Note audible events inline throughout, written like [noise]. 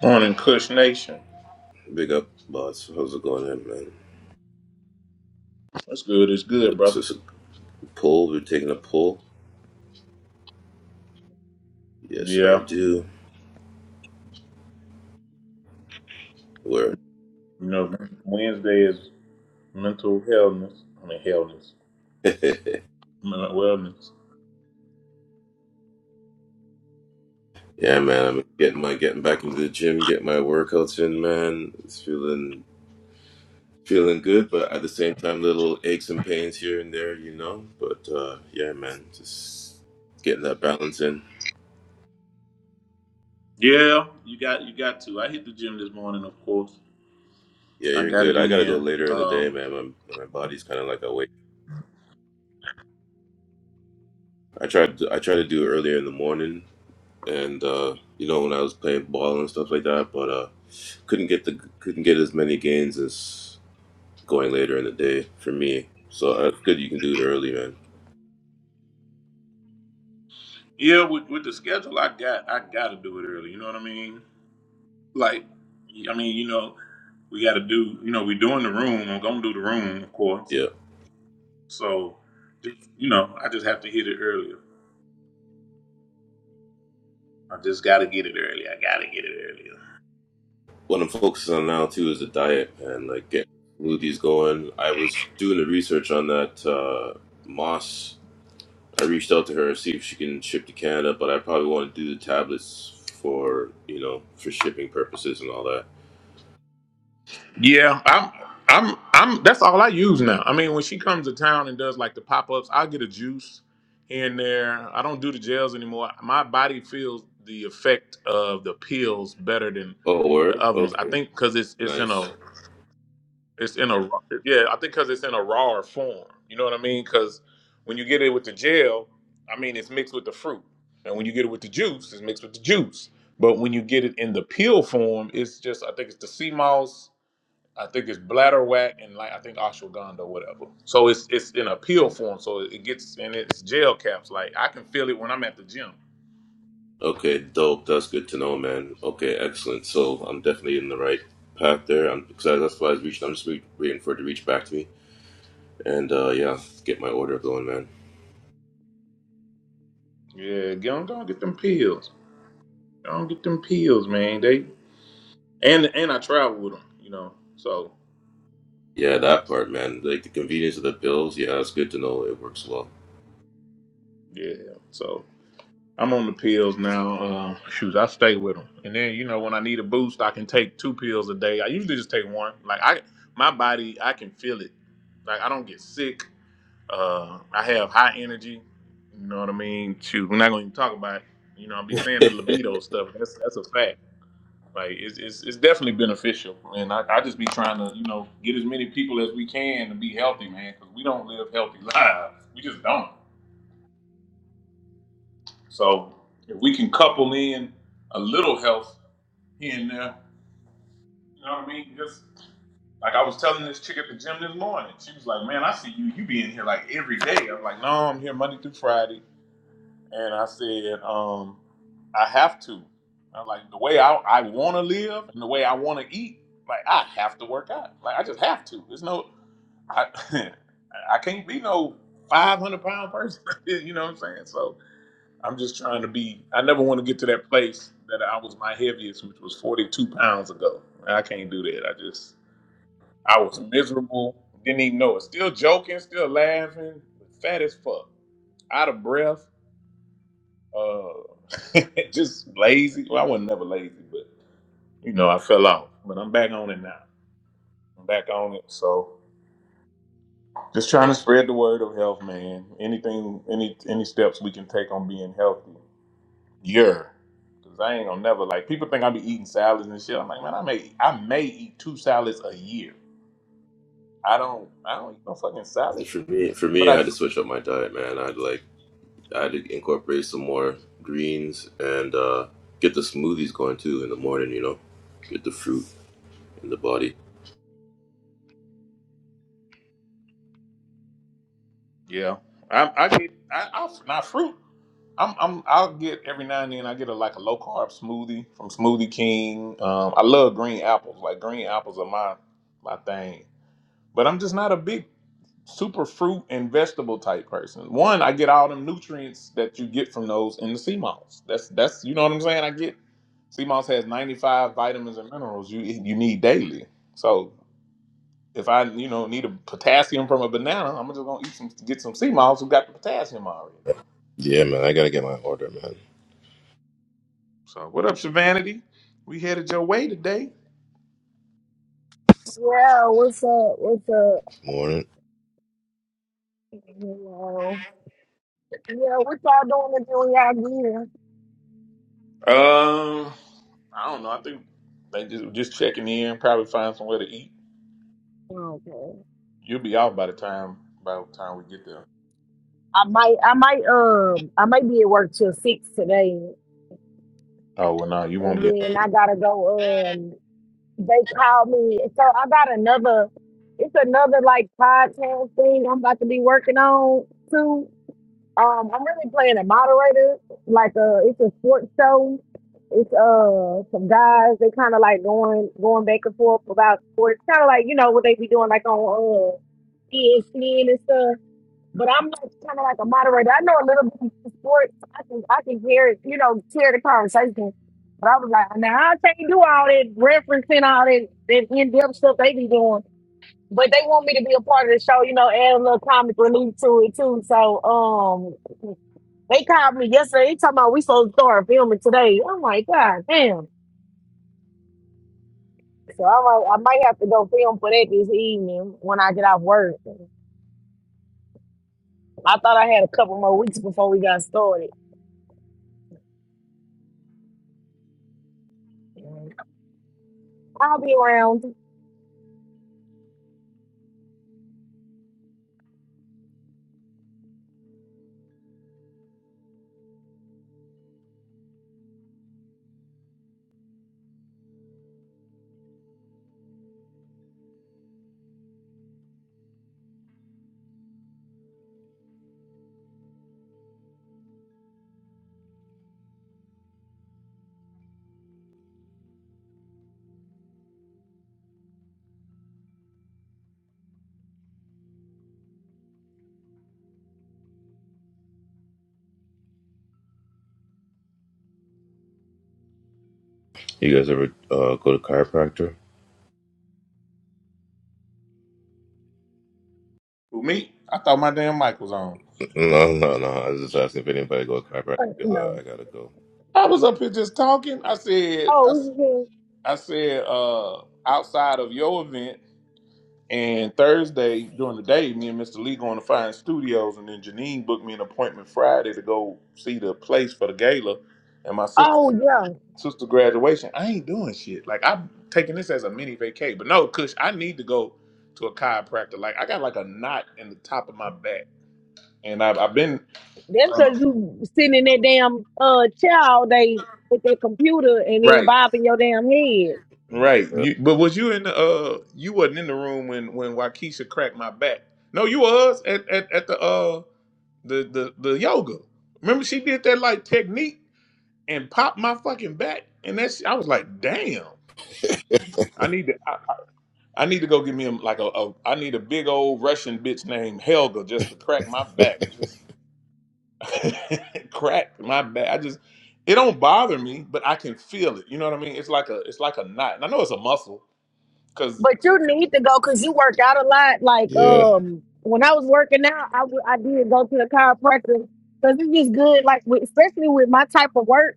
Morning, Kush Nation. Big up, boss. How's it going, in, man? That's good. It's good, Is brother. this a pull? We're taking a pull. Yes, I Yeah, do. Where? you know, Wednesday is mental healthness. I mean, healthness, mental wellness. Yeah, man. I'm getting my getting back into the gym, getting my workouts in, man. It's feeling feeling good, but at the same time, little aches and pains here and there, you know. But uh, yeah, man, just getting that balance in. Yeah, you got you got to. I hit the gym this morning, of course. Yeah, I you're got it good. I gotta go in. later in the day, Um, man. My my body's kind of like awake. I tried to, I tried to do it earlier in the morning, and uh, you know when I was playing ball and stuff like that, but uh, couldn't get the couldn't get as many gains as going later in the day for me. So that's good you can do it early, man. yeah, with with the schedule I got, I got to do it early. You know what I mean? Like, I mean, you know, we got to do. You know, we're doing the room. I'm gonna do the room, of course. Yeah. So, you know, I just have to hit it earlier. I just got to get it early. I got to get it earlier. What I'm focusing on now too is the diet, man. Like getting smoothies going. I was doing the research on that uh, moss. I reached out to her to see if she can ship to Canada, but I probably want to do the tablets for you know for shipping purposes and all that. Yeah, I'm. I'm. I'm. That's all I use now. I mean, when she comes to town and does like the pop ups, I get a juice here and there. I don't do the gels anymore. My body feels the effect of the pills better than Oh, the word. other ones. I Okay. think because it's it's in Nice. a it's in a yeah. I think because it's in a raw form. You know what I mean? Because when you get it with the gel, I mean it's mixed with the fruit, and when you get it with the juice, it's mixed with the juice. But when you get it in the pill form, it's just I think it's the sea moss I think it's bladderwhack and like I think ashwagandha or whatever. So it's it's in a pill form, so it gets and it's gel caps. Like I can feel it when I'm at the gym. Okay, dope. That's good to know, man. Okay, excellent. So I'm definitely in the right path there. I'm excited. that's why I was reaching. I'm just re- waiting for it to reach back to me, and uh, yeah, get my order going, man. Yeah, get on, don't get them pills. Don't get them pills, man. They and and I travel with them, you know. So Yeah, that part, man. Like the convenience of the pills. Yeah, it's good to know it works well. yeah, so I'm on the pills now. Uh, shoot, I stay with them, and then you know when I need a boost, I can take two pills a day. I usually just take one. Like I, my body, I can feel it. Like I don't get sick. Uh, I have high energy. You know what I mean? Shoot, we're not going to even talk about. It. You know, I'll be saying the libido stuff. That's that's a fact. Like it's it's, it's definitely beneficial, and I, I just be trying to you know get as many people as we can to be healthy, man, because we don't live healthy [laughs] lives. We just don't. So if we can couple in a little health here and there, you know what I mean? Just like I was telling this chick at the gym this morning, she was like, "Man, I see you. You be in here like every day." I'm like, "No, I'm here Monday through Friday." And I said, um, I have to. I am like the way I, I want to live and the way I want to eat. Like I have to work out. Like I just have to. There's no, I, [laughs] I can't be no 500 pound person. [laughs] you know what I'm saying? So I'm just trying to be. I never want to get to that place that I was my heaviest, which was 42 pounds ago. I can't do that. I just, I was miserable. Didn't even know it. Still joking. Still laughing. Fat as fuck. Out of breath uh, [laughs] just lazy. Well, I wasn't never lazy, but you know, I fell off. But I'm back on it now. I'm back on it. So just trying to spread the word of health, man. Anything, any, any steps we can take on being healthy. Yeah. Cause I ain't gonna never like people think I be eating salads and shit. I'm like, man, I may, I may eat two salads a year. I don't, I don't eat no fucking salad, And for me, for but me, I. I do had to switch up my diet, man. I'd like I had to incorporate some more greens and uh, get the smoothies going too in the morning. You know, get the fruit in the body. Yeah, I, I get I, I not fruit. I'm I'm I'll get every now and then I get a like a low carb smoothie from Smoothie King. Um, I love green apples. Like green apples are my my thing. But I'm just not a big super fruit and vegetable type person. One, I get all them nutrients that you get from those in the sea moss. That's that's you know what I'm saying. I get sea moss has 95 vitamins and minerals you you need daily. So if I you know need a potassium from a banana, I'm just gonna eat some get some sea moss who got the potassium already. Yeah, man, I gotta get my order, man. So what up, Shavanity? We headed your way today. Yeah, what's up? What's up? Morning. Hello. Yeah, what y'all doing if you y'all Um, I don't know. I think they just just checking in, probably find somewhere to eat. here? Okay. You'll be out by the time by the time we get there. I might I might um I might be at work till six today Oh well, no, you won't and be out. then I gotta go um they called me so I got another it's another like podcast thing I'm about to be working on too. Um, I'm really playing a moderator. Like, uh, it's a sports show. It's uh some guys. They kind of like going going back and forth about sports. Kind of like you know what they be doing like on uh ESPN and stuff. But I'm like kind of like a moderator. I know a little bit of sports. I can I can hear it. You know, hear the conversation. But I was like, now I can't do all that referencing all that that in depth stuff they be doing. But they want me to be a part of the show. You know, add a little comic relief to it too. So um. They called me yesterday. They talking about we supposed to start filming today. I'm like, God damn. So I might, I might have to go film for that this evening when I get off work. I thought I had a couple more weeks before we got started. I'll be around. You guys ever uh, go to chiropractor? Who me? I thought my damn mic was on. No, no, no. I was just asking if anybody go to chiropractor Uh, because I, No. I gotta go. I was up here just talking. I said, I, s- Oh, yeah. I said, uh, outside of your event. And Thursday during the day, me and Mr. Lee going to find studios, and then Janine booked me an appointment Friday to go see the place for the gala and my sister oh yeah. sister graduation. I ain't doing shit. Like I'm taking this as a mini vacay. But no, Kush, I need to go to a chiropractor. Like I got like a knot in the top of my back, and I've, I've been That's uh, because you sitting in that damn uh chair all day with that computer and then right. bobbing your damn head. Right. Yeah. You, but was you in the uh you wasn't in the room when when Waukesha cracked my back. No, you was at, at, at the uh the, the the yoga. Remember she did that like technique and popped my fucking back and that's I was like, damn. I need to I, I I need to go give me a, like a, a I need a big old Russian bitch named Helga just to crack my back. Just [laughs] crack my back. I just it don't bother me, but I can feel it. You know what I mean? It's like a it's like a knot. And I know it's a muscle cuz But you need to go because you work out a lot. Like Yeah. um, when I was working out, I w- I did go to the chiropractor because it's just good. Like with, especially with my type of work,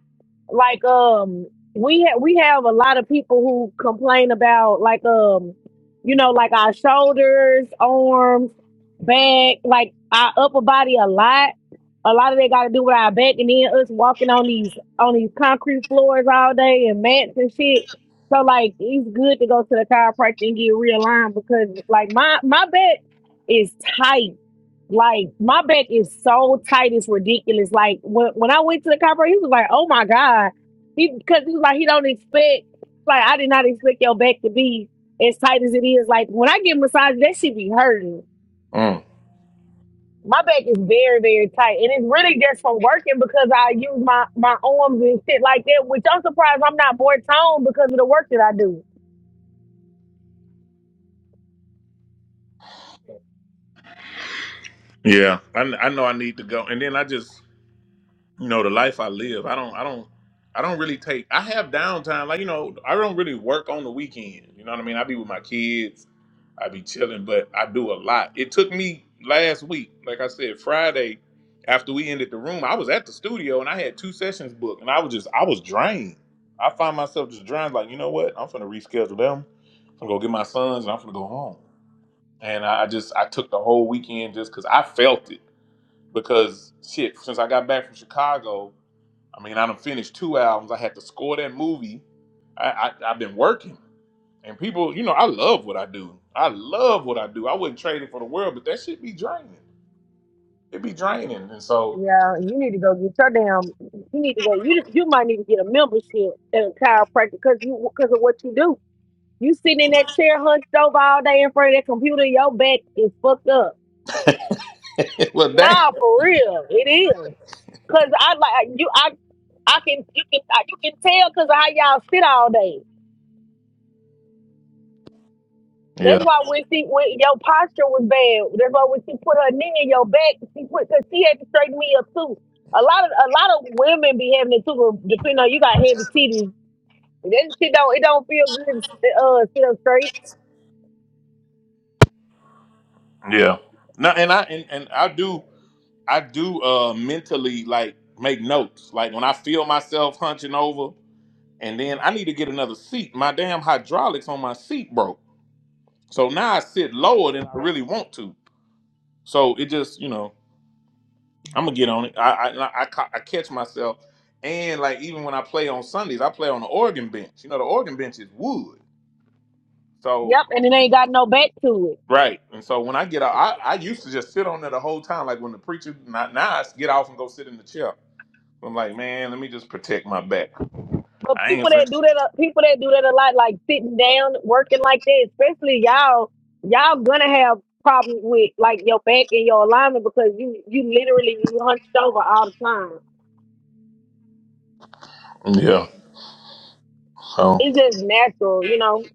like um, we ha- we have a lot of people who complain about like um, you know, like our shoulders, arms, back, like our upper body a lot. A lot of they got to do with our back, and then us walking on these on these concrete floors all day and mats and shit so like it's good to go to the chiropractor and get realigned because like my my back is tight. Like my back is so tight, it's ridiculous. Like when when I went to the chiropractor, he was like, "Oh my god," he because he was like, "He don't expect like I did not expect your back to be as tight as it is." Like when I get massages, that should be hurting. My back is very very tight, and it's really just from working because I use my my arms and shit like that. Which I'm surprised I'm not more toned because of the work that I do. Yeah, I, I know I need to go, and then I just you know the life I live. I don't I don't I don't really take. I have downtime, like you know I don't really work on the weekend. You know what I mean? I be with my kids, I be chilling, but I do a lot. It took me last week, like I said, Friday after we ended the room, I was at the studio and I had two sessions booked, and I was just I was drained. I find myself just drained. Like you know what? I'm gonna reschedule them. I'm gonna go get my sons, and I'm gonna go home. And I I just I took the whole weekend just because I felt it because shit, since I got back from Chicago, I mean, I done finished two albums. I had to score that movie. I, I I've been working, and people, you know, I love what I do. I love what I do. I wouldn't trade it for the world, but that shit be draining. It be draining, and so Yeah, you need to go get your damn. You need to go. You you might need to get a membership at a chiropractor because you because of what you do. You sitting in that chair hunched over all day in front of that computer. Your back is fucked up. [laughs] well, dang. Nah, for real, it is. Cause I like you. I I can you can I, you can tell because of how y'all sit all day. That's Yeah, why when she when your posture was bad. That's why when she put her knee in your back, she put because she had to straighten me up too. A lot of a lot of women be having it too. but Depending on you got heavy titties That shit don't it don't feel good uh sit up straight. yeah. No, and I and, and I do I do uh mentally like make notes. Like when I feel myself hunching over, and then I need to get another seat. My damn hydraulics on my seat broke. So now I sit lower than I really want to. So it just, you know, I'm gonna get on it. I I, I, ca- I catch myself, and like even when I play on Sundays, I play on the organ bench. You know, the organ bench is wood. So Yep, and it ain't got no back to it. right, and so when I get out, I, I used to just sit on there the whole time. Like when the preacher, not now, I get off and go sit in the chair. I'm like, man, let me just protect my back. But I people ain't that do finna. that, uh, people that do that a lot, like sitting down, working like that, especially y'all, y'all gonna have problems with like your back and your alignment because you you literally you hunched over all the time. Yeah. So It's just natural, you know.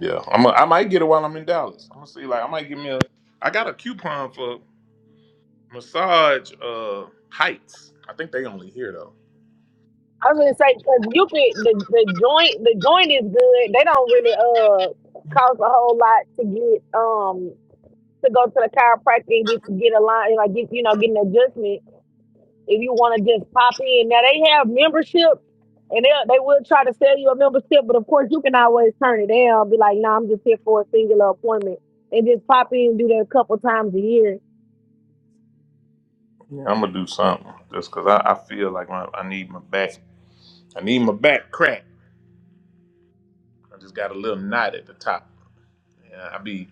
yeah, I'm. A, I might get it while I'm in Dallas. I'm gonna see. Like I might give me a. I got a coupon for. massage uh heights. I think they only here though. I was gonna say say because you could the, the joint the joint is good. They don't really uh cost a whole lot to get. um. to go to the chiropractor and get get a line, like get you know, get an adjustment. If you want to just pop in, now they have membership, and they they will try to sell you a membership, but of course you can always turn it down. Be like, no, nah, I'm just here for a singular appointment, and just pop in and do that a couple times a year. Yeah, I'm gonna do something just cause I, I feel like my, I need my back. I need my back cracked. I just got a little knot at the top. Yeah, I be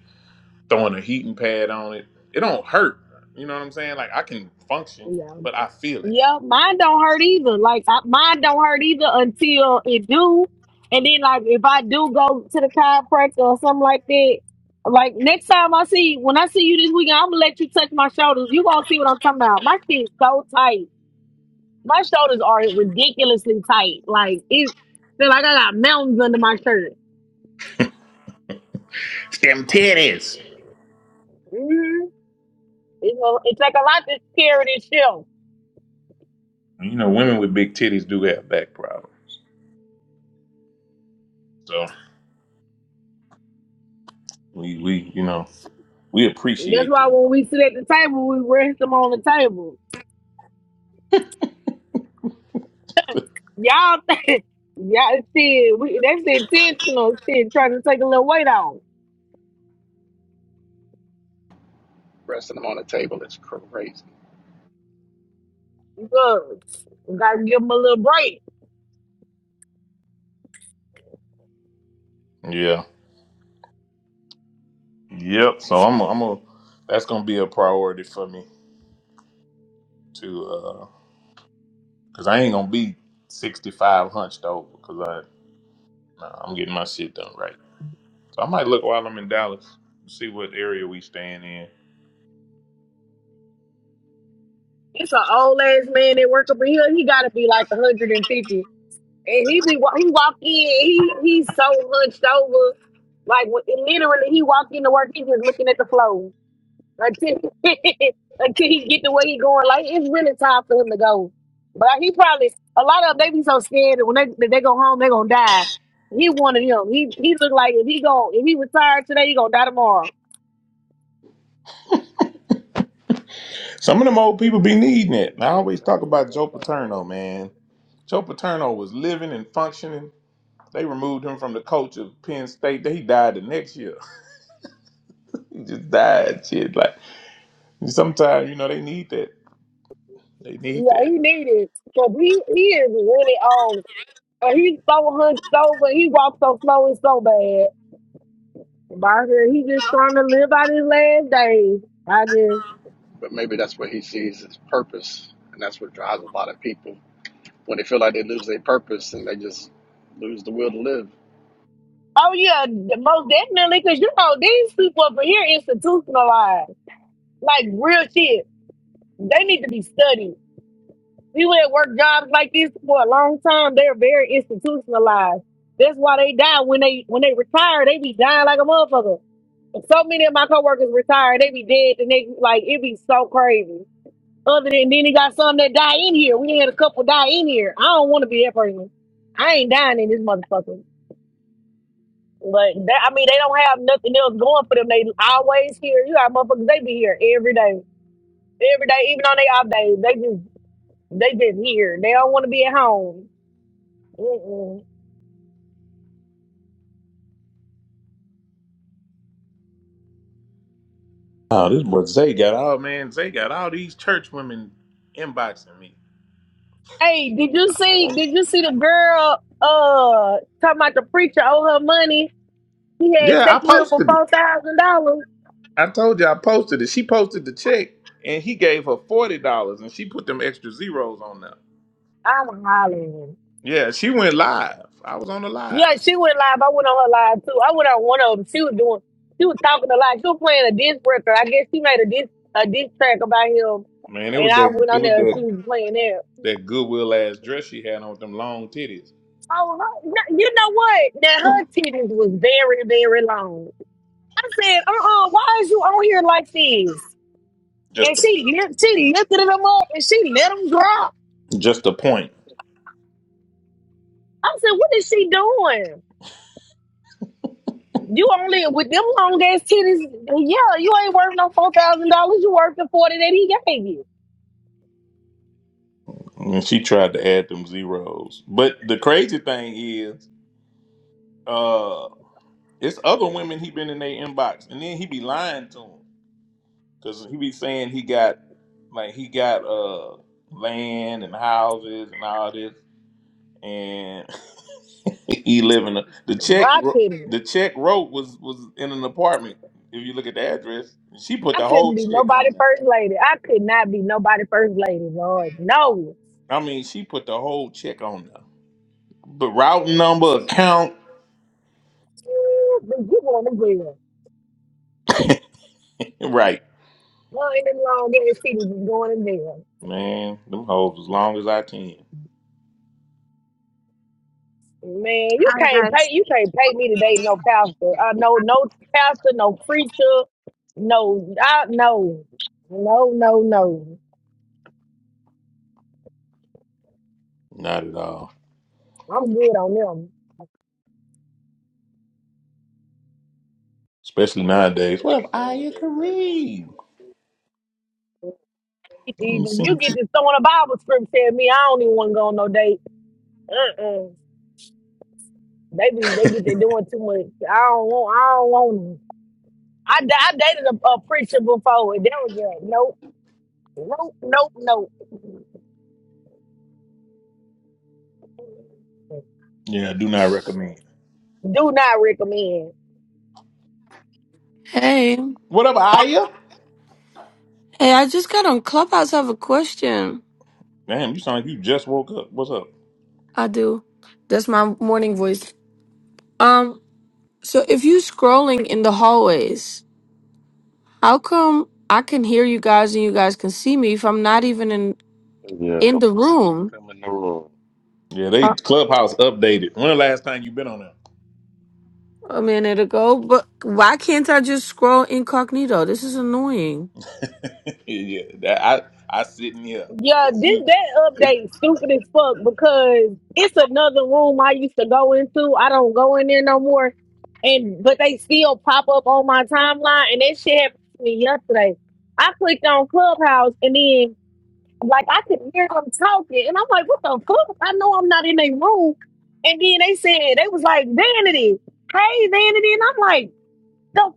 throwing a heating pad on it. It don't hurt. You know what I'm saying? Like I can function, Yeah, but I feel it. Yeah, mine don't hurt either. Like I, mine don't hurt either until it do, and then like if I do go to the chiropractor or something like that, like next time I see when I see you this weekend, I'm gonna let you touch my shoulders. You gonna see what I'm talking about. My shit's so tight. My shoulders are ridiculously tight. Like it's feel like I got mountains under my shirt. It's them titties. Mm-hmm. It's, a, it's like a lot to carry this shelf. You know, women with big titties do have back problems. So we we you know we That's appreciate why them when though. we sit at the table, we rest them on the table. [laughs] Y'all [laughs] think y'all see we that's intentional See, trying to take a little weight off. Resting them on the table is crazy. Look, we gotta give him a little break. Yeah. Yep. So I'm i am i am a that's gonna be a priority for me to uh, cause I ain't gonna be sixty five hunched over because I nah, I'm getting my shit done right. So I might look while I'm in Dallas, see what area we staying in. It's an old ass man that work up in here. He gotta be like 150. And fifty, and he be wa- he walk in, he he's so hunched over. Like when- literally he walk in to work, he just looking at the floor. until [laughs] until he get the way he going. Like it's really time for him to go. But he probably a lot of them, they be so scared that when they that they go home they gonna die. He wanted him. He he look like if he go if he retired today he gonna die tomorrow. Some of them old people be needing it. And I always talk about Joe Paterno, man. Joe Paterno was living and functioning. They removed him from the coach of Penn State. He died the next year. [laughs] He just died. Shit, like sometimes you know they need that. They need Yeah, he that. needed because he he is really old. And he's so hunched over. He walks so slow. It's so bad. But he just trying to live out his last days. I just. But maybe that's what he sees as purpose, and that's what drives a lot of people when they feel like they lose their purpose and they just lose the will to live. Oh yeah, most definitely. Cause you know these people over here institutionalized. Like real shit. They need to be studied. People that work jobs like this for a long time, they're very institutionalized. That's why they die when they when they retire, they be dying like a motherfucker. And so many of my coworkers retire, they be dead the next like it be so crazy. Other than then he got some that die in here. We had a couple die in here. I don't want to be that person. I ain't dying in this motherfucker. But that, I mean, they don't have nothing else going for them. They always here. You got motherfuckers. They be here every day, every day, even on their off days. They just here. They don't want to be at home. Mm-mm. Oh, this boy Zay got all man. Zay got all these church women inboxing me. Hey, did you see? Did you see the girl? Uh, talking about the preacher owe her money. He had Yeah, I sex with him for posted it. four thousand dollars. I told you I posted it. She posted the check and he gave her forty dollars and she put them extra zeros on there. I'm hollering. Yeah, she went live. I was on the Yeah, live. she went live. I went on her live too. I went on one of them. She was doing. She was talking a lot. She was playing a disc record. I guess she made a disc a diss track about him. Man, it And was I that went it on was there and she that was playing that. that goodwill ass dress she had on with them long titties. Oh, no, you know what? Now [laughs] her titties was very, very long. I said, uh-uh, why is you on here like this? And Just a, she lift- she lifted them up and she let them drop. just a point. I said, what is she doing? You only with them long ass titties. Yeah, you ain't worth no four thousand dollars. You worth the forty that he gave you. And she tried to add them zeros. But the crazy thing is, uh, it's other women he been in their inbox and then he be lying to them. Cause he be saying he got like he got uh land and houses and all this, and [laughs] he living a, the No, check. I wr- couldn't. The check wrote was was in an apartment. If you look at the address, she put I the couldn't whole be check nobody on there. first lady. I could not be nobody first lady, Lord. No. I mean, she put the whole check on there. The route number, account, But you going to jail. right? Well, in them long ass titties is going to jail. Man, them hoes as long as I can. Man, you Hi can't guys. pay you can't pay me to date no pastor. I know no pastor, no preacher, no I no. No, no, no. Not at all. I'm good on them. Especially nowadays. What up, Aya Kareem? I ain't Even you seen get you. to throwing a Bible script at me, I don't even want to go on no date. Uh-uh. They be they get they doing too much. I don't want I don't want 'em. I, da- I dated a, a preacher before and that was just nope, nope, nope, nope. Yeah, do not recommend. Do not recommend. Hey, What up, Aya? hey, I just got on Clubhouse. I have a question. Damn, you sound like you just woke up. What's up? I do. That's my morning voice. Um, so if you scrolling in the hallways, how come I can hear you guys and you guys can see me if I'm not even in Yeah, in the before room no, Yeah, they uh, clubhouse updated. When the last time you been on a minute ago? But why can't I just scroll incognito? This is annoying. there? [laughs] yeah, that, I I sit in here Yeah, because this you, that they, update stupid as fuck because it's another room I used to go into. I don't go in there no more. And but they still pop up on my timeline and that shit happened to me yesterday. I clicked on Clubhouse and then like I could hear them talking and I'm like, what the fuck? I know I'm not in their room. And then they said they was like, Vanity. Hey Vanity. And I'm like, the fuck?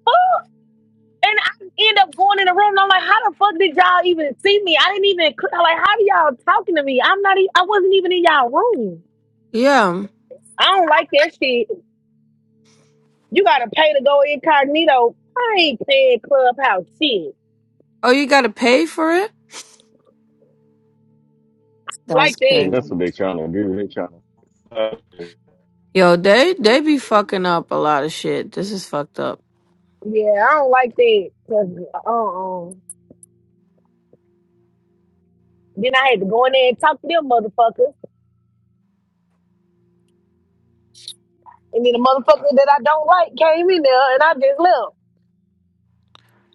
And I end up going in the room and I'm like, how the fuck did y'all even see me? I didn't even cl- I'm like how do y'all talking to me? I'm not e- I wasn't even in y'all room. Yeah. I don't like that shit. You gotta pay to go incognito. I ain't paying clubhouse shit. Oh, you gotta pay for it? That's Like that. that's crazy. what they trying to do. They trying to Yo, they they be fucking up a lot of shit. This is fucked up. Yeah, I don't like that. 'Cause, Uh-uh. Then I had to go in there and talk to them motherfuckers. And then the motherfucker that I don't like came in there and I just left.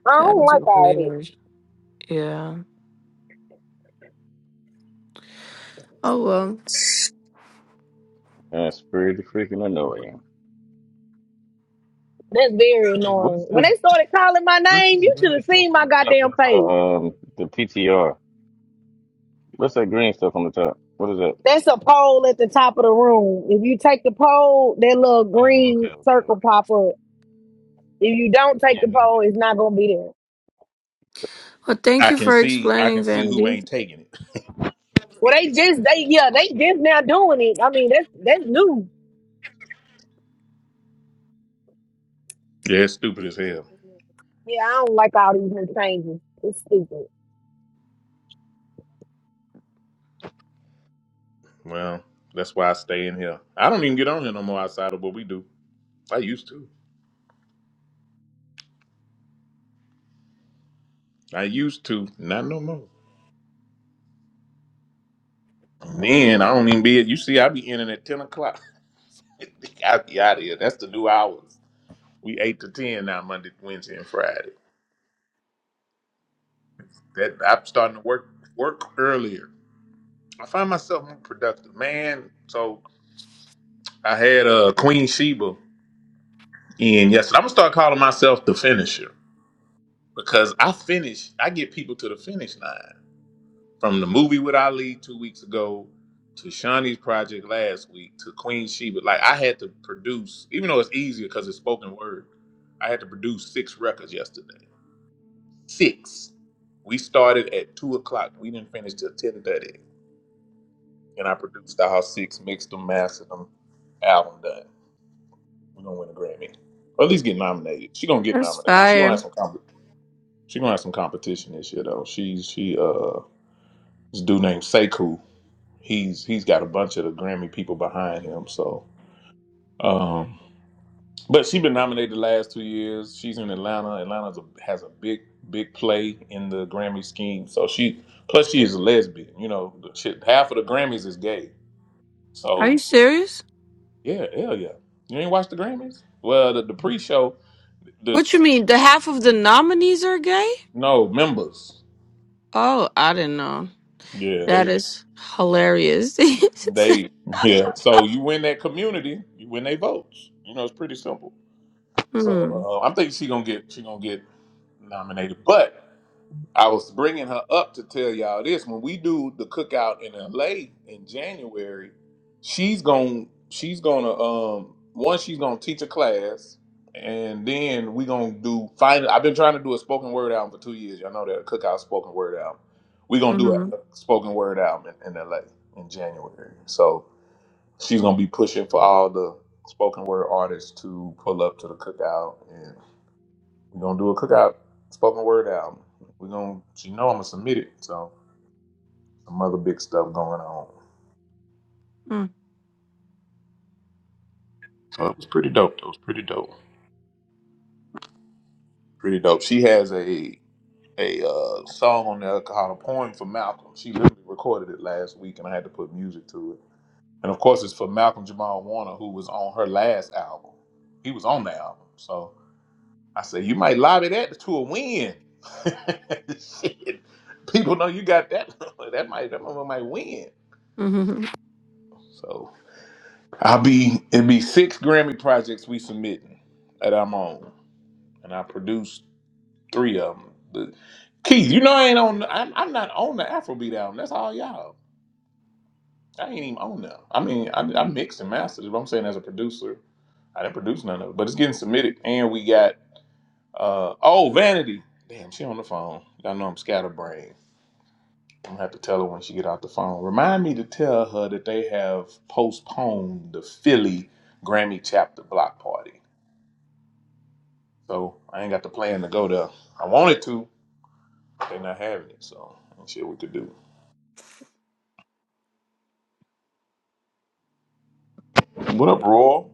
I That don't is like all that. weird. Yeah. Oh well. uh, spirit the freaking annoying. That's very Hey, what's annoying. When this? they started calling my What's name, this you should green have stuff seen my on the top? goddamn That's uh, face. um the PTR. What's that green stuff on the top? What is that? That's a poll at the top of the room. If you take the poll, that little Oh, okay, green okay, circle okay. pop up. If you don't take Yeah, I the poll, get it. it's not gonna be there. Well, thank I you can for see I explaining, can see who Vanity. ain't taking it. Well, they just they yeah they just now doing it. I mean that's that's new. Yeah, it's stupid as hell. Yeah, I don't like all these new changes. It's stupid. Well, that's why I stay in here. I don't even get on here no more outside of what we do. I used to. I used to. Not no more. Man, I don't even be. You see, I be in it at ten o'clock. [laughs] I be out of here. That's the new hours. We eight to ten now, Monday, Wednesday, and Friday. That I'm starting to work work earlier. I find myself more productive, man. So I had uh, Queen Sheba in yesterday. I'm gonna start calling myself the finisher because I finish. I get people to the finish line from the movie with Ali two weeks ago to Shawnee's project last week to Queen Sheba. Like I had to produce, even though it's easier because it's spoken word. I had to produce six records yesterday. Six. We started at two o'clock. We didn't finish till ten thirty. and I produced the House Six, mixed them, mastered them, album done. We're gonna win a Grammy, or at least get nominated. She gonna get That's nominated. She gonna have fire. some. Comp- she gonna have some competition this year though. She's she uh this dude named Sekou. He's he's got a bunch of the Grammy people behind him. So, um, but she been nominated the last two years. She's in Atlanta. Atlanta has a big big play in the Grammy scheme. So she plus she is a lesbian. You know, the shit, half of the Grammys is gay. Are So you serious? Yeah, hell yeah. You ain't watched the Grammys? Well, the, the pre-show, the What you mean? The half of the nominees are gay? no members. Oh, I didn't know. Yeah, That they is hilarious. [laughs] they [laughs] yeah. So you win that community, you win they votes. You know, it's pretty simple. hmm. So uh, I'm thinking she gonna get she gonna get nominated, but. I was bringing her up to tell y'all this. When we do the cookout in LA in January, she's going she's going to um one she's going to teach a class and then we going to do final I've been trying to do a spoken word album for 2 years. Y'all know that a cookout spoken word album. We're going to do a, Mm-hmm. a spoken word album in, in LA in January. So she's going to be pushing for all the spoken word artists to pull up to the cookout we're gonna do a cookout spoken word album. We're gonna you know I'm gonna submit it. So some other big stuff going on. Mm. So it was pretty dope. It was pretty dope. Pretty dope. She has a a uh, song on there called a poem for Malcolm. She literally recorded it last week and I had to put music to it. And of course it's for Malcolm Jamal Warner who was on her last album. He was on the album. So I said, You might lobby that to a win. [laughs] Shit. People know you got that. [laughs] that might that mother might win. Mm-hmm. So I'll be it'd be six Grammy projects we submitting that I'm on, and I produced three of them. But Keith, you know I ain't on. I'm, I'm not on the Afrobeat album. That's all y'all. I ain't even on them. I mean, I, I mixed and mastered it. But I'm saying as a producer, I didn't produce none of it. But it's getting submitted, and we got uh oh Vanity. Damn, she on the phone. Y'all know I'm scatterbrained. I'm gonna have to tell her when she get off the phone. Remind me to tell her that they have postponed the Philly Grammy chapter block party. So I ain't got the plan to go there. I wanted to, but they're not having it. So ain't shit we could do. What up, Raw?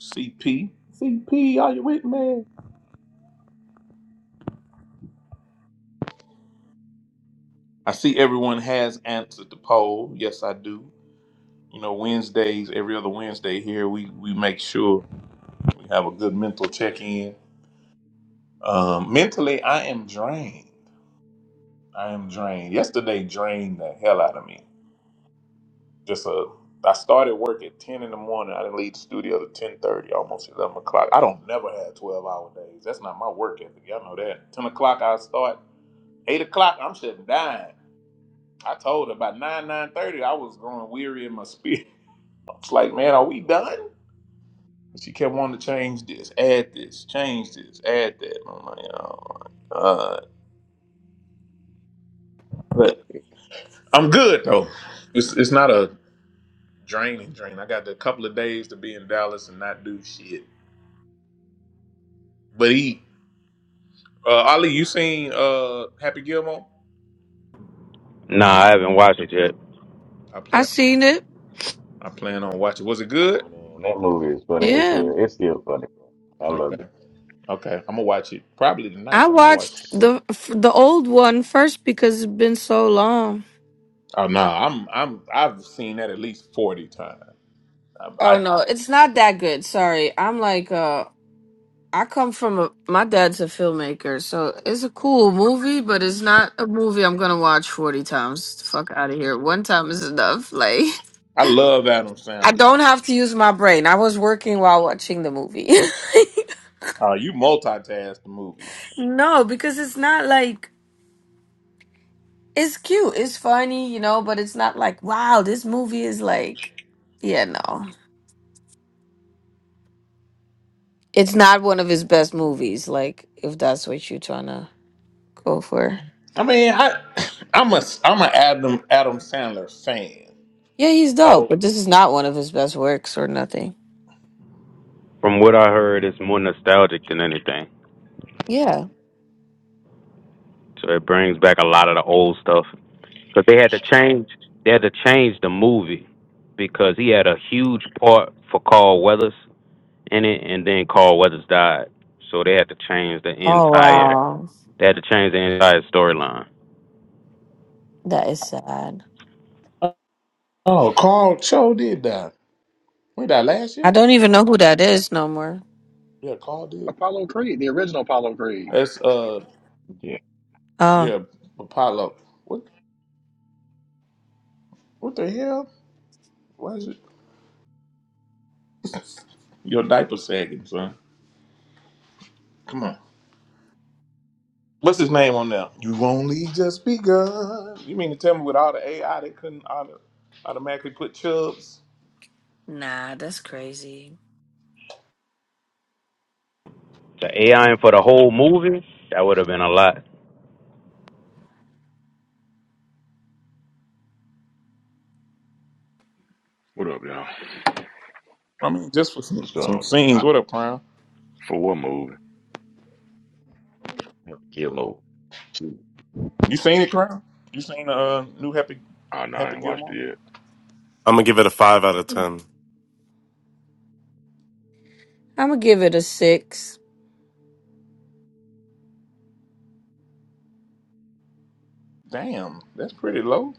CP? CP, are you with me? I see everyone has answered the poll. Yes, I do. You know, Wednesdays, every other Wednesday here, we, we make sure we have a good mental check in. Um, mentally, I am drained. I am drained. Yesterday drained the hell out of me. just a I started work at ten in the morning. I didn't leave the studio till ten thirty, almost eleven o'clock. I don't never have twelve hour days. That's not my work ethic. Y'all know that. Ten o'clock I start. Eight o'clock I'm shutting down. I told her by nine nine thirty I was going weary in my spirit. [laughs] I was like, man, are we done? She kept wanting to change this, add this, change this, add that. I'm like, oh my god. But I'm good though. It's it's not a draining drain. I got a couple of days to be in Dallas and not do shit. But eat. Uh, Ali, you seen uh, Happy Gilmore? Nah, I haven't watched it yet. I I plan seen it. I plan on watching. Was it good? Man, that movie is funny as Yeah, hell. It's still funny, bro. I love Okay, it. okay, I'm gonna watch it probably tonight. I I might watch watched it. the f- the old one first because it's been so long. Oh no, I'm I'm I've seen that at least forty times. I Oh I, no, it's not that good. Sorry, I'm like uh I come from a, my dad's a filmmaker, so it's a cool movie, but it's not a movie I'm gonna watch 40 times. Fuck out of here. One time is enough. [laughs] Like, I love Adam I Sandler. don't have to use my brain. I was working while watching the movie. Uh, you multitask the movie. [laughs] no, because it's not like, it's cute, it's funny, you know, but it's not like, wow, this movie is like, yeah, no. It's not one of his best movies, like, if that's what you're trying to go for. I mean, I [coughs] [clears throat] I'm a I'm an Adam Adam Sandler fan. Yeah, he's dope, So but this is not one of his best works or nothing. From what I heard, it's more nostalgic than anything. Yeah. So it brings back a lot of the old stuff. But they had to change. They had to change the movie because he had a huge part for Carl Weathers in it, and then Carl Weathers died. So they had to change the Oh entire. wow, They had to change the entire storyline. that is sad. oh, Carl Cho did that. When that last I year? don't even know who that is no more. Yeah, Carl did. Apollo Creed, the original Apollo Creed, That's uh Yeah, Oh yeah, Apollo. What what the hell? Why is it? Your diaper sagging, son. Come on. What's his name on there? You only just begun. You mean to tell me with all the AI they couldn't auto- automatically put chubs? nah, that's crazy. The AI for the whole movie that would have been a lot. What up, y'all? I mean, just for it's some, some strong. scenes. What up, Crown? For what movie? Gilmore. Shoot. You seen it, Crown? You seen the uh, new Happy Oh, no, I Happy ain't watched it Gilmore? yet. I'm gonna give it a five out of ten. I'm gonna give it a six. Damn, that's pretty low.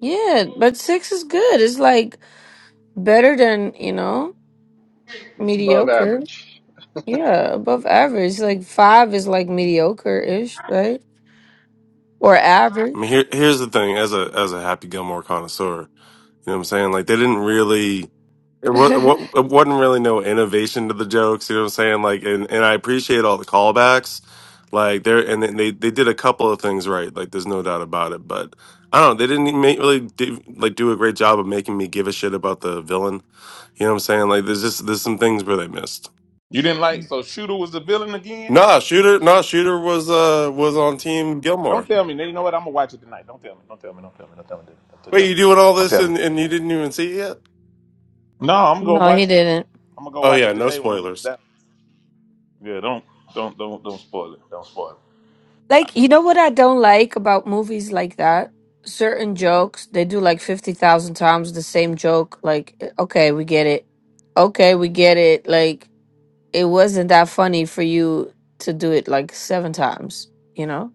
Yeah, but six is good. It's like better than you know it's above mediocre. average. Yeah, above average. Like five is like mediocre ish, right? Or I average. mean, here here's the thing: as a as a Happy Gilmore connoisseur, you know what I'm saying? Like they didn't really. It, [laughs] wa- it wa- it wasn't really no innovation to the jokes, you know what I'm saying? Like, and, and I appreciate all the callbacks, like there, and then they they did a couple of things right, like there's no doubt about it. But I don't know, they didn't make, really do, like do a great job of making me give a shit about the villain. You know what I'm saying? Like there's just there's some things where they missed. You didn't like so Shooter was the villain again? Nah, shooter, nah, shooter was uh was on Yeah, team not this Gilmore. Don't tell time. me. You know what? I'm gonna watch it tonight. Don't tell me. Don't tell me. Don't tell me. Don't tell me. Don't tell me. Don't tell Wait, me. you doing all Don't this tell me. and, and you didn't even see it yet? No, I'm gonna go no, he watch it. didn't. I'm gonna go Oh watch yeah, it no today when I get to spoilers. Dallas. Yeah, don't don't don't don't spoil it. Don't spoil it. Like, you know what I don't like about movies like that? Certain jokes, they do like 50,000 times the same joke. Like, "Eh, okay, we get it. Okay, we get it. Like, it wasn't that funny for you to do it like seven times, you know?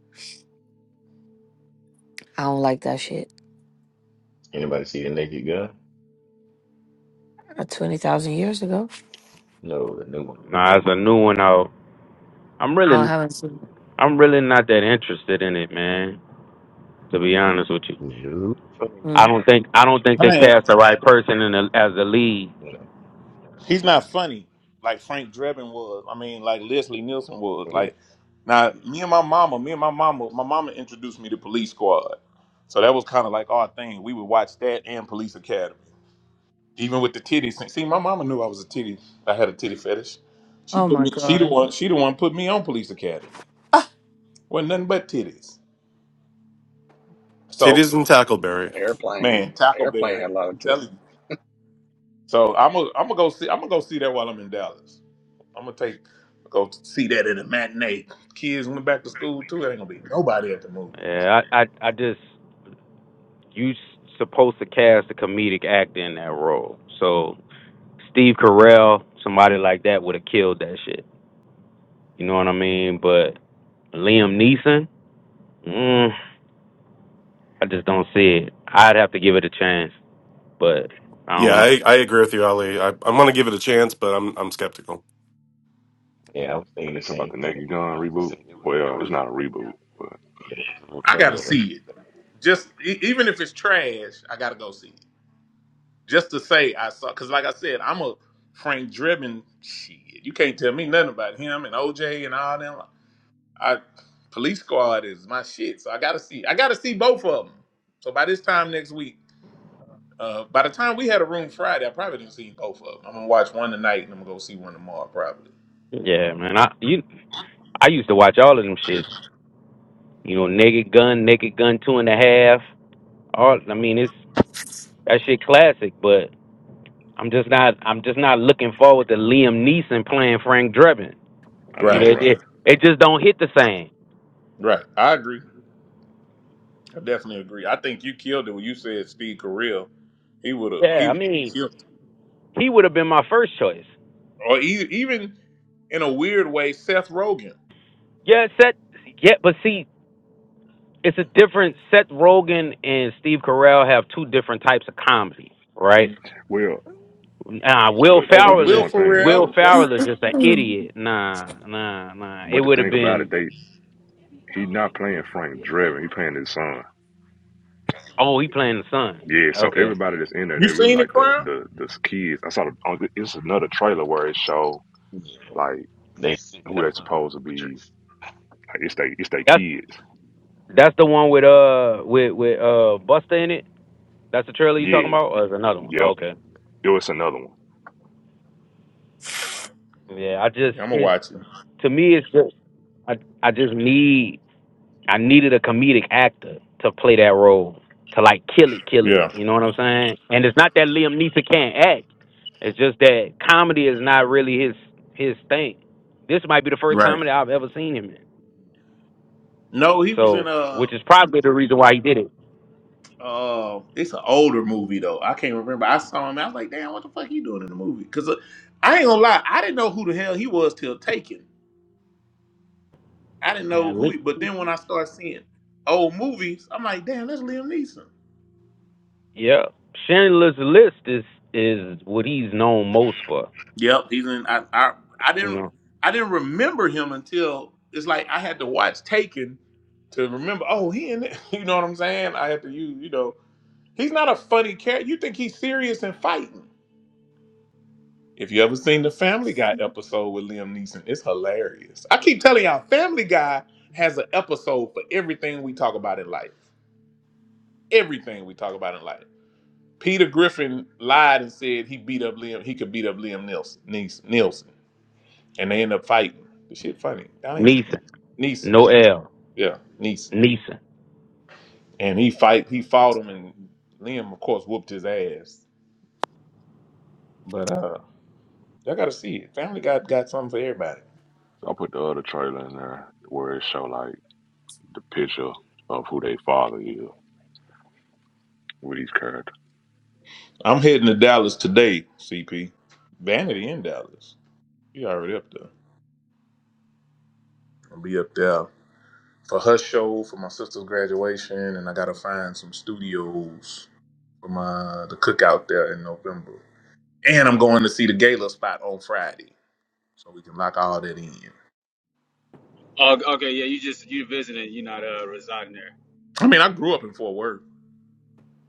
I don't like that shit. Anybody see the Naked Gun? Uh, 20,000 years ago? No, the new one. Nah, it's a new one out. I'm I really, haven't seen it. I'm really not that interested in it, man. To be honest with you. No. Funny you I Mm. don't don't think I don't think I, they I am. cast the right person in the, as the lead. He's not funny like Frank Drebin was. I mean, like Leslie Nielsen was. know. Like now, me and my mama, me and my mama, my mama introduced me to Police Squad. So that was kind of like our thing. We would watch that and Police Academy, even with the titties. See, my mama knew I was a titty. I had a titty fetish. She Oh put my me. She the God. one. She the one put me on Police Academy. Wasn't nothing but titties. So Titties and Tackleberry. Airplane, man, airplane Tackleberry, had a lot I'm of tip. telling you. So I'm gonna I'm gonna go see I'm gonna go see that while I'm in Dallas. I'm gonna take go see that at a matinee. Kids went back to school too. It ain't gonna be nobody at the movies. Yeah, I, I I just you s- supposed to cast a comedic actor in that role. So Steve Carell, somebody like that would have killed that shit. You know what I mean? But Liam Neeson, mm, I just don't see it. I'd have to give it a chance, but I Yeah, don't know. I, I agree with you, Ali. I, I'm gonna give it a chance, but I'm I'm skeptical. Yeah, I was thinking the They talking about same the thing. Naked Gun I just reboot. think it was, it Well, it's was, not a reboot, but yeah, it was a little I gotta funny. That, see it. that, Just e- even if it's trash, I gotta go see it. Just to say I saw. Cause like I said, I'm a Frank Drebin. Shit, you can't tell me nothing about him and OJ and all them. I Police Squad is my shit. So I gotta see. I gotta see both of them. So by this time next week. Uh, by the time we had a room Friday, I probably didn't see both of them. I'm gonna watch one tonight and I'm gonna go see one tomorrow, probably. Yeah, man. I you I used to watch all of them shit. You know, Naked Gun, Naked Gun Two and a Half. All I mean, it's that shit classic, but I'm just not. I'm just not looking forward to Liam Neeson playing Frank Drebin. I You Right. know, know, it, right? it, it just don't hit the same. Right. I agree. I definitely agree. I think you killed it when you said Steve Carell. He would have. Yeah, He I would've mean, killed. it. he would have been my first choice. Or e- even in a weird way, Seth Rogen Yeah, Seth. Yeah, but see, it's a different. Seth Rogen and Steve Carell have two different types of comedy, right? Well, Nah, Will but her, or Ferrell this Will is one thing Will Ferrell. though. Yeah. [coughs] Ferrell is just an [clears throat] idiot. Nah, nah, nah. It But the would have thing about it, been. they he not playing Frank Drebin. He playing his son. Oh, he playing the son. Yeah, so Okay, everybody that's in there, You they really seen it, like the Crown? the the kids. I saw the, oh, it's another trailer where it show you like they sitting who there they filming supposed to the be. portraits. Like, it's they it's they that's kids. that's the one with uh with with uh Buster in it. That's the trailer you talking Yeah, Yeah, about, or is it another one? Oh, yep. okay. It was another one. Yeah, I just Yeah, I'm gonna it's watch it. to me it's just I I just need I needed a comedic actor to play that role to like kill it, kill it. Yeah. You know what I'm saying? And it's not that Liam Neeson can't act. It's just that comedy is not really his his thing. This might be the first Right. comedy I've ever seen him in. No, he was in So, which a. is probably the reason why he did it. Uh, it's an older movie though. I can't remember. I saw him. I was like, damn, what the fuck he doing in the movie? Because uh, I ain't gonna lie, I didn't know who the hell he was till Taken. I didn't know Man, who. Lee- He, but then when I started seeing old movies, I'm like, damn, that's Liam Neeson. yeah, Schindler's List is is what he's known most for. Yep, he's in. I, I I You didn't know, I didn't remember him until it's like I had to watch Taken to remember. Oh, he in it. [laughs] You know what I'm saying? I had to use. You know, he's not a funny character. You think he's serious and fighting? If you ever seen the Family Guy episode with Liam Neeson, it's hilarious. I keep telling y'all, Family Guy has an episode for everything we talk about in life. Everything we talk about in life. Peter Griffin lied and said he beat up Liam. He could beat up Liam Nielsen. Nees- Nielsen. and they end up fighting. The shit funny. Donnie Neeson, Neeson. no L. Yeah, Neeson. Neeson. And he fight he fought him and Liam of course whooped his ass. But uh y'all gotta see it. Family got got something for everybody. So I put the other trailer in there where it show like the picture of who they father is with these characters. I'm heading to Dallas today, CP. Vanity in Dallas. You already up there. I'll be up there for her show, for my sister's graduation, and I gotta find some studios for my the cookout there in November. And I'm going to see the gala spot on Friday. So we can lock all that in. Oh, okay, yeah, you just you visiting, you're not uh residing there. I mean, I grew up in Fort Worth.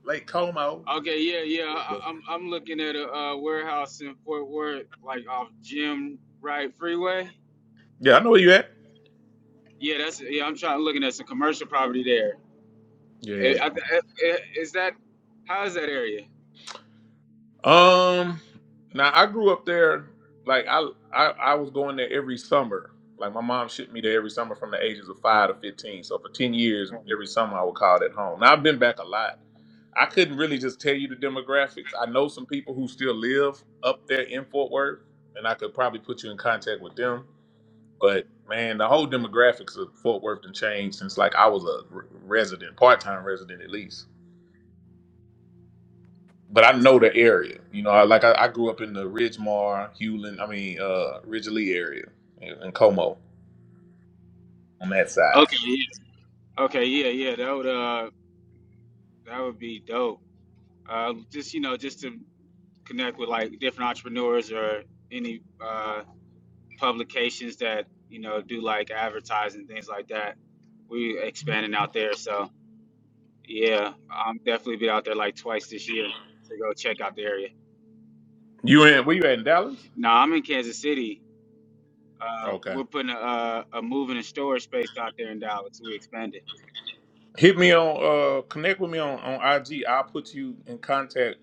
Lake Como. Okay, yeah, yeah, I, But I'm I'm looking at a uh, warehouse in Fort Worth, like off Jim Wright Freeway. yeah, I know where you at. Yeah, that's yeah. I'm trying looking at some commercial property there. Eh, Yeah. I- eh, eh, Is that how is that area? Um now I grew up there like I I, I was going there every summer. Like my mom shipped me there every summer from the ages of five to fifteen. So for ten years every summer I would call it home. Now I've been back a lot. I couldn't really just tell you the demographics. I know some people who still live up there in Fort Worth, and I could probably put you in contact with them. But man, the whole demographics of Fort Worth done changed since like I was a r- resident, part time resident at least. But I know the area. You know, I, like I, I grew up in the Ridgemar, Hewlin, I mean uh Ridgely area in, in Como on that side. Okay, yeah, okay, yeah, yeah. That would uh that would be dope. Uh, just you know, just to connect with like different entrepreneurs or any uh publications that you know do like advertising things like that. We expanding out there, so yeah, I'm definitely be out there like twice this year to go check out the area. You in where you at in Dallas? Now I'm in Kansas City. Uh, Okay. we're putting a, a, a moving and storage space out there in Dallas. We expanded. Hit me on uh connect with me on, on IG. I'll put you in contact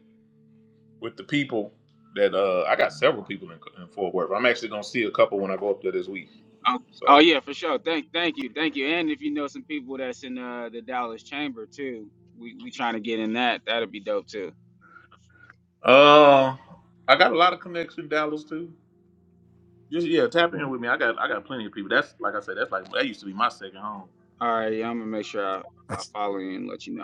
with the people that uh I got several people in, in Fort Worth. I'm actually gonna see a couple when I go up there this week. Oh, oh So yeah, for sure. Thank, thank you, thank you. And if you know some people that's in uh, the Dallas chamber too, we we trying to get in that. That'd be dope too. Uh, I got a lot of connections in Dallas too. Just yeah, tap in with me. I got I got plenty of people. That's like I said. That's like that used to be my second home. All right, yeah, I'm gonna make sure I, I follow you and let you know.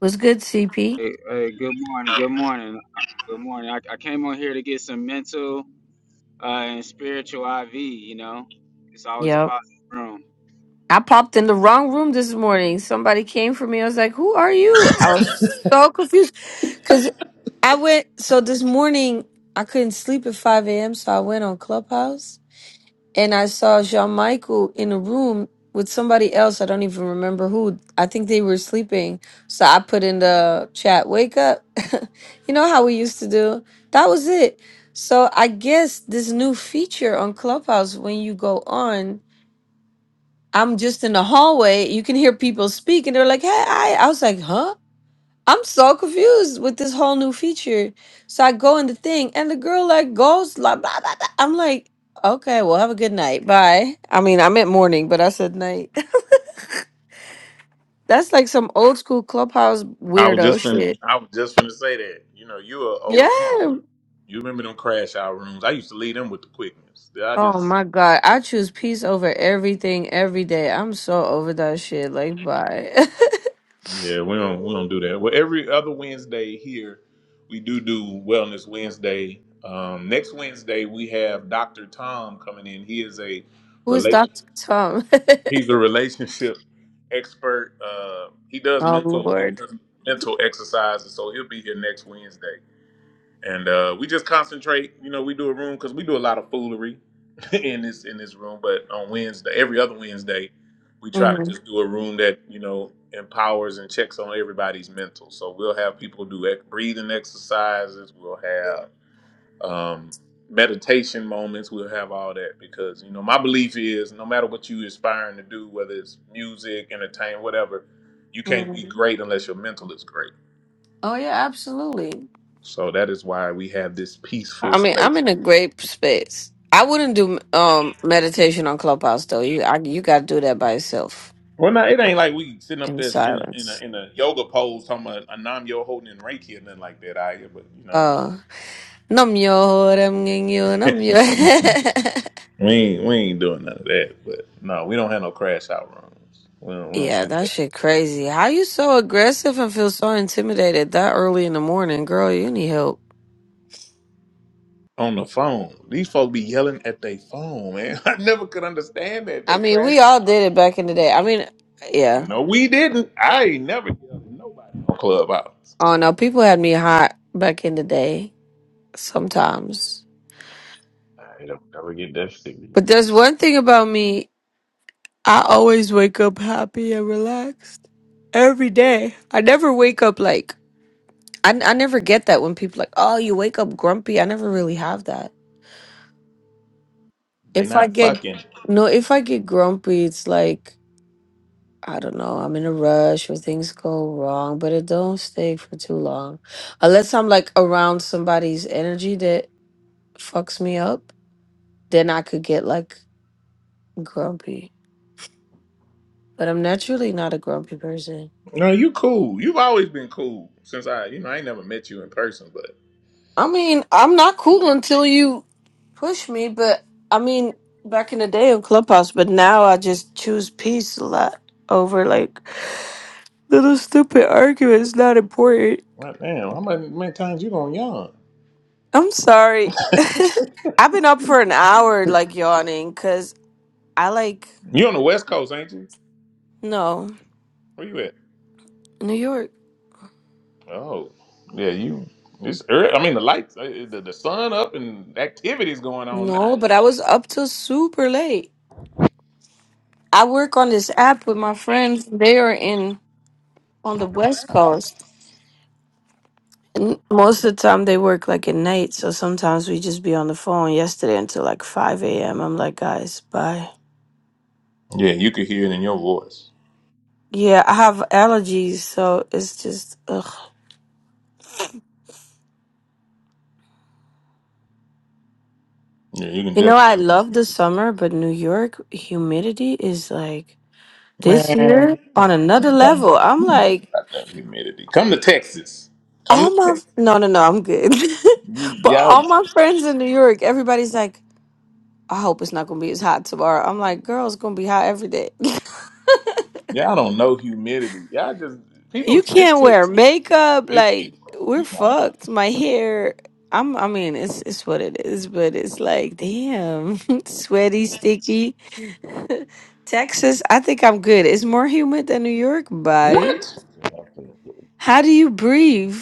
Was good, CP? Hey, hey, good morning. Good morning. uh, Good morning. I, I came on here to get some mental uh, and spiritual IV, you know. It's always a Yep. positive room. I popped in the wrong room this morning. Somebody came for me. I was like, "Who are you?" I was so [laughs] confused because I went. So this morning I couldn't sleep at five a.m. So I went on Clubhouse and I saw Jean Michael in a room with somebody else. I don't even remember who. I think they were sleeping. So I put in the chat, "Wake up!" [laughs] you know how we used to do. That was it. So I guess this new feature on Clubhouse when you go on I'm just in the hallway. You can hear people speak, and they're like, "Hey, I," I was like, "Huh?" I'm so confused with this whole new feature. So I go in the thing, and the girl like goes blah blah blah. blah. I'm like, "Okay, well, have a good night, bye." I mean, I meant morning, but I said night. [laughs] That's like some old school clubhouse I was weirdo just in, shit. I was just gonna say that. You know, you are Yeah. old. You remember them crash out rooms? I used to lead them with the quickness. Yeah, I Oh just my god, I choose peace over everything every day. I'm so over that shit. Like, bye. [laughs] yeah, we don't we don't do that. Well, every other Wednesday here, we do do Wellness Wednesday. Um, next Wednesday we have Dr. Tom coming in. He is a Who is Dr. Tom? He's a relationship expert. Uh, he [laughs] does oh mental he Lord. does mental exercises, so he'll be here next Wednesday. And uh, we just concentrate. You know, we do a room because we do a lot of foolery [laughs] in this in this room. But on Wednesday, every other Wednesday, we try to Mm-hmm. just do a room that you know empowers and checks on everybody's mental. So we'll have people do ex- breathing exercises. We'll have um, meditation moments. We'll have all that because you know my belief is no matter what you aspiring to do, whether it's music, entertainment, whatever, you can't be Mhm. great unless your mental is great. Oh yeah, absolutely. So that is why we have this peaceful I mean, space. I'm in a great space. I wouldn't do um meditation on Clubhouse though. You I, you got to do that by yourself Well, now it ain't like we sitting up in there in a, in a, silence. in a yoga pose talking about a nam yo holding in reiki or nothing like that. I but you know Uh, num yo nam ging yo num [laughs] yo. [laughs] we ain't we ain't doing none of that. But no, we don't have no crash out rooms. We don't, we don't Yeah, that shit crazy. How you so aggressive and feel so intimidated that early in the morning, girl? You need help. on the phone. These folks be yelling at their phone, man. [laughs] I never could understand that. I They mean, we crashing all out. did it back in the day. I mean, yeah. No, we didn't. I ain't never yelled at nobody on Clubhouse. Oh no, people had me hot back in the day sometimes. I don't ever get that serious. But there's one thing about me. I always wake up happy and relaxed every day. I never wake up like I, I never get that when people like, "Oh, you wake up grumpy." I never really have that. They If I not get fucking. no, if I get grumpy, it's like I don't know, I'm in a rush or things go wrong, but it don't stay for too long. Unless I'm like around somebody's energy that fucks me up, then I could get like grumpy. But I'm naturally not a grumpy person. No, you cool. You've always been cool since I, you know, I ain't never met you in person, but I mean, I'm not cool until you push me, but I mean, back in the day on Clubhouse, but now I just choose peace a lot over like little stupid arguments, not important. right now, how many, many times you gonna yawn? I'm sorry. [laughs] I've been up for an hour like yawning because I like, You on the West Coast, ain't you? no, Where you at? New York. Oh, yeah, you. It's early. I mean, the lights, uh, the, the sun up and activities going on No, now. but I was up till super late. I work on this app with my friends. They are in on the West Coast. N- Most of the time they work like at night, so sometimes we just be on the phone yesterday until like 5 a.m. I'm like, guys, bye. Yeah, you could hear it in your voice. Yeah, I have allergies, so it's just, ugh. Yeah, you can You know, I definitely. love the summer, but New York humidity is like this year Man, you don't know on about another it. level. I'm you don't know like, about that humidity. Come to Texas. Come to all my, Texas. no, no, no, I'm good. [laughs] You, but y'all, all my friends in New York, everybody's like, I hope it's not gonna be as hot tomorrow. I'm like, girl, it's gonna be hot every day. [laughs] y'all don't know humidity. Y'all just You people. can't It's it. wear makeup. it Like we're nah. fucked. My hair. I'm. I mean, it's it's what it is. But it's like, damn, [laughs] sweaty, sticky. [laughs] Texas. I think I'm good. It's more humid than New York. Bye. What? Yeah, I couldn't do How do you breathe?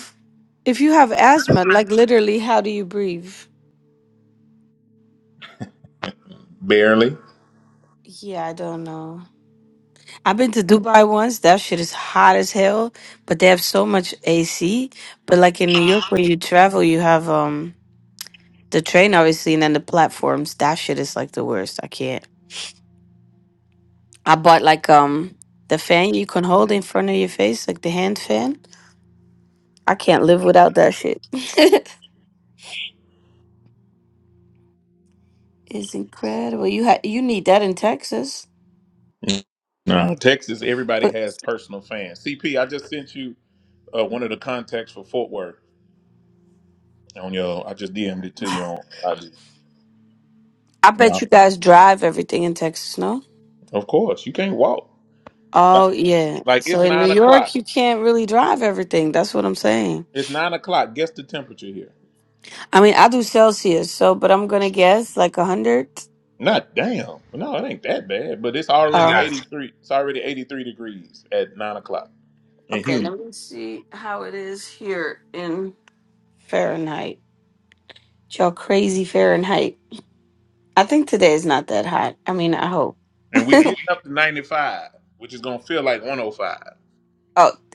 If you have asthma, like literally, how do you breathe? Barely. Yeah, I don't know. I've been to Dubai once. That shit is hot as hell, but they have so much AC. But like in New York, when you travel, you have um. The train, obviously, and then the platforms. That shit is like the worst. I can't. I bought like um the fan you can hold in front of your face, like the hand fan. I can't live without that shit. [laughs] it's incredible. You ha- you need that in Texas, No, Texas. Everybody but has personal fans. CP, I just sent you uh, one of the contacts for Fort Worth on your. I just DM'd it to you on. I just, I no, bet you guys drive everything in Texas, no? of course you can't walk. But Oh yeah. like So it's in New nine York, o'clock. you can't really drive everything. That's what I'm saying. It's nine o'clock. Guess the temperature here. I mean, I do Celsius, so but I'm gonna guess like a hundred. Not damn. No, it ain't that bad. But it's I just already got Oh, it. eighty three. It's already eighty three degrees at nine o'clock and okay. humid. Let me see how it is here in Fahrenheit. Y'all crazy Fahrenheit. I think today is not that hot. I mean, I hope. And [laughs] we getting oh, up to ninety five, which is gonna feel like one oh five.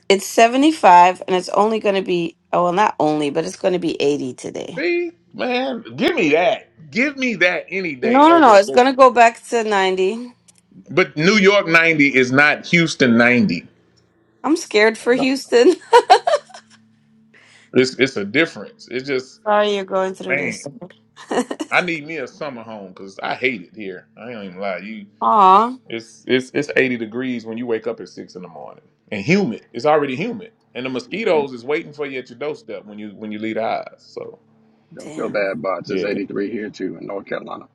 it's 75 and it's only going to be, oh, well, not only, but it's going to be 80 today. See, man, give me that. Give me that any day No, no, no. over. It's going to go back to 90. But New York ninety is not Houston ninety. I'm scared it for at all. Houston. It's it's a difference. It's just [laughs] Sorry you're going through man. this. [laughs] I need me a summer home because I hate it here. I ain't even lie. You. Aw. It's it's it's 80 degrees when you wake up at six in the morning and humid. It's already humid, and the Yeah, mosquitoes is waiting for you at your doorstep when you when you leave the house. So don't feel Damn. bad, bots. It's yeah, 83 here too in North Carolina.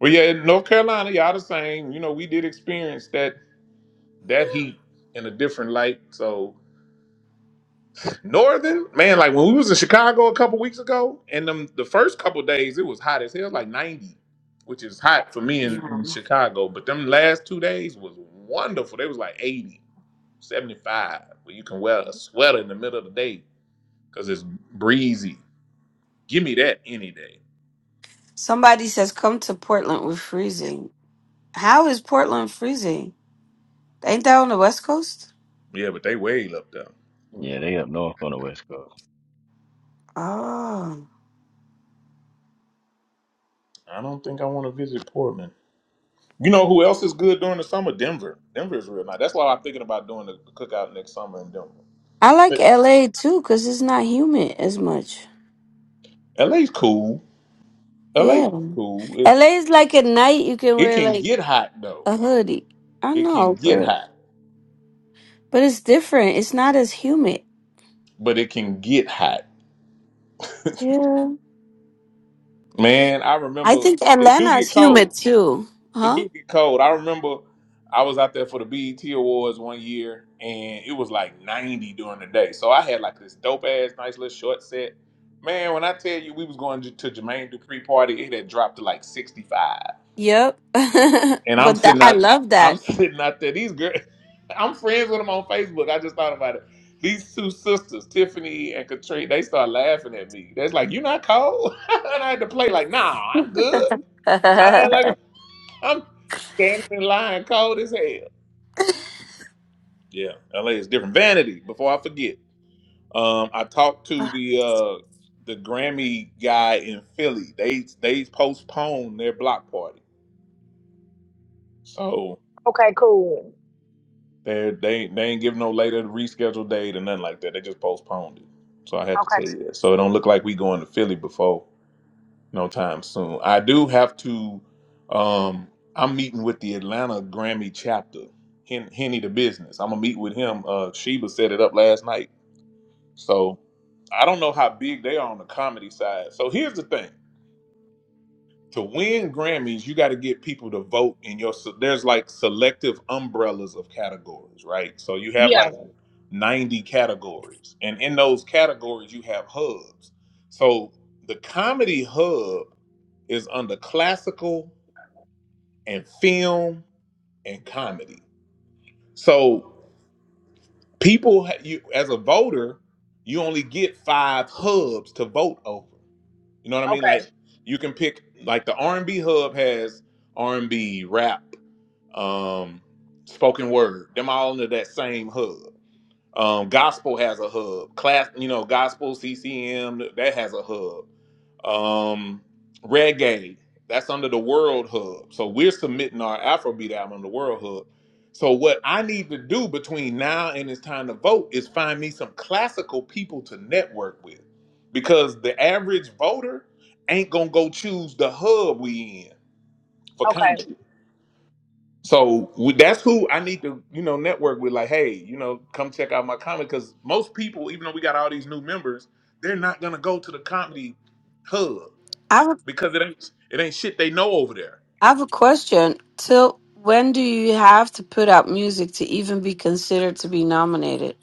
well yeah, in North Carolina, y'all the same. You know, we did experience that that heat in a different light. So northern man, like when we was in Chicago a couple weeks ago, and them the first couple days it was hot as hell, like 90, which is hot for me in, in Damn. Chicago. But them last two days was wonderful. They was like 80. 75 where you can wear a sweater in the middle of the day because it's breezy. Give me that any day. Somebody says, come to Portland. We're freezing. How is Portland freezing? Ain't that on the West Coast? Yeah, but they way up there. Yeah, they up north on the west coast Oh. I don't think I want to visit Portland. You know who else is good during the summer? Denver. Denver is real nice. That's why I'm thinking about doing the, cookout next summer in Denver. I like But LA too because it's not humid as much. LA's cool. Yeah. LA's cool. It's LA is like at night you can it wear can like get hot though. a hoodie. I It can know, get but hot, but it's different. It's not as humid. but it can get hot. [laughs] Yeah. Man, I I remember think it do Atlanta is get cold. humid too. It Huh? do get cold. I remember I was out there for the BET Awards one year, and it was like 90 during the day. So I had like this dope ass, nice little short set. Man, when I tell you we was going to to Jermaine Dupri party, it had dropped to like 65. Yep. [laughs] And I'm but that, sitting I out, love I'm [laughs] that. sitting out there. These girls, [laughs] I'm friends with them on Facebook. I just thought about it. These two sisters, Tiffany and Katrina, they start laughing at me. That's like, you not cold? [laughs] and I had to play like, nah, I'm good. [laughs] I [laughs] I'm standing in line cold as hell. Yeah, LA is different. Vanity, before I forget. Um, I talked to the uh the Grammy guy in Philly. They they postponed their block party. So Okay, cool. they they they ain't giving no later rescheduled date or nothing like that. They just postponed it. So I had to tell Okay. you that. So it don't look like we going to Philly before. No time soon. I do have to. Um, I'm meeting with the Atlanta Grammy chapter, Hen- Henny the Business. I'm gonna meet with him. Uh, Sheba set it up last night, so I don't know how big they are on the comedy side. So here's the thing to win Grammys, you got to get people to vote in your. So there's like selective umbrellas of categories, right? So you have Yeah. like 90 categories, and in those categories, you have hubs. So the comedy hub is under classical and film and comedy. So people, ha- you as a voter, you only get five hubs to vote over. You know what I mean? Okay. Like you can pick like the R&B hub has R&B, rap. um, spoken word. Them all under that same hub. Um, gospel has a hub. Class, you know, gospel CCM that has a hub. Um, reggae that's under the World Hub. So we're submitting our Afrobeat album on the World Hub. So what I need to do between now and it's time to vote is find me some classical people to network with, because the average voter ain't gonna go choose the hub we in for Okay. Congress. So we, that's who I need to, you know, network with. Like, hey, you know, come check out my comedy because most people, even though we got all these new members, they're not gonna go to the comedy hub have, a- because it ain't it ain't shit they know over there. I have a question. Till when do you have to put out music to even be considered to be nominated?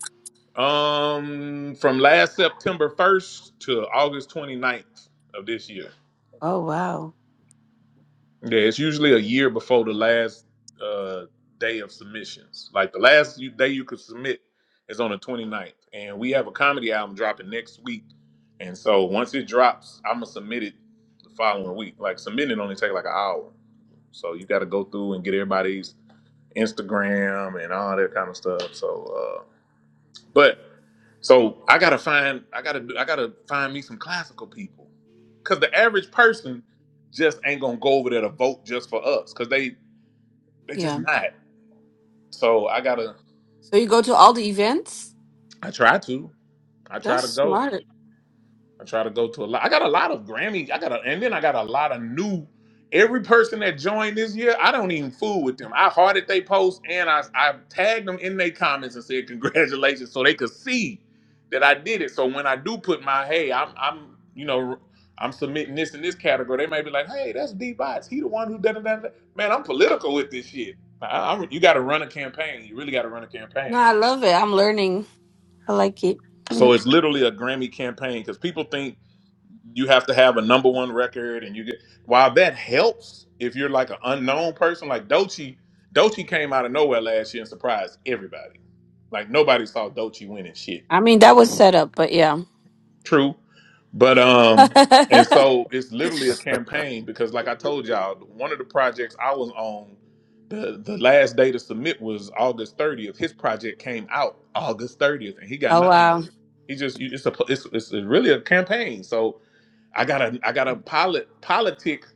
Um, from last September 1st to August 29th of this year. Oh wow. Yeah, it's usually a year before the last uh, day of submissions. Like the last you, day you could submit is on the twenty ninth, And we have a comedy album dropping next week. And so once it drops, I'm going to submit it the following week. Like submitting only take like an hour. So you got to go through and get everybody's Instagram and all that kind of stuff. So uh, but so I gotta find I gotta do I gotta find me some classical people. Cause the average person just ain't gonna go over there to vote just for us. Cause they they just Yeah. not. So I gotta So you go to all the events? I try to. I try That's to go. smart. I try to go to a lot. I got a lot of Grammy. I got a, and then I got a lot of new. Every person that joined this year, I don't even fool with them. I hearted they post and I I tagged them in their comments and said congratulations, so they could see that I did it. So when I do put my hey, I'm I'm you know I'm submitting this in this category, they may be like, hey, that's D Bots. He the one who da da da. da." Man, I'm political with this shit. I, I, you got to run a campaign. You really got to run a No, campaign. I love it. I'm learning. I like it. So [laughs] it's literally a Grammy campaign because people think you have to have a number one record and you get while that helps if you're like an unknown person like Dochi Dochi came out of nowhere last year and surprised everybody like nobody saw Dochi winning shit I mean, that was set up, but yeah. true but [laughs] um and so it's literally a campaign because like I told y'all one of the projects I was on the the last day to submit was August 30th his project came out August 30th and he got oh wow. nominated he just you- it's a it's, it's really a campaign so I gotta I gotta polit politic.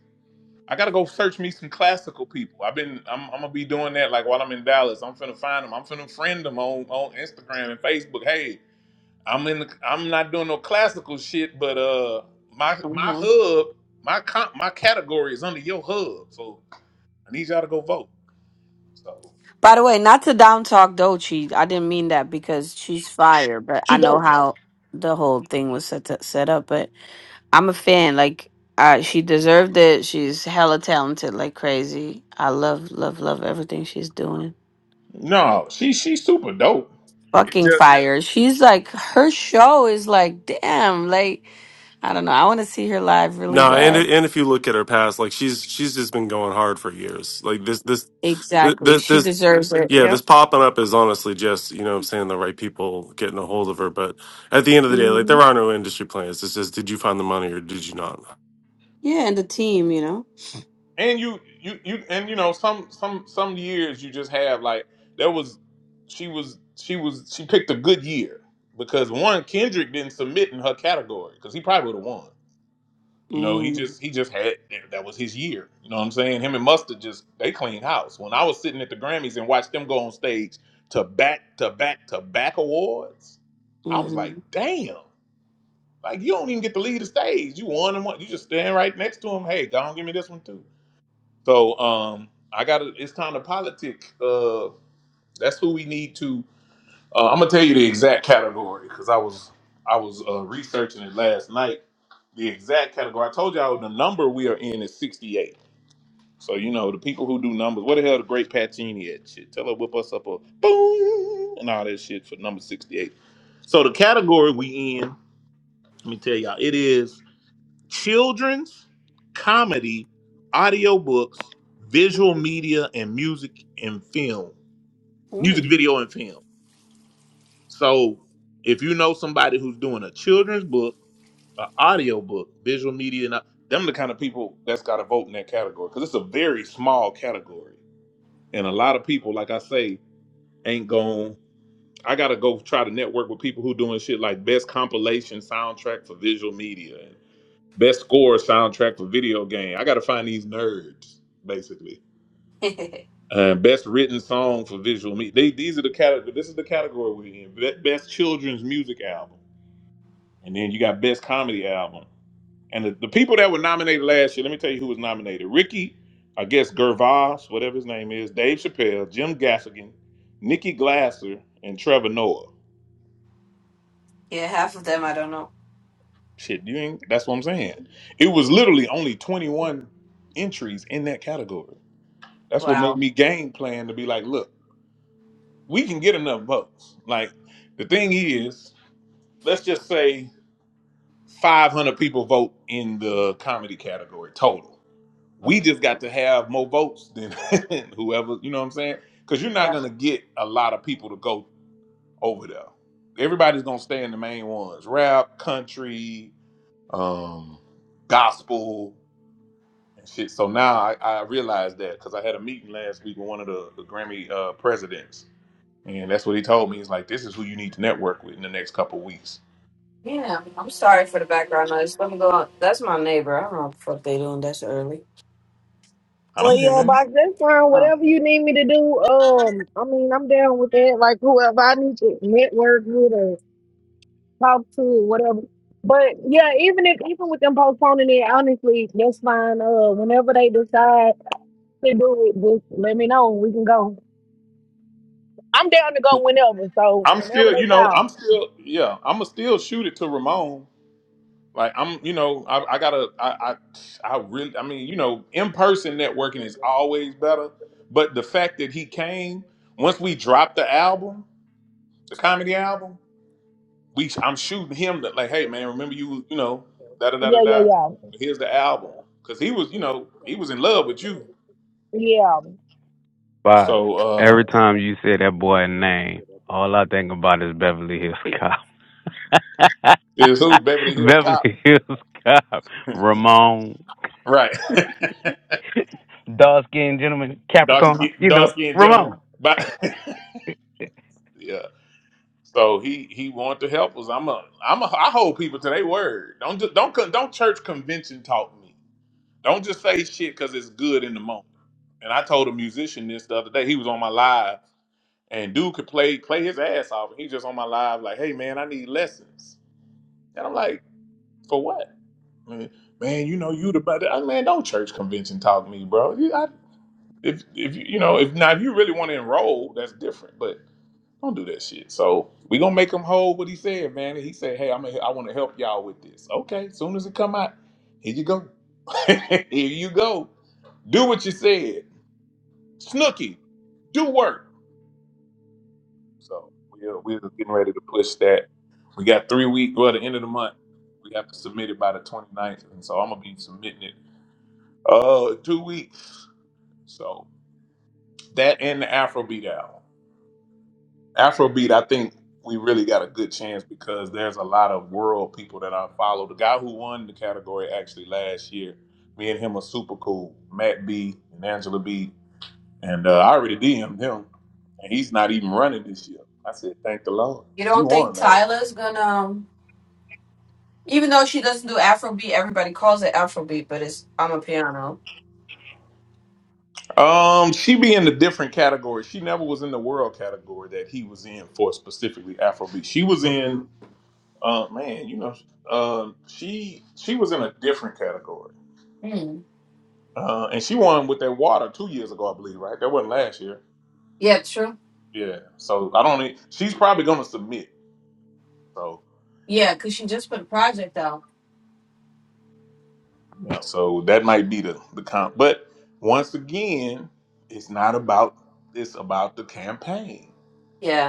I gotta go search me some classical people. I've been I'm, I'm gonna be doing that like while I'm in Dallas. I'm finna find them. I'm finna friend them on on Instagram and Facebook. Hey, I'm in. The, I'm not doing no classical shit, but uh, my my hmm hub, my comp, my category is under your hub. So I need y'all to go vote. So By the way, not to down talk Dolce. I didn't mean that because she's fire, but I she know dope. how the whole thing was set to, set up. But I'm a fan. Like, uh, she deserved it. She's hella talented, like crazy. I love, love, love everything she's doing. No, she she's super dope. It Fucking just fire. She's like her show is like damn. Like I don't know. I want to see her live really No, and bad. and if you look at her past, like she's she's just been going hard for years. Like this this Exactly. this She this deserves it. yeah, this Yep. popping up is honestly just you know what I'm saying the right people getting a hold of her. But at the end of the day, like hmm there are no industry plans. It's just did you find the money or did you not? Yeah, and the team, you know. and you you you and you know some some some years you just have like there was she was she was she picked a good year because one Kendrick didn't submit in her category because he probably would have won. You know, he Mm. just he just had that was his year. You know what I'm saying? Him and Mustard just they cleaned house. When I was sitting at the Grammys and watched them go on stage to back to back to back awards, I was like, hmm damn. Like you don't even get to lead the stage. You won and one. You just stand right next to him. Hey, go on, give me this one too. So um, I got to It's time to politic. Uh, that's who we need to. Uh, I'm gonna tell you the exact category because I was I was uh, researching it last night. The exact category. I told y'all the number we are in is 68. So you know the people who do numbers. What the hell, the great Pacini at shit? Tell her whip us up a boom and all that shit for number 68. So the category we in. Let me tell y'all. It is children's comedy, audiobooks, visual media, and music and film, music Mm. video and film. So if you know somebody who's doing a children's book, an audiobook, visual media, and them the kind of people that's got to vote in that category because it's a very small category, and a lot of people, like I say, ain't going. I gotta go try to network with people who doing shit like best compilation soundtrack for visual media. Best score soundtrack for video game. I got to find these nerds, basically. [laughs] Uh, best written song for visual media. They, these are the category. This is the category we're in. Be- Best children's music album, and then you got best comedy album. And the, the people that were nominated last year. Let me tell you who was nominated: Ricky, I guess Gervais, whatever his name is, Dave Chappelle, Jim Gaffigan, Nikki Glasser, and Trevor Noah. yeah, half of them I don't know. Shit, you ain't. That's what I'm saying. It was literally only 21 entries in that category. That's what made Wow. me game plan to be like, look, we can get enough votes. Like, the thing is, let's just say 500 people vote in the comedy category total. We Mhm. just got to have more votes than [laughs] whoever, you know what I'm saying? Because you're not Yeah. going to get a lot of people to go over there. Everybody's going to stay in the main ones rap, country, um, gospel, and shit. So now I, I realized that because I had a meeting last week with one of the, the Grammy uh, presidents And that's what he told me. He's like, this is who you need to network with in the next couple of weeks. Yeah. I'm sorry for the background noise. Let me go on. That's my neighbor. I don't know what the fuck they doing this early. I Well, don't hear yeah, nothing. box. That's fine. Oh. Whatever you need me to do, um, I mean, I'm down with that. Like whoever I need to network with or talk to, or whatever. But yeah, even if even with them postponing it, honestly, that's fine. Uh, whenever they decide to do it, just let me know. We can go. I'm down to go whenever. So I'm whenever still, they you know, call. I'm still, yeah, I'm gonna still shoot it to Ramon. Like I'm, you know, I, I gotta, I, I, I really, I mean, you know, in person networking is always better. But the fact that he came, once we dropped the album, the comedy album, we, I'm shooting him that, like, hey man, remember you, you know, da da da da Yeah, yeah, da. yeah, Here's the album, cause he was, you know, he was in love with you. yeah. Fox. So, um, Every time you say that boy name, all I think about is Beverly Hills Cop. Is who [laughs] Beverly Hills Cop? Beverly Hills Cop. [laughs] Ramon. Right. [laughs] [laughs] Dark skinned gentleman, dark Capricorn. skin, You dark know, skinned gentleman. Ramon. But [laughs] yeah. So he he wanted to help us. I'm a I'm a I hold people to their word. Don't just don't con- don't church convention talk me. Don't just say shit because it's good in the moment. And I told a musician this the other day. He was on my live, and dude could play play his ass off. And he's just on my live like, "Hey man, I need lessons." And I'm like, "For what?" Man, man, you know you the better. I, man, don't church convention talk me, bro. if if you you know if now if you really want to enroll, that's different. But don't do that shit. So we gonna make him hold what he said, man. He said, "Hey, I'm a, I want to help y'all with this." Okay, soon as it come out, here you go. [laughs] here you go. Do what you said, Snooky. Do work. So we're we're getting ready to push that. We got three weeks. Well, the end of the month, we have to submit it by the 29th, and so I'm gonna be submitting it. Uh, two weeks. So that and the Afrobeat album. Afrobeat, I think we really got a good chance because there's a lot of world people that I follow. The guy who won the category actually last year, me and him are super cool. Matt B and Angela B, and uh, I already DM'd him, and he's not even running this year. I said, thank the Lord, You because he don't won think last Tyler's year. gonna um, even though she doesn't do Afrobeat, everybody calls it Afrobeat, but it's I'm a piano. Um, she be in a different category. She never was in the world category that he was in for specifically Afrobeat. She was Mm. in, uh, man, you know, um, she she was in a different category. Mm. Uh, and she won with that water two years ago, I believe, right? That wasn't last year. Yeah, true. Yeah. So I don't. e- She's probably going to submit. So, Yeah, because she just put a project out. yeah, so that might be the the comp. But once again, it's not about. It's about the campaign. Yeah.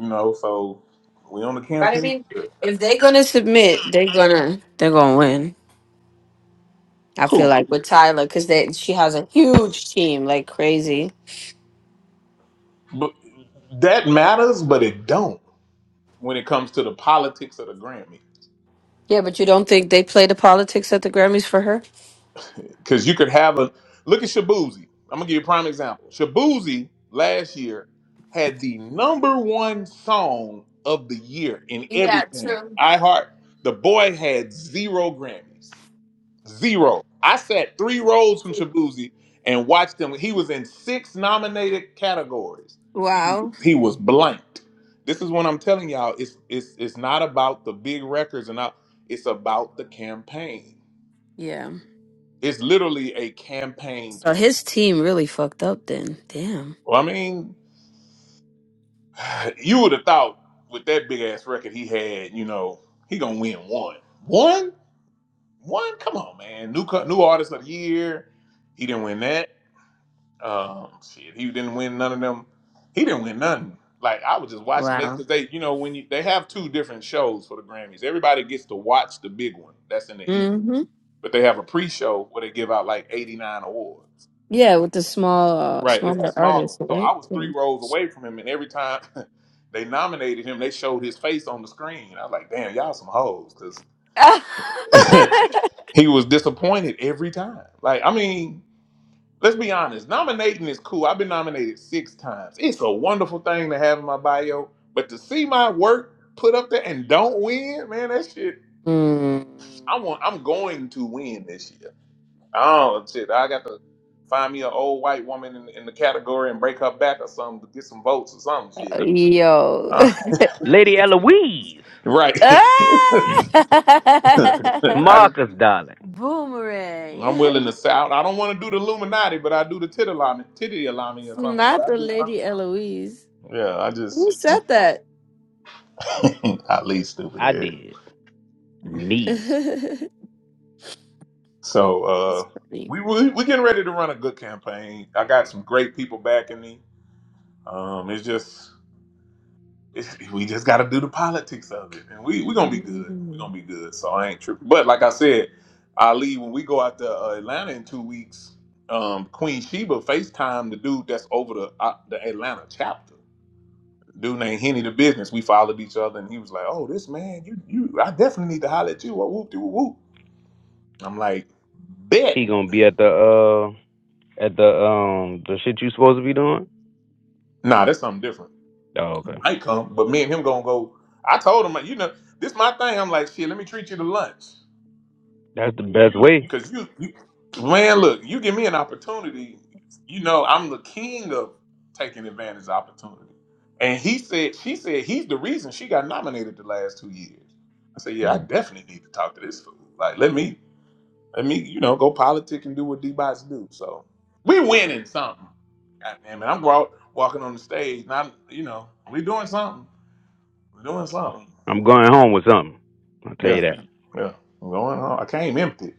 You know. So we on the But I campaign. mean, if they're gonna submit, they're gonna they're gonna win. I feel Who? like with Tyler, because they she has a huge team, like crazy. But that matters, but it don't when it comes to the politics of the Grammy. Yeah, but you don't think they play the politics at the Grammys for her? Because you could have a look at Shabuzi. I'm gonna give you a prime example. Shabuzi last year had the number one song of the year in Yeah, everything. true. I heart the boy had zero Grammys. Zero. I sat three rows from Shabuzi and watched him. He was in six nominated categories. He, Wow. he was blanked. This is what I'm telling y'all. It's it's it's not about the big records and not, it's about the campaign. Yeah. It's literally a campaign So his team really fucked up then. Damn. Well, I mean, you would have thought with that big ass record he had, you know, he gonna win one, one, one. Come on, man. New co- new artist of the year. He didn't win that. Um, shit, he didn't win none of them. He didn't win none. Like I was just watching they Wow. because they, you know, when you they have two different shows for the Grammys. Everybody gets to watch the big one that's in the evening, Mm-hmm. but they have a pre-show where they give out like eighty nine awards. Yeah, with the small, uh, Right, it's the smaller smaller one. artists, So right? I was three Mm. rows away from him, and every time [laughs] they nominated him, they showed his face on the screen. I was like, damn, y'all some hoes, because [laughs] [laughs] he was disappointed every time. Like, I mean, let's be honest, nominating is cool. I've been nominated six times. It's a wonderful thing to have in my bio, but to see my work put up there and don't win, man, that shit, Mm. I want, I'm going to win this year. Oh shit! I got to find me an old white woman in, in the category and break her back or something to get some votes or something. Shit. Yo. Uh, Lady [laughs] Eloise. [laughs] right. Ah! [clears throat] [laughs] [laughs] I, Marcus, darling. I'm willing Boomerang. to [laughs] shout. I don't want to do the Illuminati, but I do the titty alarming, titty alarming It's or some shit. Not the I do something. lady Eloise. Yeah, I just Who you said that? know, [laughs] at least stupid I head. did. [laughs] Me. it's So uh, funny. we we we getting ready to run a good campaign. I got some great people backing me. Um, it's just. [laughs] we just got to do the politics of it, and we we gonna be good. We gonna be good. So I ain't tripping. But like I said, Ali, when we go out to uh, Atlanta in two weeks, um, Queen Sheba Facetime the dude that's over the uh, the Atlanta chapter. Dude named Henny the Business. We followed each other, and he was like, "Oh, this man, you you, I definitely need to holler at you." I whoop de whoop. whoop. I'm like, "Bet." He gonna be at the uh at the um the shit you supposed to be doing? Nah, that's something different. Oh, okay. I ain't come, but me and him gonna go. I told him, like, you know, this my thing. I'm like, shit, let me treat you to lunch. That's the best way. Cause you, you, man, look, you give me an opportunity. You know, I'm the king of taking advantage of opportunity. And he said, she said, he's the reason she got nominated the last two years. I said, yeah, I definitely need to talk to this fool. Like, let me, let me, you know, go politic and do what D-Bots do. So we winning something. God damn it, I'm walk, walking on the stage. Not, you know, we doing something. We doing something. I'm going home with something. I'll tell you Yeah, that. yeah. I'm going on. I came empty.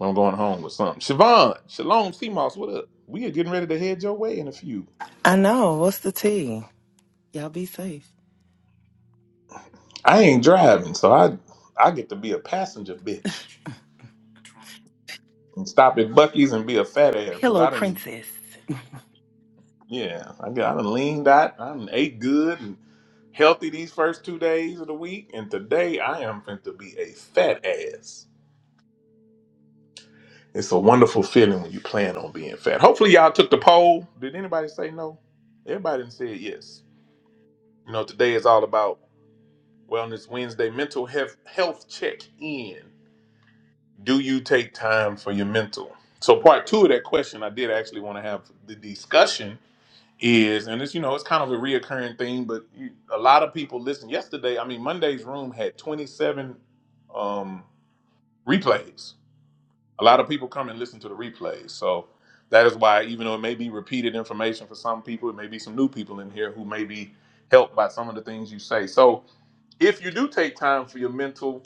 I'm going home with something. Siobhan, Shalom, CMOS, what up? We are getting ready to head your way in a few. I know. What's the tea? Y'all be safe. I ain't driving, so I I get to be a passenger bitch and stop at Bucky's and be a fat ass because Pillow I didn't. Princess. Yeah, I got I done leaned out. I done ate good and healthy these first two days of the week, and today I am going to be a fat ass. It's a wonderful feeling when you plan on being fat. Hopefully, y'all took the poll. Did anybody say no? Everybody done said yes. You know, today is all about Wellness Wednesday mental health health check in. Do you take time for your mental? So part two of that question, I did actually want to have the discussion is, and it's you know it's kind of a reoccurring thing, but you, a lot of people listen. Yesterday, I mean Monday's room had 27 um, replays. A lot of people come and listen to the replays, so that is why even though it may be repeated information for some people, it may be some new people in here who may be helped by some of the things you say. So if you do take time for your mental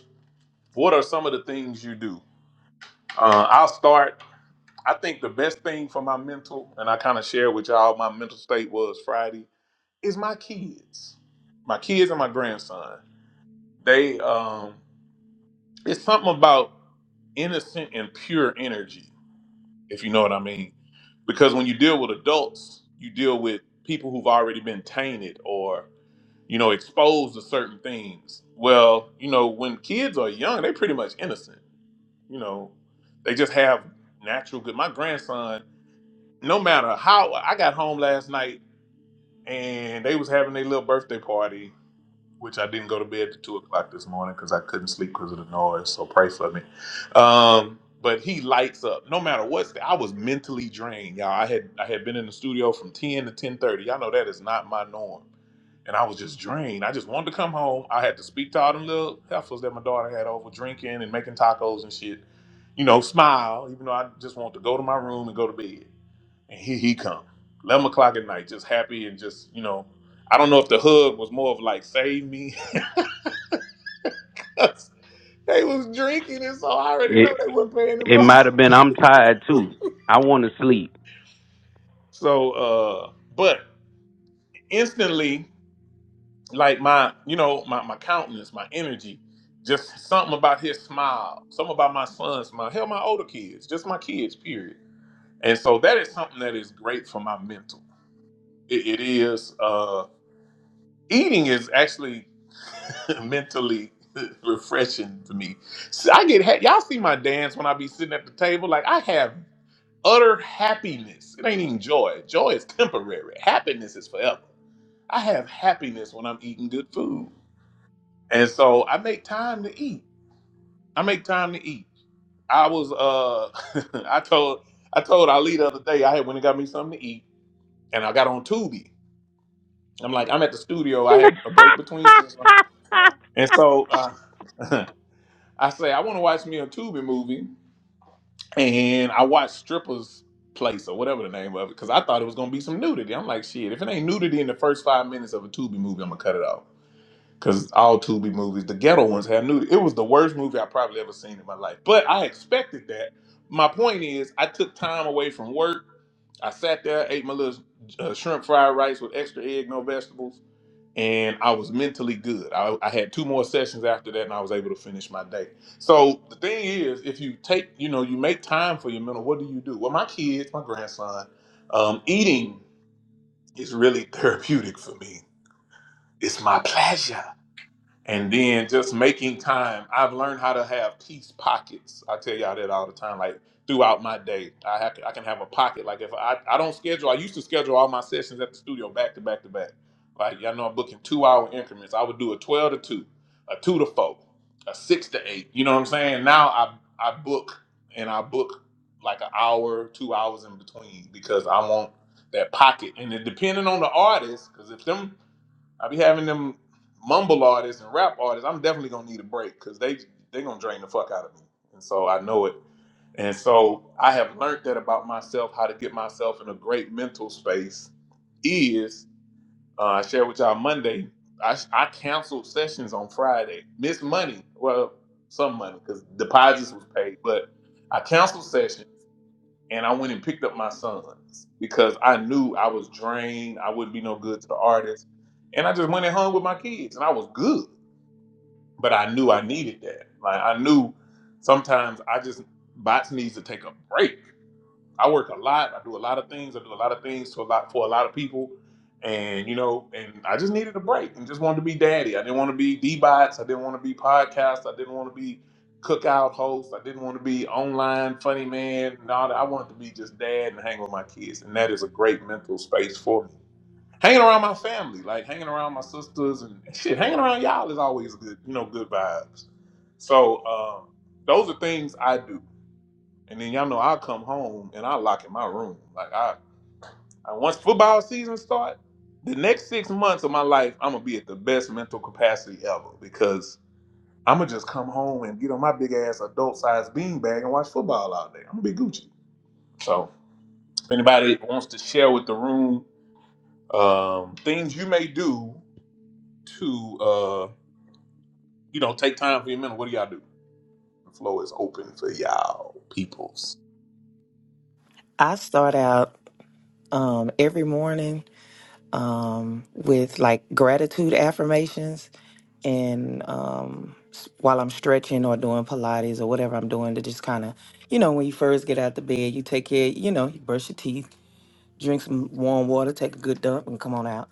What are some of the things you do? Uh, I'll start. I think the best thing for my mental, and I kind of share with y'all my mental state was Friday, is my kids, my kids and my grandson. They, um, it's something about innocent and pure energy, if you know what I mean. Because when you deal with adults, you deal with people who've already been tainted or, you know, exposed to certain things. Well, you know, when kids are young, they're pretty much innocent. you know, they just have natural good. My grandson, no matter how I got home last night and they was having their little birthday party which I didn't go to bed at two o'clock this morning because I couldn't sleep because of the noise. So pray for me. Um, but he lights up. No matter what's the, I was mentally drained, y'all. I had I had been in the studio from ten to ten thirty. Y'all know that is not my norm, and I was just drained. I just wanted to come home. I had to speak to all them little heifers that my daughter had over drinking and making tacos and shit. You know, smile, even though I just want to go to my room and go to bed. And here he come, eleven o'clock at night, just happy and just you know I don't know if the hug was more of like save me. [laughs] they was drinking and so I already It know they weren't paying them it no. might have been I'm tired too. I want to sleep. [laughs] So uh but instantly like my you know my, my countenance, my energy, just something about his smile, something about my son's smile, hell my older kids, just my kids, period. And so that is something that is great for my mental. It, it is. Uh, Eating is actually [laughs] mentally [laughs] refreshing to me. So I get ha- y'all see my dance when I be sitting at the table. Like I have utter happiness. It ain't even joy. Joy is temporary. Happiness is forever. I have happiness when I'm eating good food, and so I make time to eat. I make time to eat. I was uh, [laughs] I told I told Ali the other day I had went and got me something to eat, and I got on Tubi. I'm like I'm at the studio. I had a break between sessions, and so. Uh, [laughs] I say I want to watch me a Tubi movie, and I watched Strippers Place or whatever the name of it because I thought it was gonna be some nudity. I'm like, shit, if it ain't nudity in the first five minutes of a Tubi movie, I'm gonna cut it off because all Tubi movies, the ghetto ones, have nudity. It was the worst movie I probably ever seen in my life, but I expected that. My point is, I took time away from work. I sat there, ate my little uh, shrimp fried rice with extra egg, no vegetables and I was mentally good. I, I had two more sessions after that, and I was able to finish my day. So the thing is, if you take, you know, you make time for your mental, what do you do? Well, my kids, my grandson, um, eating is really [laughs] therapeutic for me. It's my pleasure. And then just making time. I've learned how to have peace pockets. I tell y'all that all the time. Like throughout my day, I have I can have a pocket. Like if I, I don't schedule, I used to schedule all my sessions at the studio back to back to back. Like y'all know I'm booking two hour increments. I would do a twelve to two, a two to four, a six to eight. You know what I'm saying? Now I I book and I book like an hour, two hours in between because I want that pocket. And it depending on the artist, because if them I be having them mumble artists and rap artists. I'm definitely gonna need a break because they they gonna drain the fuck out of me, and so I know it. And so I have learned that about myself, how to get myself in a great mental space. Is uh, I shared with y'all Monday. I I canceled sessions on Friday. Missed money, well, some money because deposits was paid, but I canceled sessions and I went and picked up my sons because I knew I was drained. I wouldn't be no good to the artist. And I just went and hung with my kids and I was good. But I knew I needed that. Like I knew sometimes I just bots needs to take a break. I work a lot. I do a lot of things. I do a lot of things to a lot for a lot of people. And you know, and I just needed a break and just wanted to be daddy. I didn't want to be D bots. I didn't want to be podcast. I didn't want to be cookout host. I didn't want to be online funny man. No, I wanted to be just dad and hang with my kids. And that is a great mental space for me. Hanging around my family, like hanging around my sisters and [laughs] shit, hanging around y'all is always good, you know, good vibes. So um, those are things I do. And then y'all know I'll come home and I lock in my room. Like I, I once football season start, the next six months of my life, I'm gonna be at the best mental capacity ever because I'm gonna just come home and get on my big ass adult sized beanbag and watch football all day. I'm gonna be Gucci. So if anybody wants to share with the room um, things you may do to, uh, you know, take time for your mental, what do y'all do? The floor is open for y'all peoples. I start out um, every morning um, with like gratitude affirmations, and um, s- while I'm stretching or doing Pilates or whatever I'm doing, to just kind of, you know, when you first get out the bed, you take care, you know, you brush your teeth, drink some warm water, take a good dump, and come on out.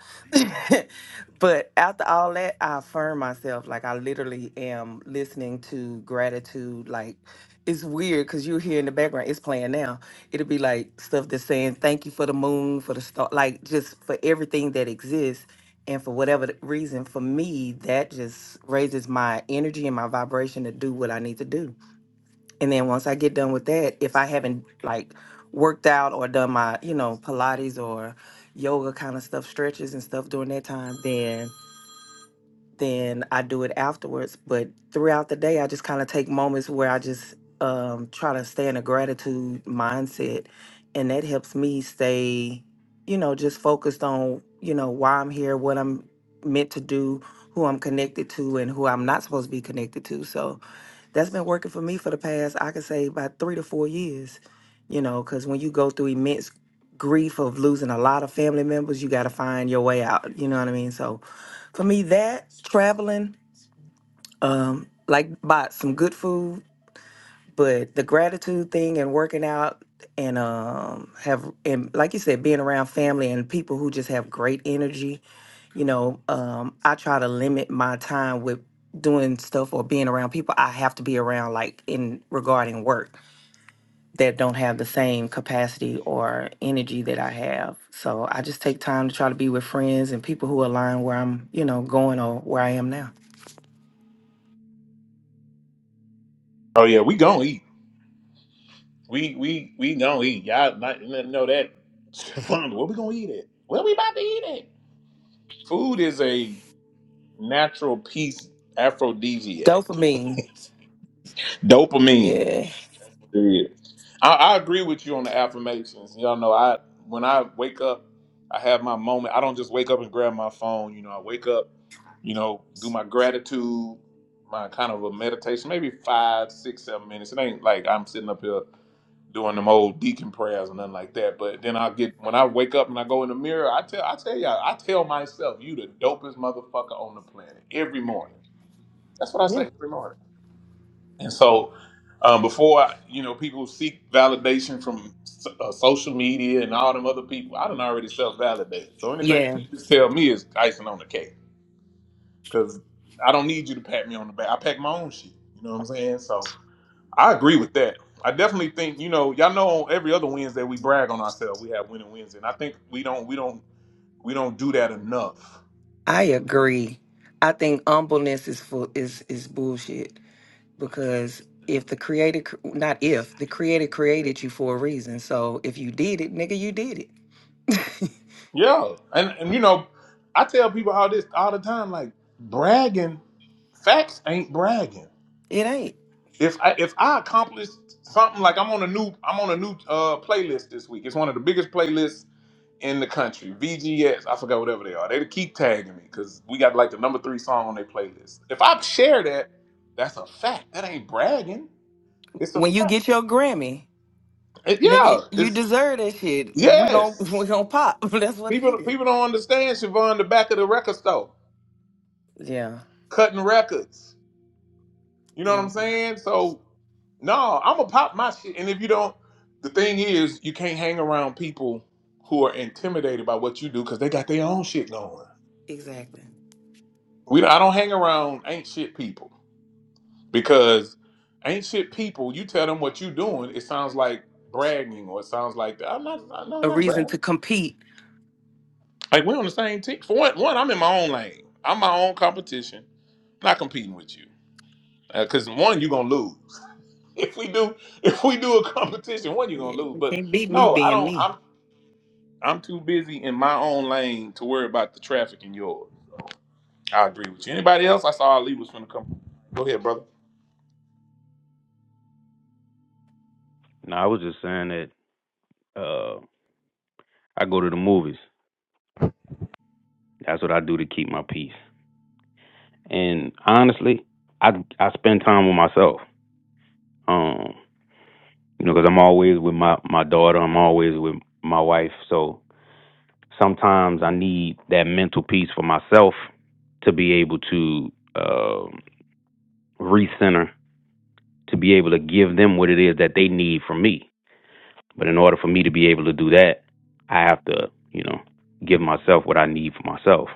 [laughs] but after all that, I affirm myself. Like I literally am listening to gratitude. Like it's weird because you hear in the background, it's playing now. It'll be like stuff that's saying thank you for the moon, for the star, like just for everything that exists. And for whatever the reason, for me, that just raises my energy and my vibration to do what I need to do and then once I get done with that, if I haven't like worked out or done my, you know, Pilates or yoga kind of stuff, stretches and stuff during that time, then then I do it afterwards. But throughout the day, I just kind of take moments where I just um, try to stay in a gratitude mindset, and that helps me stay, you know, just focused on you know why I'm here, what I'm meant to do, who I'm connected to, and who I'm not supposed to be connected to. So that's been working for me for the past i could say about three to four years you know because when you go through immense grief of losing a lot of family members you got to find your way out you know what i mean so for me that traveling um like bought some good food but the gratitude thing and working out and um have and like you said being around family and people who just have great energy you know, um, I try to limit my time with doing stuff or being around people I have to be around, like in regarding work that don't have the same capacity or energy that I have. So I just take time to try to be with friends and people who align where I'm, you know, going or where I am now. Oh yeah, we gonna eat. We we we gonna eat. Y'all not, n- know that. [laughs] Where we gonna eat it? Where we about to eat it? Food is a natural peace aphrodisiac. Dopamine. Dopamine. Yeah. Yeah. I, I agree with you on the affirmations. Y'all know I when I wake up, I have my moment. I don't just wake up and grab my phone. You know, I wake up, you know, do my gratitude, my kind of a meditation, maybe five, six, seven minutes. It ain't like I'm sitting up here. doing them old deacon prayers or nothing like that. But then I get when I wake up and I go in the mirror, I tell I tell y'all, I tell myself, you the dopest motherfucker on the planet every morning. That's what I Yeah. say every morning. And so um, before I, you know, people seek validation from so- uh, social media and all them other people, I done already self validated. So anything Yeah. you just tell me is icing on the cake because I don't need you to pat me on the back. I pack my own shit. You know what I'm saying? So. I agree with that. I definitely think you know y'all know on every other Wednesday we brag on ourselves. We have winning Wednesday, and I think we don't we don't we don't do that enough. I agree. I think humbleness is full is is bullshit. because if the creator cr- not if the creator created you for a reason so if you did it nigga you did it [laughs] Yeah, and and you know I tell people all this all the time like bragging facts ain't bragging. it ain't If I if I accomplished something like I'm on a new I'm on a new uh playlist this week. It's one of the biggest playlists in the country. VGS, I forgot whatever they are. They keep tagging me because we got like the number three song on their playlist. If I share that, that's a fact. That ain't bragging. It's a when you fact. get your grammy It- nigga yeah, you it's deserve that shit we gon' yes. [laughs] we gon' pop [laughs] that's what it People is people don't understand Siobhan the back of the record store yeah cutting records. You know what damn I'm saying? So no, I'm gonna pop my shit. And if you don't, the thing is, you can't hang around people who are intimidated by what you do because they got their own shit going. exactly We I don't hang around ain't shit people. because ain't shit people. You tell them what you doing, it sounds like bragging, or it sounds like I'm not. I'm not, no, I'm a not reason to bragging. compete Like we're on the same team. For one, one, I'm in my own lane. I'm my own competition. I'm not competing with you because one, you're gonna lose. [laughs] If we do, if we do a competition, one, you're gonna yeah, lose. you But can't beat me no, I being don't. I'm me I'm too busy in my own lane to worry about the traffic in yours. I agree with you. Anybody else? I saw Ali was gonna come. Go ahead, brother. No, I was just saying that uh I go to the movies. That's what I do to keep my peace. And honestly, I I spend time with myself. Um, you know, because I'm always with my my daughter. I'm always with my wife. So sometimes I need that mental peace for myself to be able to um recenter, to be able to give them what it is that they need from me But in order for me to be able to do that, I have to, you know, give myself what I need for myself,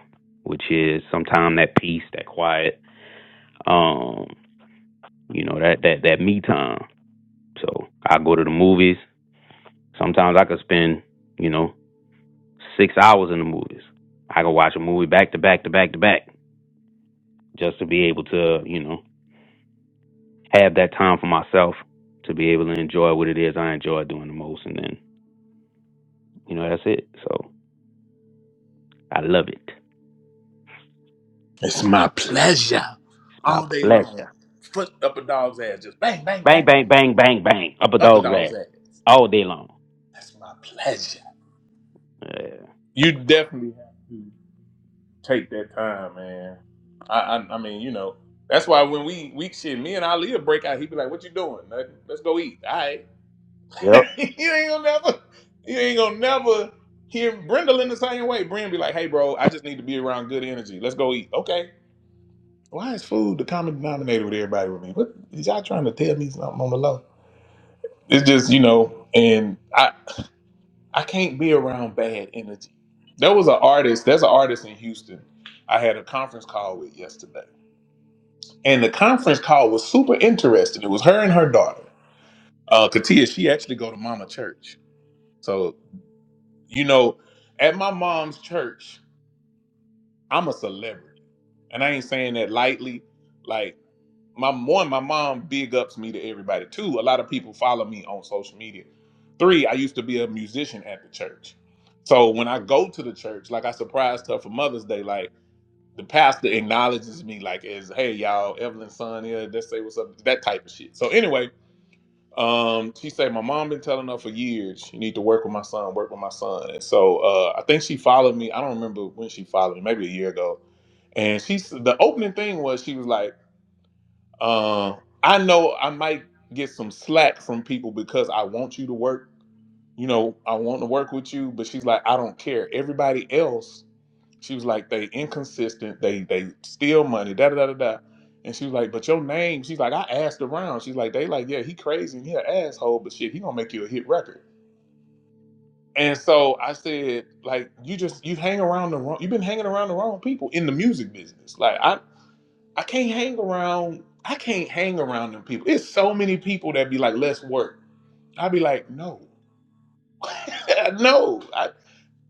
which is sometimes that peace, that quiet, um, you know, that that that me time. So I go to the movies. Sometimes I could spend, you know, six hours in the movies. I could watch a movie back to back to back to back just to be able to, you know, have that time for myself to be able to enjoy what it is I enjoy doing the most and then, you know, that's it. So I love it. It's my pleasure It's my all day pleasure. long. Foot up a dog's ass, just bang, bang, Bang, bang, bang, bang, bang, bang, up a up a dog's dog's ass ass. all day long. That's my pleasure. Yeah. You definitely have to take that time, man. I, I, I mean, you know, that's why when we we shit, me and Ali will break out. He be like, "What you doing? Nothing. Let's go eat." All right, [laughs] Yep. you ain't gonna never, you ain't gonna never hear Brenda in the same way. Brenda be like, "Hey, bro, I just need to be around good energy. Let's go eat." Okay, Why is food the common denominator with everybody with me? What is y'all trying to tell me something on the low? It's just, you know, and I I can't be around bad energy. There was an artist, there's an artist in Houston I had a conference call with yesterday. And the conference call was super interesting. It was her and her daughter. Uh Katia, she actually go to mama church. So, you know, at my mom's church, I'm a celebrity. And I ain't saying that lightly. like. my one, my mom big ups me to everybody. Two, a lot of people follow me on social media. Three, I used to be a musician at the church. So when I go to the church, like I surprised her for Mother's Day, like the pastor acknowledges me like as hey y'all, Evelyn's son here, let's say what's up, that type of shit. So anyway, um, she said my mom been telling her for years, you need to work with my son, work with my son. And so uh I think she followed me. I don't remember when she followed me, maybe a year ago. And she the opening thing was she was like uh, I know I might get some slack from people because I want you to work. You know, I want to work with you, but she's like, I don't care. Everybody else, she was like, they inconsistent. They they steal money. Da da da da. da. And she was like, but your name. She's like, I asked around. She's like, they like, yeah, he crazy and he an asshole, but shit, he gonna make you a hit record. And so I said, like, you just you hang around the wrong. You've been hanging around the wrong people in the music business. Like, I. I can't hang around. I can't hang around them people. It's so many people that be like, "Let's work." i be like, "No, [laughs] no, I,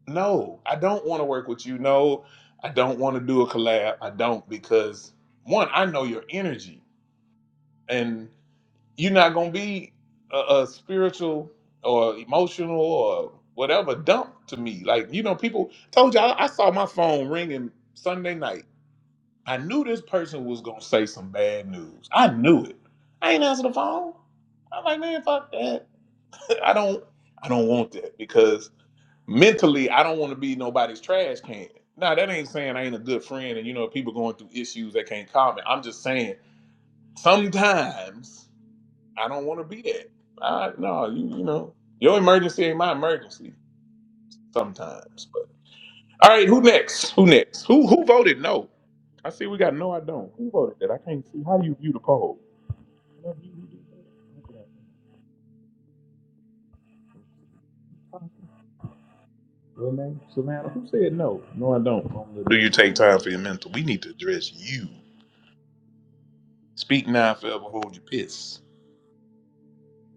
no. I don't want to work with you. No, I don't want to do a collab. I don't because one, I know your energy, and you're not gonna be a, a spiritual or emotional or whatever dump to me. Like you know, people told you all I saw my phone ringing Sunday night. I knew this person was gonna say some bad news. I knew it. I ain't answer the phone. I'm like, man, fuck that. [laughs] I don't I don't want that because mentally I don't want to be nobody's trash can. Now that ain't saying I ain't a good friend and you know if people going through issues they can't comment. I'm just saying sometimes I don't want to be that. I no, you you know, your emergency ain't my emergency sometimes. But all right, who next? Who next? Who who voted no? I see we got no I don't. Who voted that? I can't see. How do you view the poll? Amen. Savannah, who said no? No, I don't. Do you take time for your mental? We need to address you. Speak now, and forever hold your piss.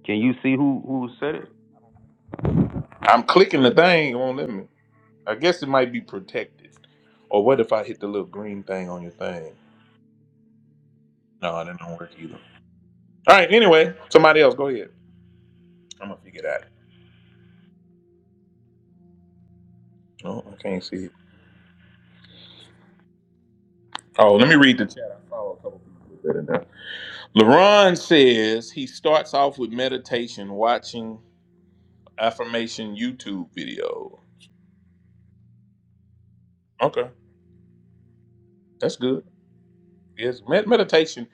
Can you see who who said it? I'm clicking the thing. It won't let me. I guess it might be protected. Or what if I hit the little green thing on your thing? No, that don't work either. All right. Anyway, somebody else. Go ahead. I'm gonna figure it out. No, I can't see it. Oh, let me read the chat. I saw a couple people put that in there. LaRon says he starts off with meditation, watching. affirmation YouTube video. Okay, that's good. Yes, med- meditation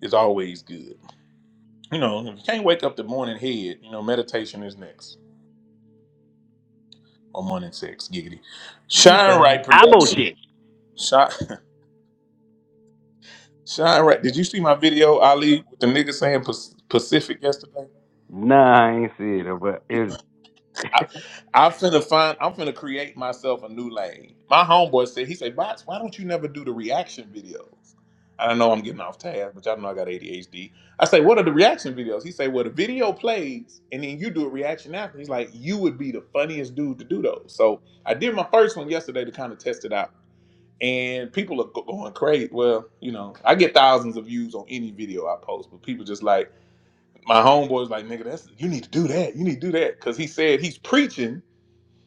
is always good. You know, if you can't wake up the morning head, you know, meditation is next. Or morning sex, giggity. you Shine done. Right I Production. bullshit. Shine, [laughs] Shine Right. Did you see my video, Ali, with the nigga saying Pac- Pacific yesterday? Nah, I ain't see it, but it, I, [laughs] I'm finna find. I'm finna create myself a new lane. My homeboy said, he said, "Bots, why don't you never do the reaction videos?" I know I'm getting off task, but y'all know I got ADHD. I say, "What are the reaction videos?" He say, "Well, the video plays, and then you do a reaction after." He's like, "You would be the funniest dude to do those." So I did my first one yesterday to kind of test it out, and people are go- going crazy. Well, you know, I get thousands of views on any video I post, but people just like my homeboy's like, "Nigga, that's you need to do that. You need to do that," because he said he's preaching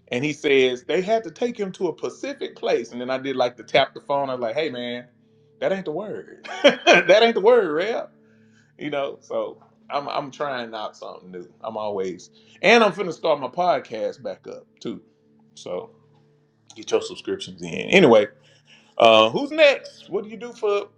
and he says they had to take him to a Pacific place. And then I did like to tap the phone. I was like, hey man, that ain't the word. [laughs] that ain't the word, real. You know, so I'm I'm trying out something new. I'm always and I'm finna start my podcast back up too. So get your subscriptions in. anyway. Uh, who's next? What do you do for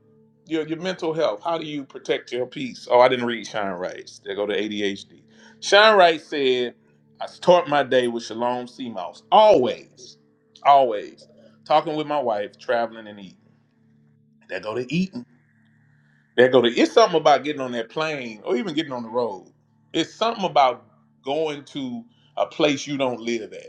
your, your mental health? How do you protect your peace? Oh, I didn't read Shine Wrights. They go to ADHD. Shine Wright said, I start my day with Shalom Seamouse. Always, always. Talking with my wife, traveling and eating. They go to eating. They go to, it's something about getting on that plane or even getting on the road. It's something about going to a place you don't live at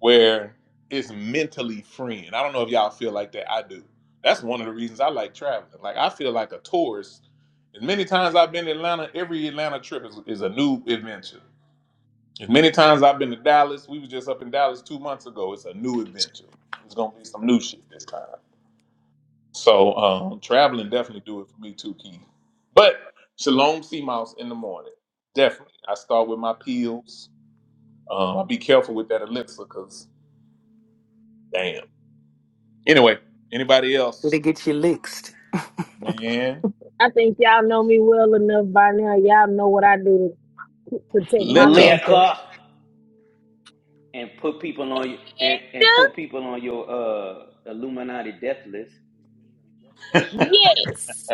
where it's mentally freeing. I don't know if y'all feel like that. I do. That's one of the reasons I like traveling. Like I feel like a tourist. As many times I've been to Atlanta, every Atlanta trip is, is a new adventure. As many times I've been to Dallas, we was just up in Dallas two months ago. It's a new adventure. It's gonna be some new shit this time. So um, traveling definitely do it for me too, Keith. But Shalom Sea Mouse in the morning, definitely. I start with my peels. Um, I'll be careful with that elixir, cause damn. Anyway, anybody else? it get you licked. Man, I think y'all know me well enough by now. Y'all know what I do to protect my liquor. mental. liquor and put people on y- and, and put And, people on your uh Illuminati death list. uh, yes.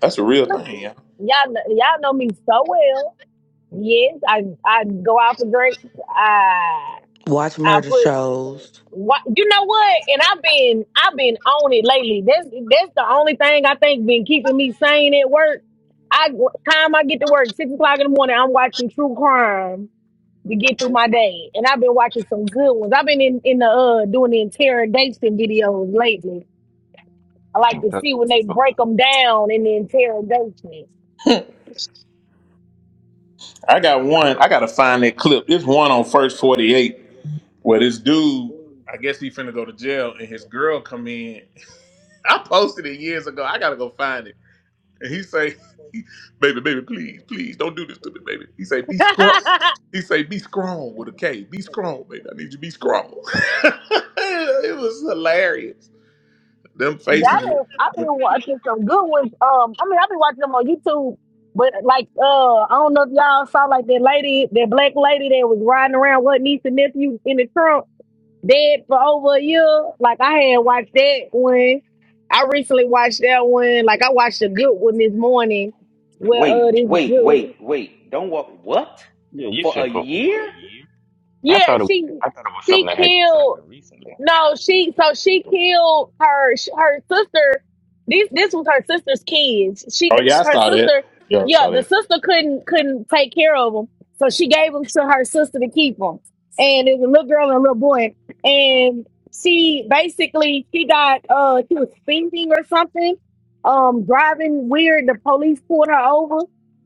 That's a real Y'all thing, yeah. know, y'all know me so well. Yes, I I go out for drinks. I Watch I murder put shows. what you know what? And I've been I've been on it lately. That's that's the only thing I think been keeping me sane at work. I time I get to work, six o'clock in the morning, I'm watching true crime to get through my day. And I've been watching some good ones. I've been in, in the uh doing the interrogation videos lately. I like and to cut see some when they people break out. them down in the interrogation. [laughs] I got one. I gotta find that clip. There's one on First 48 where this dude, I guess he finna go to jail, and his girl come in. [laughs] I posted it years ago. I gotta go find it. And he say, [laughs] "Baby, baby, please, please, don't do this to me, baby." He say, "Be [laughs] yeah, strong." I've He say, "Be strong with a K. Be strong, baby. I need you to be strong." [laughs] it was hilarious. Them faces. been, I've been watching some good ones. Um, I mean, I've been watching them on YouTube. But like, uh, I don't know if y'all saw like that lady, that black lady that was riding around with her niece and nephew in the trunk. Dead for over a year. Like I had watched that one. I recently watched that one. Like I watched a good one this morning. Where uh this dude, Yeah, you said for over a year. I yeah, thought it, was, she I thought it was she something that had just killed. happened recently. No, she so she killed her sh- her sister. This this was her sister's kids. She Oh yeah, I her saw that. sister, Yeah, I yeah, saw the that. sister couldn't couldn't take care of them, so she gave them to her sister to keep them. And it was a little girl and a little boy, and she basically she got uh she was speeding or something, um driving weird. The police pulled her over,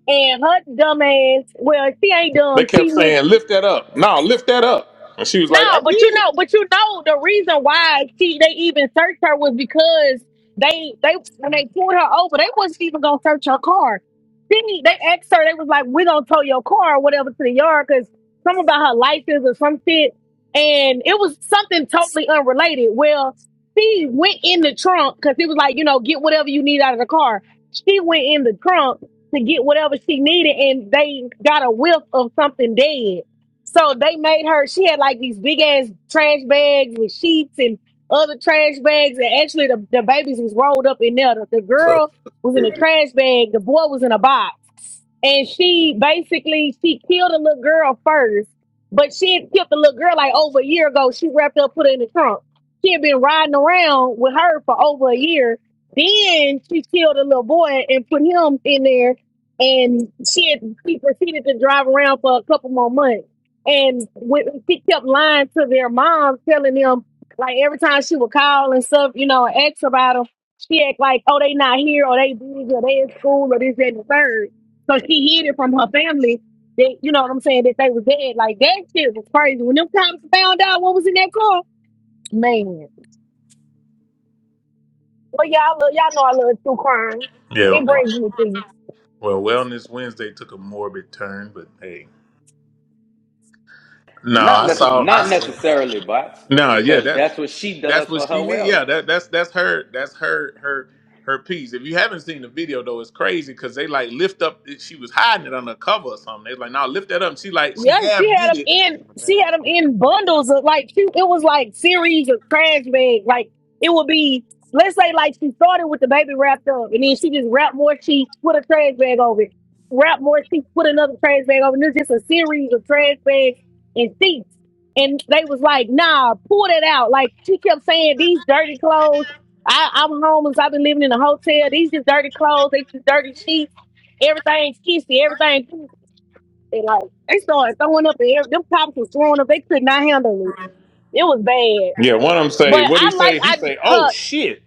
and her dumb ass. Well, she ain't They dumb. kept She saying, "Lift that up." No, lift that up. And she was no, like, "I but you did." know, but you know, the reason why she, they even searched her was because they they when they pulled her over, they wasn't even gonna search her car. Then they asked her, they was like, "We gonna tow your car or whatever to the yard because something about her license or some shit." And it was something totally unrelated. Well, she went in the trunk because it was like, you know, get whatever you need out of the car. She went in the trunk to get whatever she needed, and they got a whiff of something dead. So they made her, she had like these big ass trash bags with sheets and other trash bags. And actually, the, the babies was rolled up in there. The, the What's up? girl was in a trash bag, the boy was in a box. And she basically, she killed a little girl first, but she had killed the little girl like over a year ago. She wrapped up, put her in the trunk. She had been riding around with her for over a year. Then she killed a little boy and put him in there. And she had, she proceeded to drive around for a couple more months and when she kept lying to their mom, telling them like every time she would call and stuff, you know, and ask about them, she act like, oh, they not here, or they busy, or they in school, or this, that, and the third. So she hid it from her family. That you know what I'm saying? That they was dead. Like that shit was crazy. When them cops found out what was in that car, man. Well, y'all, y'all know I love true crime. I Yeah. was It brings wow. me to you. Well, Wellness Wednesday took a morbid turn, but hey. No, Not I necess- Yum, saw. I not yum, s- yum. necessarily bots, no, yeah, because that's that's what she does. that's what she need. Yeah, that that's that's her that's her her her piece. If you haven't seen the video though, it's crazy because they like lift up. eh, She was hiding it under a cover or something. They like, no, lift that up. And she like she Yeah, she half Yeah, he had did was them it. like, in. open the bag, She had them open in the bag. bundles of like she, it was like series of trash bags. Like it would be, let's say, like she started with the baby wrapped up, and then she just wrapped more sheets, put a trash bag over it, wrap more sheets, put another trash bag over. it. And it was just a series of trash bags and sheets. And they was like, "Nah, pull that out." Like she kept saying, "These dirty clothes. I, I'm homeless. I've been living in a hotel. These just dirty clothes. They just dirty sheets. Everything's kissy. Everything they like they started throwing up and every- them cops was throwing up. They could not handle it. It was bad. Yeah, one of them say, But what did I he like say? He I say, oh her shit,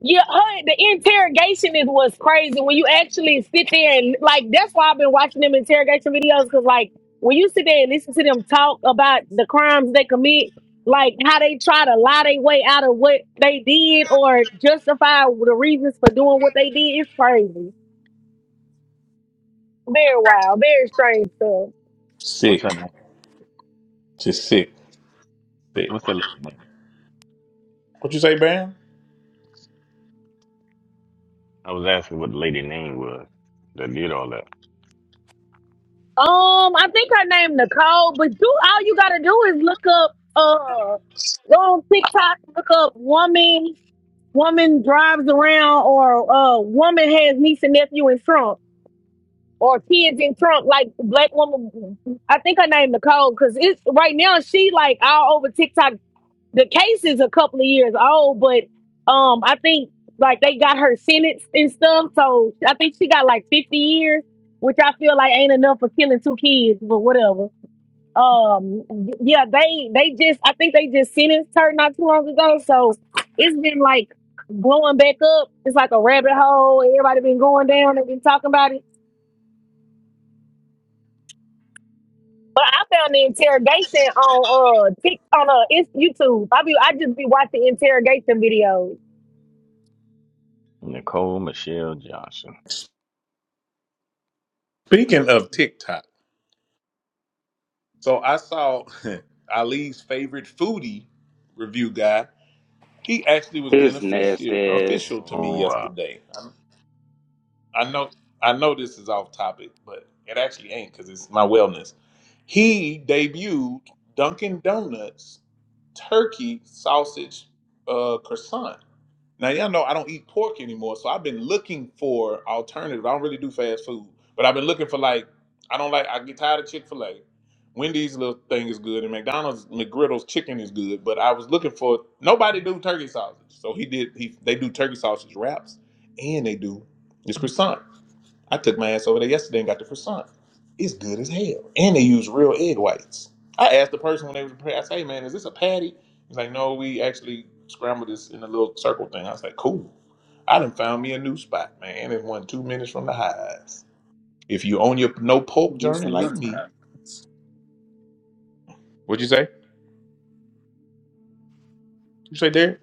yeah her the interrogation is what's crazy when you actually sit there and like that's why I've been watching them interrogation videos because like when you sit there and listen to them talk about the crimes they commit. Like how they try to lie their way out of what they did or justify the reasons for doing what they did. It's crazy. Very wild, very strange stuff. What's her sick, name? just sick, sick. What's the lady name? What you say, Bam? I was asking what the lady name was that did all that. Um, I think her name Nicole, but do all you gotta do is look up uh go on TikTok, look up woman woman drives around or uh woman has niece and nephew in Trump or kids in Trump, like black woman I think her name Nicole, cause it's right now she like all over TikTok the case is a couple of years old, but um, I think like they got her sentenced and stuff. So I think she got like fifty years, which I feel like ain't enough for killing two kids, but whatever. Um, yeah, they they just I think they just sentenced her not too long ago. So it's been like blowing back up. It's like a rabbit hole. Everybody been going down. They've been talking about it. But I found the interrogation on uh Tik on uh it's YouTube. I be I just be watching interrogation videos. Nicole Michelle Johnson. Speaking of TikTok, so I saw [laughs] Ali's favorite foodie review guy. He actually was His nasty beneficial Oh, ass. beneficial to me wow. yesterday. I, I know I know this is off topic, but it actually ain't because it's my wellness. He debuted Dunkin' Donuts turkey sausage uh, croissant. Now y'all know I don't eat pork anymore, so I've been looking for alternative. I don't really do fast food, but I've been looking for like I don't like. I get tired of Chick Fil A. Wendy's little thing is good, and McDonald's McGriddle's chicken is good. But I was looking for nobody do turkey sausage, so he did. He they do turkey sausage wraps, and they do this croissant. I took my ass over there yesterday and got the croissant. It's good as hell. And they use real egg whites. I asked the person when they was prepared. I said, hey man, is this a patty? He's like, no, we actually scrambled this in a little circle thing. I was like, cool. I done found me a new spot, man. It's one two minutes from the highs. If you own your no poke This journey and like me, that. what'd you say? You say Derek?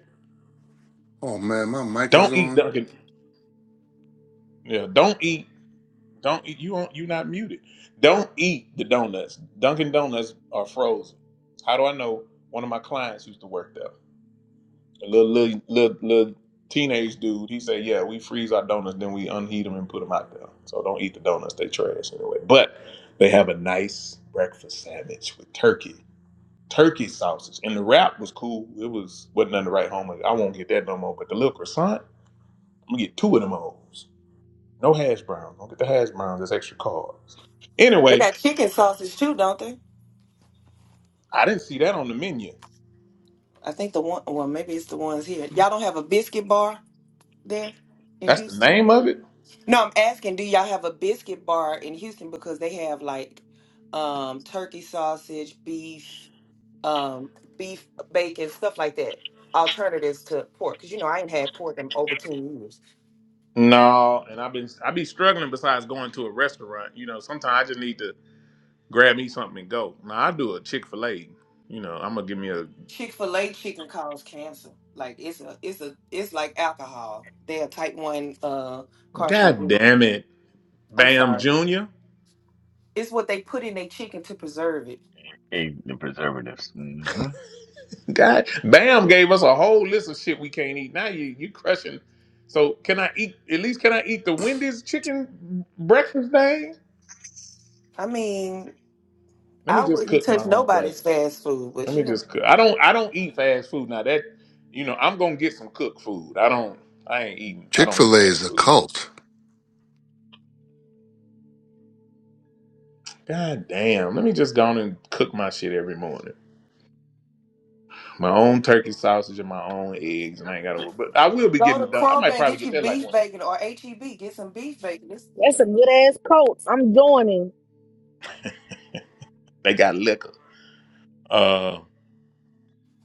Oh man, my mic is Don't eat on. Dunkin'. Yeah, don't eat. Don't eat. You aren't. you not muted. Don't eat the donuts. Dunkin' Donuts are frozen. How do I know? One of my clients used to work there. A little, little little little teenage dude, he said, "Yeah, we freeze our donuts, then we unheat them and put them out there. So don't eat the donuts; they trash anyway. But they have a nice breakfast sandwich with turkey, turkey sausage, and the wrap was cool. It was wasn't nothing to write home. Like, I won't get that no more. But the little croissant, I'm gonna get two of them O's. No hash browns. Don't get the hash browns. That's extra carbs. They Anyway, got chicken sausage too, don't they? I didn't see that on the menu. I think the one, well, maybe it's the ones here. Y'all don't have a biscuit bar there in That's the Houston? name of it. No, I'm asking, do y'all have a biscuit bar in Houston because they have like um turkey sausage, beef. um, beef, bacon, stuff like that. Alternatives to pork, because you know I ain't had pork in over ten years. No, and I've been I be struggling besides going to a restaurant. You know, sometimes I just need to grab me something and go. Now I do a Chick Fil A. You know, I'm gonna give me a Chick Fil A chicken causes cancer. Like it's a, it's a, it's like alcohol. They're type one uh God carcinogen. damn it, I'm Bam sorry. Junior. It's what they put in their chicken to preserve it. ate the preservatives. Mm-hmm. God, Bam gave us a whole list of shit we can't eat. Now you you crushing. So can I eat at least? Can I eat the Wendy's chicken breakfast thing? I mean, Let me I just wouldn't cook my touch own nobody's breakfast. fast food, but Let you me know, just cook. I don't I don't eat fast food now. That you know I'm gonna get some cooked food. I don't I ain't eating. I Chick don't eat fil A is fast a food. cult. God damn. Let me just go on and cook my shit every morning. My own turkey sausage and my own eggs, and I ain't got to worry. But I This will bitch be you go getting to it gonna done. I get. Kroger might and probably get get you that like beef one. bacon or HEB. Get some beef bacon. This That's a good ass coach. I'm doing it. They got liquor. Uh,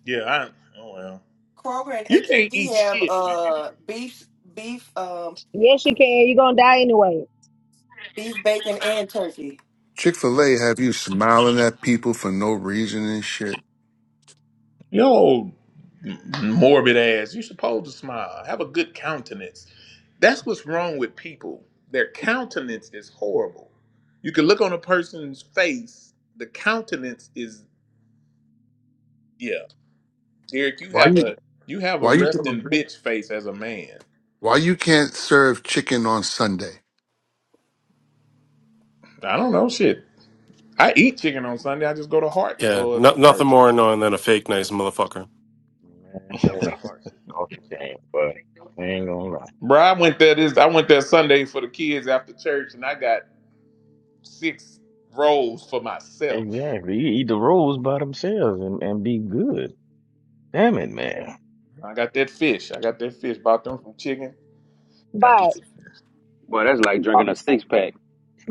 yeah. I, oh well. Kroger and You can't eat HEB have shit, man. uh beef beef um Yes, you can. You're gonna die anyway. beef, bacon, and turkey. Chick fil A have you smiling at people for no reason and shit. You old morbid ass. You supposed to smile. Have a good countenance. That's what's wrong with people. Their countenance is horrible. You can look on a person's face. The countenance is yeah. Derek, you Why have you a you have a why you resting bitch face as a man. why you can't serve chicken on Sunday? I don't know shit. I eat chicken on Sunday. I just go to Hearts Yeah, or no, nothing more churches. annoying than a fake nice motherfucker. Man, the hearts is off the chain, but I ain't gonna lie. Bro, I went there this I went there Sunday for the kids after church and I got six rolls for myself. Exactly. You eat the rolls by themselves and, and be good. Damn it, man. I got that fish. I got that fish. Bought them some chicken. Got me Bye. some- Boy, that's like Uh, drinking a six pack.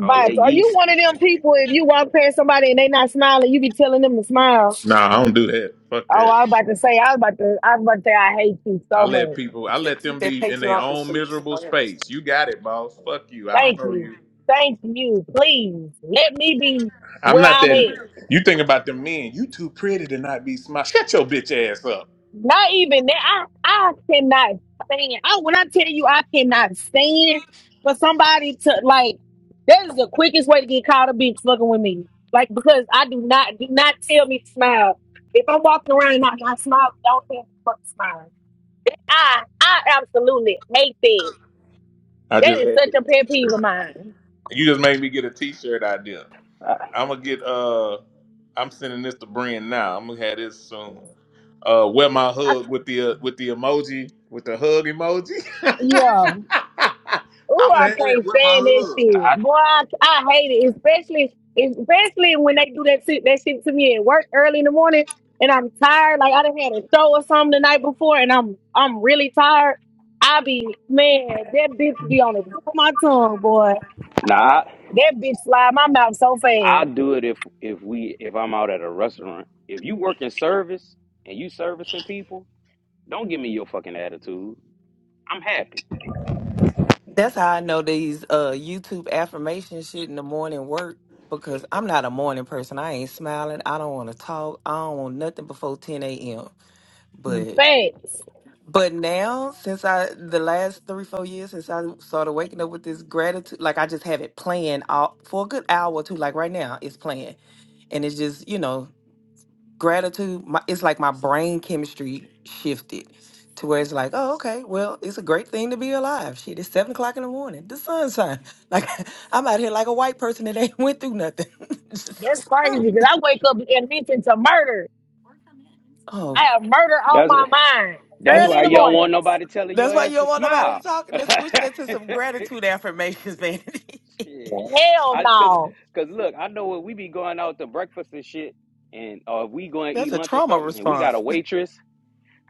All [laughs] that So Are you yeast. one of them people if you walk past somebody and they not smiling, you be telling them to smile? Nah, I don't do that. Fuck Oh, that. I was about to say, I was about to, I was about to say, I hate you I so let much. people I They let keep them that be in their patriarchal own shit miserable somewhere else. space. You got it, boss. Fuck you. I don't Thank know you, you. thank you. Please let me be I'm where not I'm at. that you think about them men, you too pretty to not be smart. Shut your bitch ass up. Not even that. I, I cannot stand. I, when I tell you, I cannot stand for somebody to like. That is the quickest way to get caught a bitch fucking with me. Like because I do not do not tell me to smile. If I'm walking around and I, I smile, don't tell me to fucking smile. I I absolutely hate that. I That just is had such a a pet peeve of t-shirt. mine. You just made me get a t-shirt idea. Uh, I'm gonna get. Uh, I'm sending this to Brian now. I'm gonna have this soon. Uh, where my hug with the uh, with the emoji with the hug emoji. Yeah. [laughs] Ooh, I'm gonna I have it can't with stand that my hug. shit. Boy, I, I hate it, especially especially when they do that shit, that shit to me at work early in the morning and I'm tired. Like I done had a show or something the night before and I'm I'm really tired. I be man, that bitch be on the tip of my tongue, boy. Nah. That bitch slide my mouth so I'll fast. do it if if we if I'm out at a restaurant. If you work in service and you servicing people, don't give me your fucking attitude. I'm happy. That's how I know these uh YouTube affirmation shit in the morning work because I'm not a morning person. I ain't smiling. I don't want to talk. I don't want nothing before 10 a.m. But Facts. but now since I the last three four years since I started waking up with this gratitude, like I just have it playing all for a good hour or two. Like right now, it's playing and it's just you know gratitude my, it's like my brain chemistry shifted to where it's like oh okay well it's a great thing to be alive shit it's seven o'clock in the morning the sun shine [laughs] like i'm out here like a white person that ain't [laughs] went through nothing [laughs] That's Just, crazy oh, because I wake up admitting to murder. I oh have murder on That's my mind that's let's early in why the you don't morning. want nobody telling that's your why you ass don't to want nobody to smile. talk [laughs] let's switch that to some gratitude affirmations [laughs] vanity shit, Hell I cause no. cause look, I know when we be going out to breakfast and shit, and or if we going to that's eat a lunch or trauma something, and we response got a waitress.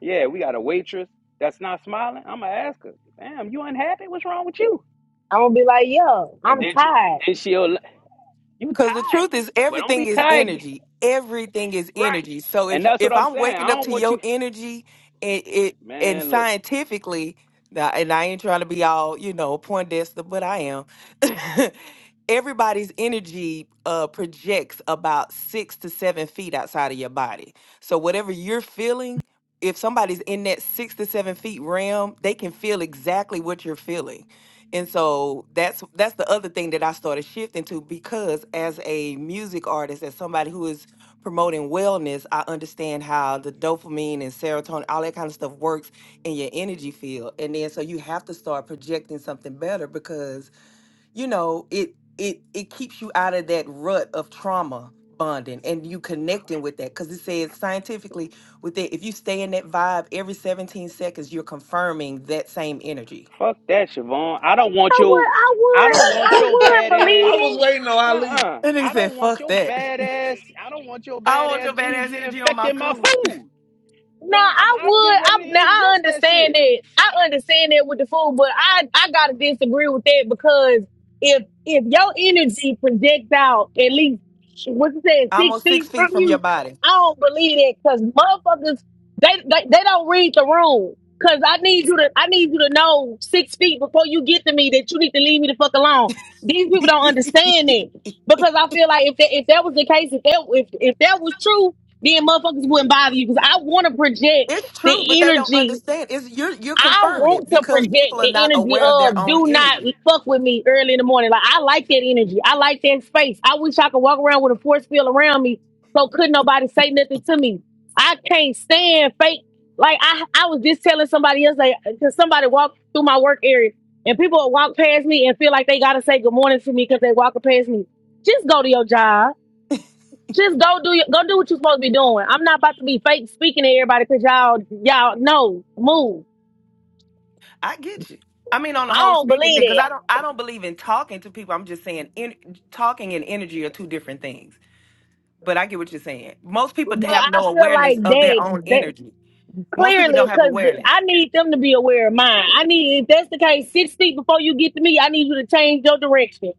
Yeah, we got a waitress that's not smiling. I'ma ask her, "Damn, you unhappy? What's wrong with you?" I'm gonna be like, yo, And I'm then she tired. then she'll you Cause the tired. truth is Well, don't everything be is tired. energy. Everything is Right. energy. So if And you, that's what if I'm I'm saying. waking I up don't to want your you energy and it and man, look, scientifically now- and I ain't trying to be all, you know, Poindexter, but I am. [laughs] Everybody's energy uh, projects about six to seven feet outside of your body. So whatever you're feeling, if somebody's in that six to seven feet realm, they can feel exactly what you're feeling. And so that's that's the other thing that I started shifting to because as a music artist, as somebody who is promoting wellness, I understand how the dopamine and serotonin, all that kind of stuff works in your energy field. And then so you have to start projecting something better because, you know, it it it keeps you out of that rut of trauma bonding and you connecting with that because it says scientifically with it if you stay in that vibe every 17 seconds you're confirming that same energy fuck that, Siobhan. I don't I want would, you I I would, don't want I your [laughs] would badass. believe I was it. waiting on Ali. Uh-uh. and they I said, don't want fuck your that. [laughs] badass. I don't want your I want your badass badass energy energy on my infecting my food. food. Duh, Now I'm I would. I'm getting I ready now to I ingest that understand shit. that. I understand that with the food, but I I gotta disagree with that because if if your energy projects out at least what's it said I'm six on six feet from feet from your you, body. I don't believe that because motherfuckers they, they they don't read the room. Cause I need you to I need you to know six feet before you get to me that you need to leave me the fuck alone. These people don't understand that because I feel like if that if that was the case if that if if that was true then motherfuckers wouldn't bother you because I want to project It's true, but the they don't energy. understand. It's you're you're I confirming it want to because people project are the not energy aware of their of own do not energy. fuck with me early in the morning. Like I like that energy. I like that space. I wish I could walk around with a force field around me so couldn't nobody say nothing to me. I can't stand fake. Like I, I was just telling somebody else, like, cause somebody walked through my work area and people would walk past me and feel like they gotta say good morning to me because they walking past me. Just go to your job just go do your, go do what you're supposed to be doing. I'm not about to be fake speaking to everybody because y'all y'all no move. I get you. I mean, on the I whole don't speaking believe thing, because that, I don't, I don't believe in talking to people. I'm just saying, in, talking and energy are two different things. But I get what you're saying. Most people but have I no feel awareness like of their they, own they energy. Most people don't clearly have because awareness. I need them to be aware of mine. I need if that's the case, six feet before you get to me, I need you to change your direction.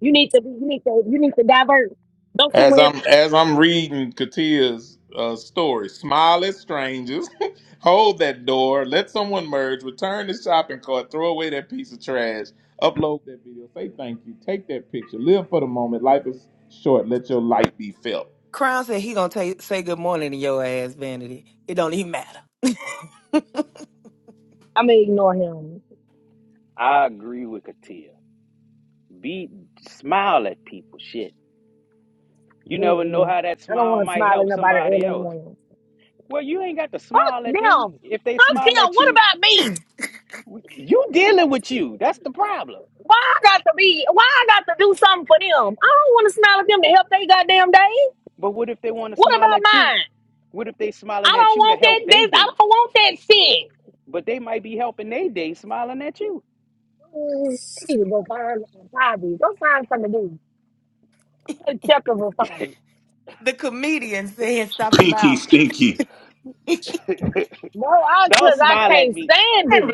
You need to you need to you need to divert. Go As somewhere I'm else. as I'm reading Katia's uh, story, smile at strangers, [laughs] hold that door, let someone merge, return the shopping cart, throw away that piece of trash, upload that video, say thank you, take that picture, live for the moment. Life is short. Let your light be felt. Crown said he gonna ta say good morning to your ass, Vanity. It don't even matter. [laughs] I'm gonna ignore him. I agree with Katia. Be smile at people. Shit. You never know Mm-mm. how that I don't smile want to might smile at help nobody somebody early in the else. morning. Well, you ain't got to Fuck smile at them. them. If they Fuck smile them. at What you, about me? you dealing with you. That's the problem. Why I got to be? Why I got to do something for them? I don't want to smile at them to help they goddamn day. But what if they want to What smile about at you? mine? What if they smiling I at don't you to want that. help they This I day? don't want that shit. But they might be helping they day smiling at you. Mm, Shit, go find a hobby. Go find something to do. Go check of a phone. The comedian said, "Stop Pinky smiling." stinky. No, I Don't cause I smile at can't me. stand it.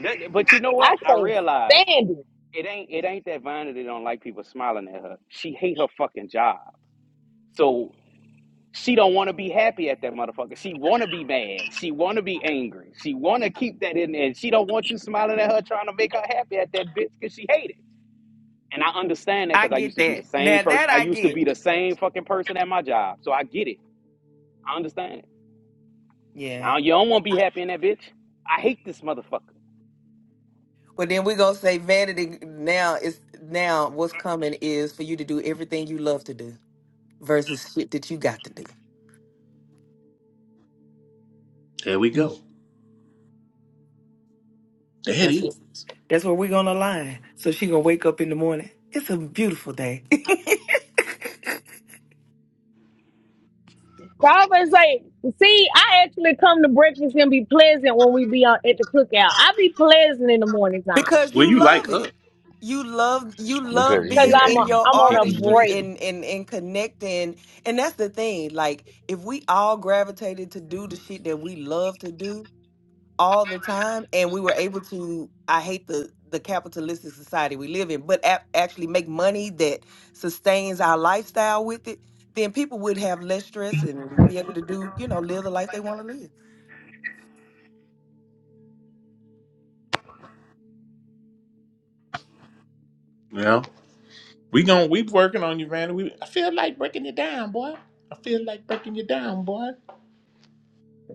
That- But you know what? I I can't realize stand it. it ain't it ain't that Vonda. that don't like people smiling at her. She hate her fucking job. So she don't want to be happy at that motherfucker. She want to be mad. She want to be angry. She want to keep that in there. And she don't want you smiling at her trying to make her happy at that bitch because she hate it. And I understand [laughs] that I because I get used to be that. the same Now person. that I I used to get. be the same fucking person at my job. So I get it. I understand. Yeah. Now you don't want to be happy in that bitch. I hate this motherfucker. But then we're gonna say vanity now is now what's coming is for you to do everything you love to do versus shit that you got to do. There we go. There it That's is. it. That's where we're gonna align. So she gonna wake up in the morning. It's a beautiful day. Proverbs like, see, I actually come to breakfast and be pleasant when we be on at the cookout. I be pleasant in the morning [laughs] time because Well, you you like love her. it. You love you love because you because didn't being I'm in a, and your I'm the on a people you went to artistry break. see. and, and and connecting. And that's the thing. Like if we all gravitated to do the shit that we love to do, all the time and we were able to i hate the the capitalistic society we live in but a- actually make money that sustains our lifestyle with it then people would have less stress and be able to do you know live the life they want to live Yeah. We gon' we working on you, Vanna. We I feel like breaking you down, boy. I feel like breaking you down, boy.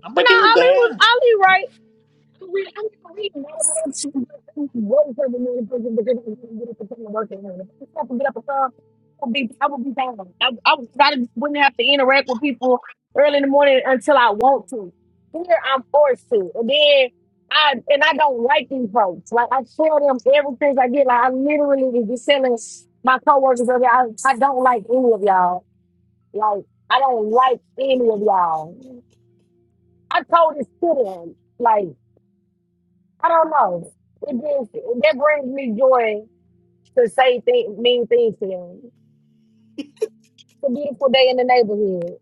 I'm No, breaking you Ali was down. Ali right. We, I mean, we know that she was serving me in prison because I didn't get up and come to work in the morning. If I could get up and come, I would be, I would be down. I, I would, I wouldn't have to interact with people early in the morning until I want to. Here I'm forced to, and then I and I don't like these folks. Like I tell them everything I get. Like I literally was just telling my coworkers earlier, I, I don't like any of y'all. Like I don't like any of y'all. I told this to them. Like. I don't know. It just that brings me joy to say th- mean things to them. It's a beautiful day in the neighborhood.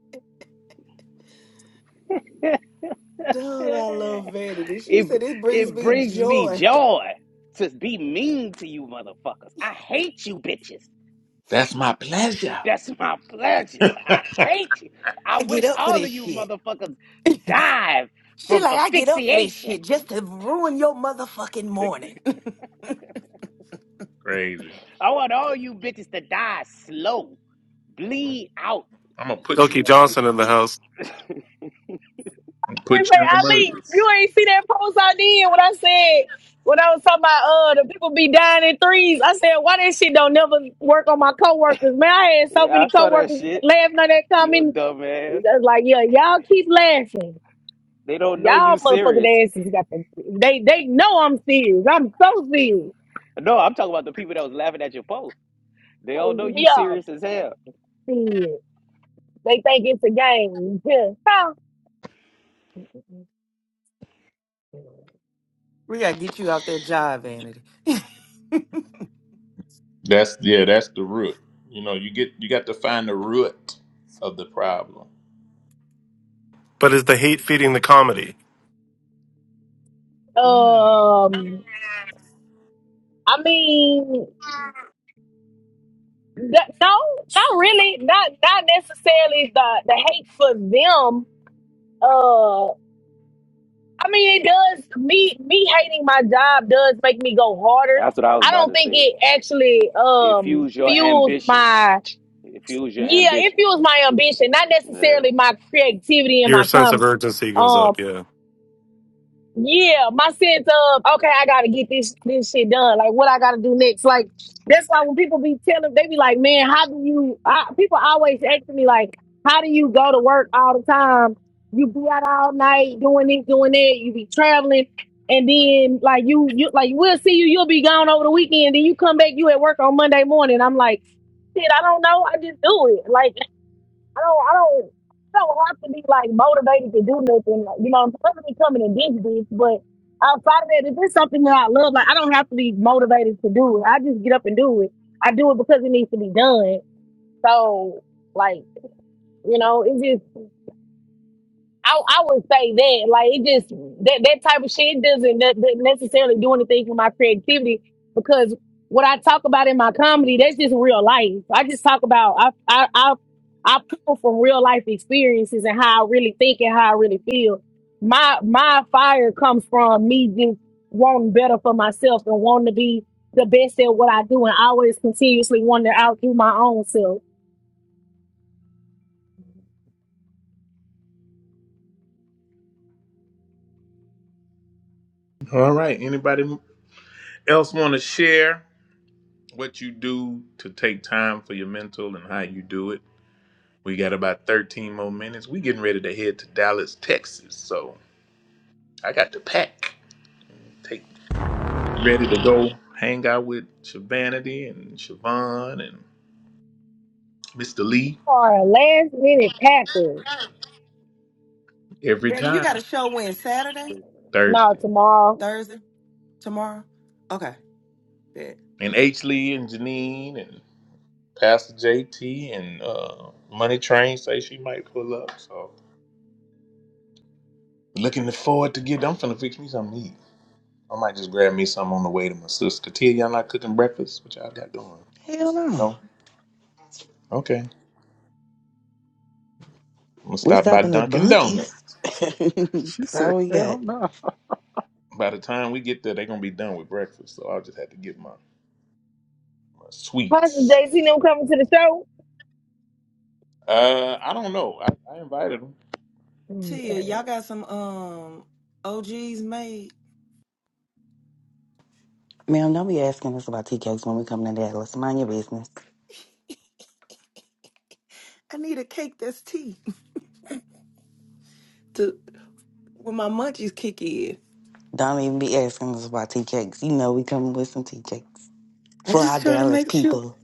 dude [laughs] i love vanity she it said this brings it me brings me joy joy to be mean to you motherfuckers. I hate you bitches. That's my pleasure. That's my pleasure. [laughs] I [laughs] hate you. [laughs] I i get wish up for all this of you shit motherfuckers [laughs] she died from like i get up for this asphyxiation. shit just to ruin your motherfucking morning [laughs] Crazy. I want all you bitches to die slow, bleed out. I'm gonna put you Silky on my Johnson in the list. house. I'm gonna It's Put you on like my Ali, list. you ain't see that post I did when I said when I was talking about uh the people be dying in threes. I said why that shit don't never work on my coworkers. Man, I had so Yeah, many I saw that coworkers shit. laughing at that You comment. dumbass. That's like yeah, y'all keep laughing. They don't know Y'all you serious. motherfucking asses got the they they know I'm serious. I'm so serious. No, I'm talking about the people that was laughing at your post. They all know Oh, you yeah, serious as hell. serious. They think it's a game. [laughs] We gotta get you out that job, Vanity. [laughs] That's yeah. That's the root. You know, you get you got to find the root of the problem. But is the hate feeding the comedy? mm. um, I mean, that, no, not really. Not not necessarily the the hate for them. Uh, I mean, it does me me hating my job does make me go harder. That's what I was I about don't to think say. it actually um Infuse your fuels ambition. my Infuse your yeah, it ambition. fuels my ambition, not Yeah. necessarily my creativity and Your my sense of comments. urgency goes up. Yeah. Yeah, my sense of okay, I gotta get this this shit done. Like, what I gotta do next? Like, that's why when people be telling, they be like, "Man, how do you?" I, people always ask me like, "How do you go to work all the time? You be out all night doing this, doing that. You be traveling, and then like you, you like we'll see you. You'll be gone over the weekend, then you come back. You at work on Monday morning. I'm like, shit, I don't know. I just do it. Like I don't, I don't, I don't have to be like motivated to do nothing. Like, you know, I'm perfectly coming and this, this, but outside of that, if it's something that I love, like I don't have to be motivated to do it. I just get up and do it. I do it because it needs to be done. So, like, you know, it just I, I would say that like it just that that type of shit doesn't ne- ne- necessarily do anything for my creativity because what I talk about in my comedy that's just real life. I just talk about I I I, I pull from real life experiences and how I really think and how I really feel. My my fire comes from me just wanting better for myself and wanting to be the best at what I do and always continuously wanting to outdo my own self. All right. Anybody else want to share what you do to take time for your mental and how you do it? We got about 13 more minutes. We getting ready to head to Dallas, Texas. So I got to pack. Take get ready to go hang out with Shavanity and Siobhan and Mr. Lee Or last minute packers. every Vanity, you time got a show when Saturday, No, Thursday. tomorrow. Thursday, tomorrow. Okay. Bet. And H. Lee and Janine and Pastor JT and uh, Money Train say she might pull up. So looking forward to get. I'm finna fix me something to eat. I might just grab me something on the way to my sister. Tia, y'all not cooking breakfast? What y'all got going? Hell no. No. Okay. I'm gonna We stop by stopping at Dunkin' Donuts. Bunkies. [laughs] She That's said, all we "Hell got. no." By the time we get there, they're gonna be done with breakfast. So I'll just have to get my, my Pastor sweets. JC them coming to the show. Uh, I don't know. I, I invited them. Tia, Okay. y'all got some um OGs made. Ma'am, don't be asking us about tea cakes when we come to Dallas. Mind your business. I need a cake that's tea [laughs] to when my munchies kick in. Don't even be asking us about tea cakes. You know we coming with some tea cakes I'm for our just trying to Dallas make sure. people.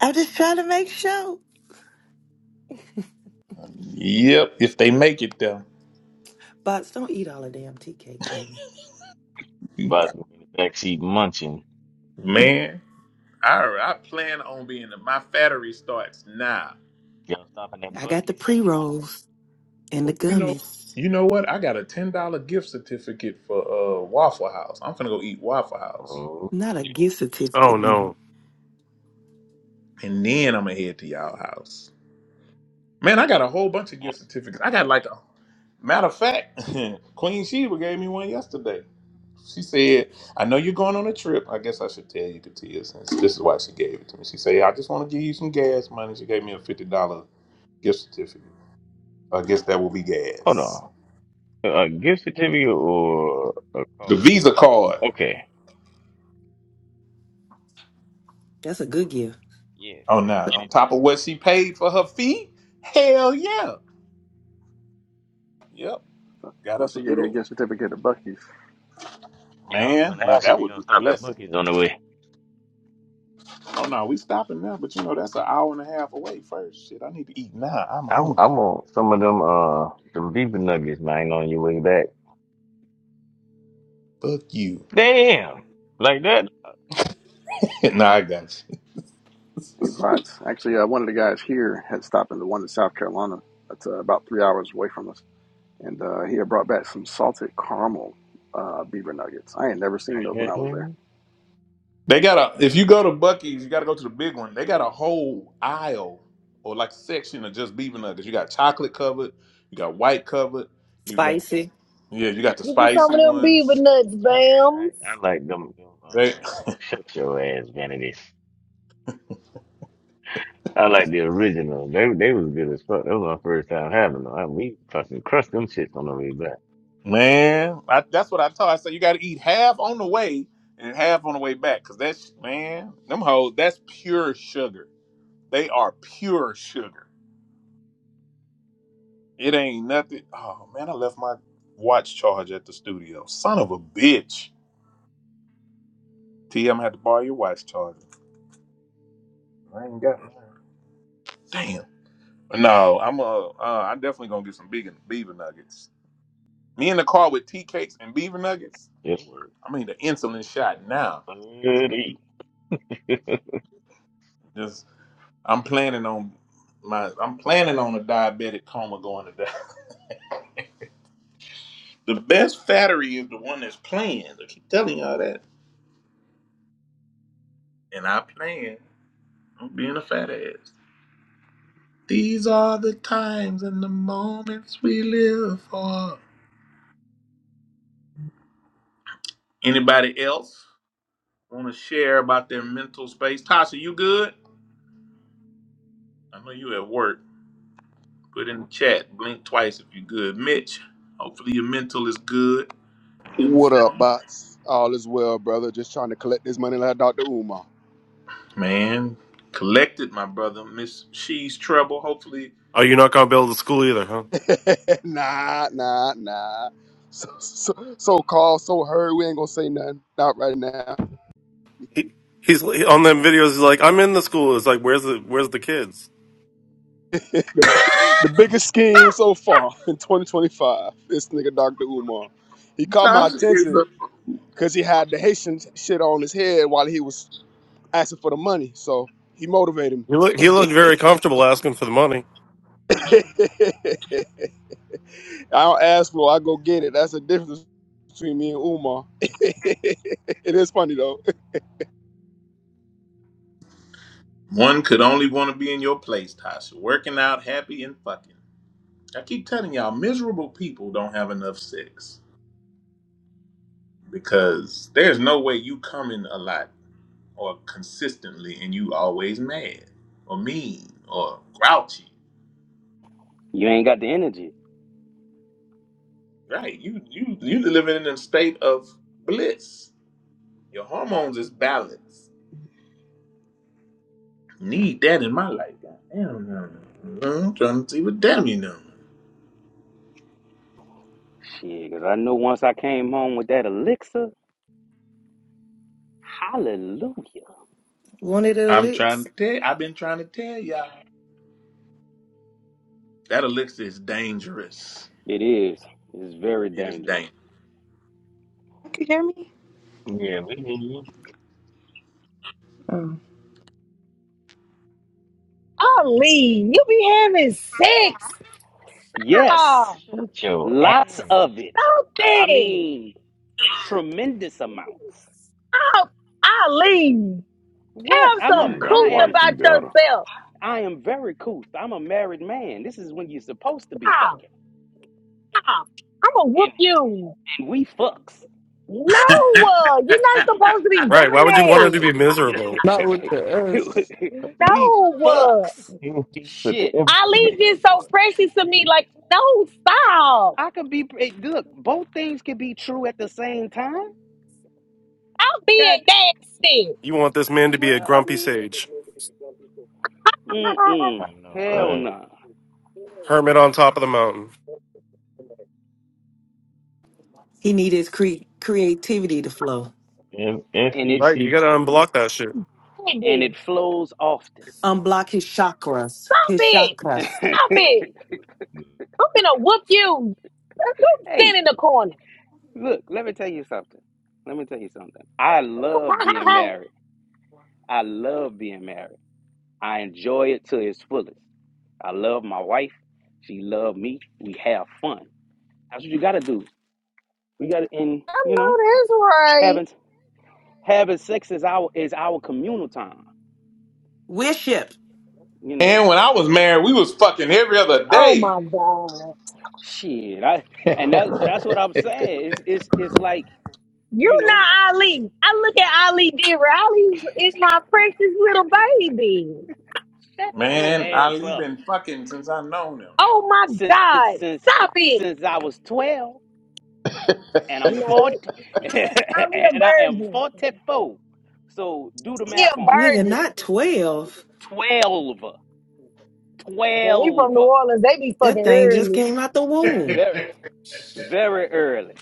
I'm just trying to make sure. Yep, if they make it though. Bots, don't eat all the damn tea cakes, nigga. Buzz in the backseat munching. Man, I I plan on being my fattery starts now. Y'all stopping at I got the Bucky's? pre rolls and the You know, gummies. you know what? I got a ten dollar gift certificate for uh Waffle House. I'm finna go eat Waffle House, Oh Not a shit. gift Oh certificate, nigga. no. and then I'm gonna head to y'all house. Man, I got a whole bunch of Yeah. gift certificates. I got like a matter of fact, [laughs] Queen Sheba gave me one yesterday. She said, "I know you're going on a trip. I guess I should tell you, Katia, since this is why she gave it to me." She said, "I just want to give you some gas money." She gave me a fifty dollar gift certificate. I guess that will be Hold gas. on. A gift certificate or a card? The Visa card Okay. That's a good gift. Yes. Oh no! Any on day. top of what she paid for her fee. Hell yeah. Yep. Got Thought us a she gave good you a old gift certificate to Bucky's. Yeah, I was man. gonna Now ask if that you're would be gonna a stop at blessing. Bucky's on the way. Oh no, we stopping now, but you know that's an hour and a half away first. Shit, I need to eat now. I'm I, I hungry. want some of them uh them beef nuggets, man, on your way back. Fuck you. Damn, like that. [laughs] nah, I got you. Hey, bots. Actually, uh, one of the guys here had stopped in the one in South Carolina. That's uh, about three hours away from us. and uh, he had brought back some salted caramel uh, beaver nuggets. I had never seen those when I was there. Mhm. They got a if you go to Bucky's, you gotta go to the big one. They got a whole aisle or like section of just beef nuggets. You got chocolate covered, you got white covered, you got Spicy. yeah, you got the Get you some spicy of them beaver ones. nuts, Yeah, Bams. I, I like them. them They. uh, shut your ass, vanities. I like the original. They they was good as fuck. That was my first time having them. I, we fucking crushed them shits on the way back. Man, I, that's what I told. I said you got to eat half on the way and half on the way back, cause that's man, them hoes. That's pure sugar. They are pure sugar. It ain't nothing. Oh man, I left my watch charger at the studio. Son of a bitch. T, I'm gonna have to borrow your watch charger. I ain't got none. Damn. No, I'm uh, uh I'm definitely gonna get some big beaver nuggets. Me in the car with tea cakes and beaver nuggets. It I mean the insulin shot now. was good. [laughs] Just. I'm planning on my I'm planning on a diabetic coma going to die. [laughs] the best fattery is the one that's playing. I keep telling y'all that. And I plan on being a fat ass. These are the times and the moments we live for. Anybody else want to share about their mental space? Tasha, you good? I know you at work. Put in the chat. Blink twice if you good. Mitch, hopefully your mental is good. M C What up, M. bots? All is well, brother. Just trying to collect this money like Dr. Umar. Man, collected my brother, Miss She's Trouble. Hopefully, Oh, you're not gonna build the school either, huh? [laughs] nah, nah, nah. So, so, so called, so heard, we ain't gonna say nothing. Not right now. He he's on them videos. He's like, I'm in the school. It's like, where's the where's the kids? The biggest scheme so far [laughs] in 2025, this nigga Dr. Umar. He caught my Tasha is attention a because he had the Haitian shit on his head while he was asking for the money. So he motivated He me. look he looked very comfortable asking for the money. [laughs] I don't ask for it, I go get it. That's the difference between me and Umar. [laughs] it is funny though. one could only want to be in your place, Tasha. Working out, happy and fucking. I keep telling y'all, miserable people don't have enough sex because there's no way you come in a lot or consistently and you always mad or mean or grouchy. You ain't got the energy. Right? You you you living in a state of bliss. Your hormones is balanced. Need that in my life. Goddamn. I'm trying to see what damn you know. Shit, because I know once I came home with that elixir, hallelujah. Wanted the I'm licks. trying to tell. I've been trying to tell y'all that elixir is dangerous. It is. It's very It is dangerous. dangerous. Can You hear me? Yeah, we did. Ali, you be having sex. Yes, Oh, Shut your ass. lots of it. stop I that. mean, tremendous amounts. Stop. Ali, What? have I'm a some Man got a I couth wife, am he about better. yourself. I am very cool. I'm a married man. This is when you're supposed to be Stop. fucking. Stop. I'm going to And whoop you. and we fucks. No, uh, you're not supposed to be Right. Why would you want [laughs] him to doing be miserable? Not with the S. [laughs] that. we No. fucks. he, he put the Shit. Uh, emphasis on Ali that just boy. so precious to He, me. he, Like, no, stop. I could be hey, look. Both things could be true at the same time. I'm God, being nasty. You want this man to be a well, I grumpy mean, sage, mm-mm, I know, hell right? nah. hermit on top of the mountain. He need his cre- creativity to flow. F F And E it Right. You C gotta K unblock that X. shit. and Baby, it flows often. Unblock his chakras. Stop His it. chakras. [laughs] Stop it. I'm gonna whoop you. Don't hey, stand in the corner. look. Let me tell you something. Let me tell you something. I [laughs] love being I married. I love being married. I enjoy it to its fullest. I love my wife. She loves me. We have fun. That's what you gotta do We got to and know you know, that's right. having having sex is our is our communal time. Wish it. You know, And when I was married, we was fucking every other Oh day. my God. shit. I and that that's what I'm [laughs] saying. It's it's it's like You you know, not Ali. I look at Ali Dearer. Ali is my precious little baby. shut your Man, ass Ali up. been fucking since I known him. Oh my Since God. since Stop it. since I was twelve and I'm No. forty [laughs] Ali a and I am virgin. forty four. So do the He math a on that. Nigga, virgin. not 12. Twelve, twelve, Yeah, he from New Orleans. They be That fucking thing just early. came out the womb. Very very early.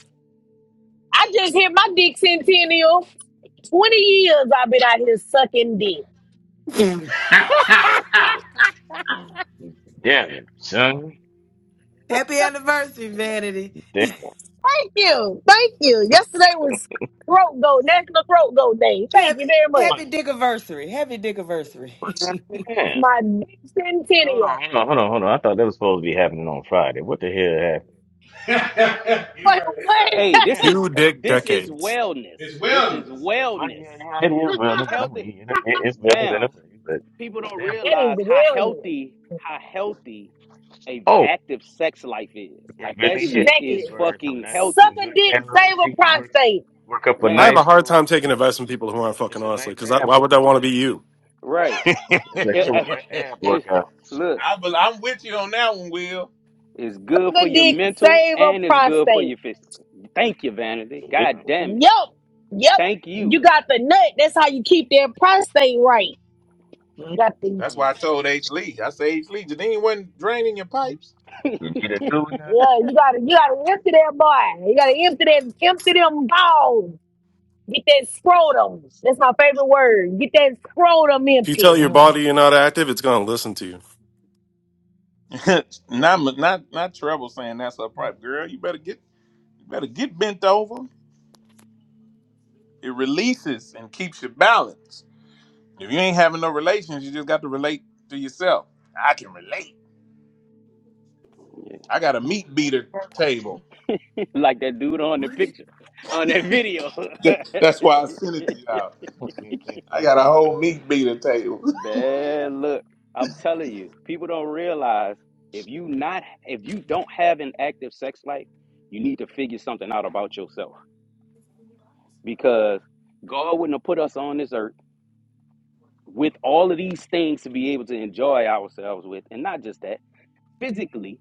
I just hit my dick centennial. 20 years I've been out here sucking dick. [laughs] Ha ha! Thank Damn it, son. Happy anniversary, Vanity. Damn. you. Thank you. Yesterday was throat goat, National Throat Goat Day. Thank Happy, you very much. What? happy dick anniversary. Happy dick What? anniversary. [laughs] Damn. My big Hold on, centennial. hold on, hold on, hold on. I thought that was supposed to be happening on Friday. What the hell happened? [laughs] You're Wait, right. It's, what? not, Hey, this Damn it. Two is dick this is decades. wellness. it's This is wellness. Well, wellness. yeah, yeah, it is Our wellness in a healthy way. It, it, it's wellness in a bams. way, but People don't damn it. That is realize how wellness. healthy, how healthy a Oh, active sex life is. it Like that really shit is. You is Exactly. burn some fucking nice, Suck healthy, some a good dick, calories. save You a can work prostate. work up a I have a man. nice hard little time taking advice from people who aren't It's fucking a nice honestly. Because ab why would I workout want to too. be you? Right? It's a It, hell of uh, a ab [laughs] it workout. look, I, bel- I'm with you on that one, Will. it's good for Suck a your dick, mental save a and it's good for prostate. your physical. Thank you, Vanity. God Mhm. damn it. Yup. Yup. Thank You you. got the nut. That's how you keep their prostate right. Got the That's why I told H. Lee. I said, H. Lee, Janine wasn't draining your pipes. You need a new one now? yeah, you gotta you gotta empty that boy. You gotta empty that empty them balls. Get that scrotum. That's my favorite word. Get that scrotum If you tell empty. your Mhm. body you're not active, it's gonna listen to you. [laughs] not not not trouble saying that's her pipe, girl. You better get you better get bent over. It releases and keeps your balance. If you ain't having no relations, you just got to relate to yourself. I can relate. I got a meat beater table. [laughs] [laughs] like that dude on the What? picture, on that video. [laughs] That's why I sent [laughs] it to y'all. I got a whole meat beater table. Man, look, I'm telling you, people don't realize if you not if you don't have an active sex life, you need to figure something out about yourself because God wouldn't have put us on this earth with all of these things to be able to enjoy ourselves with, and not just that. Physically,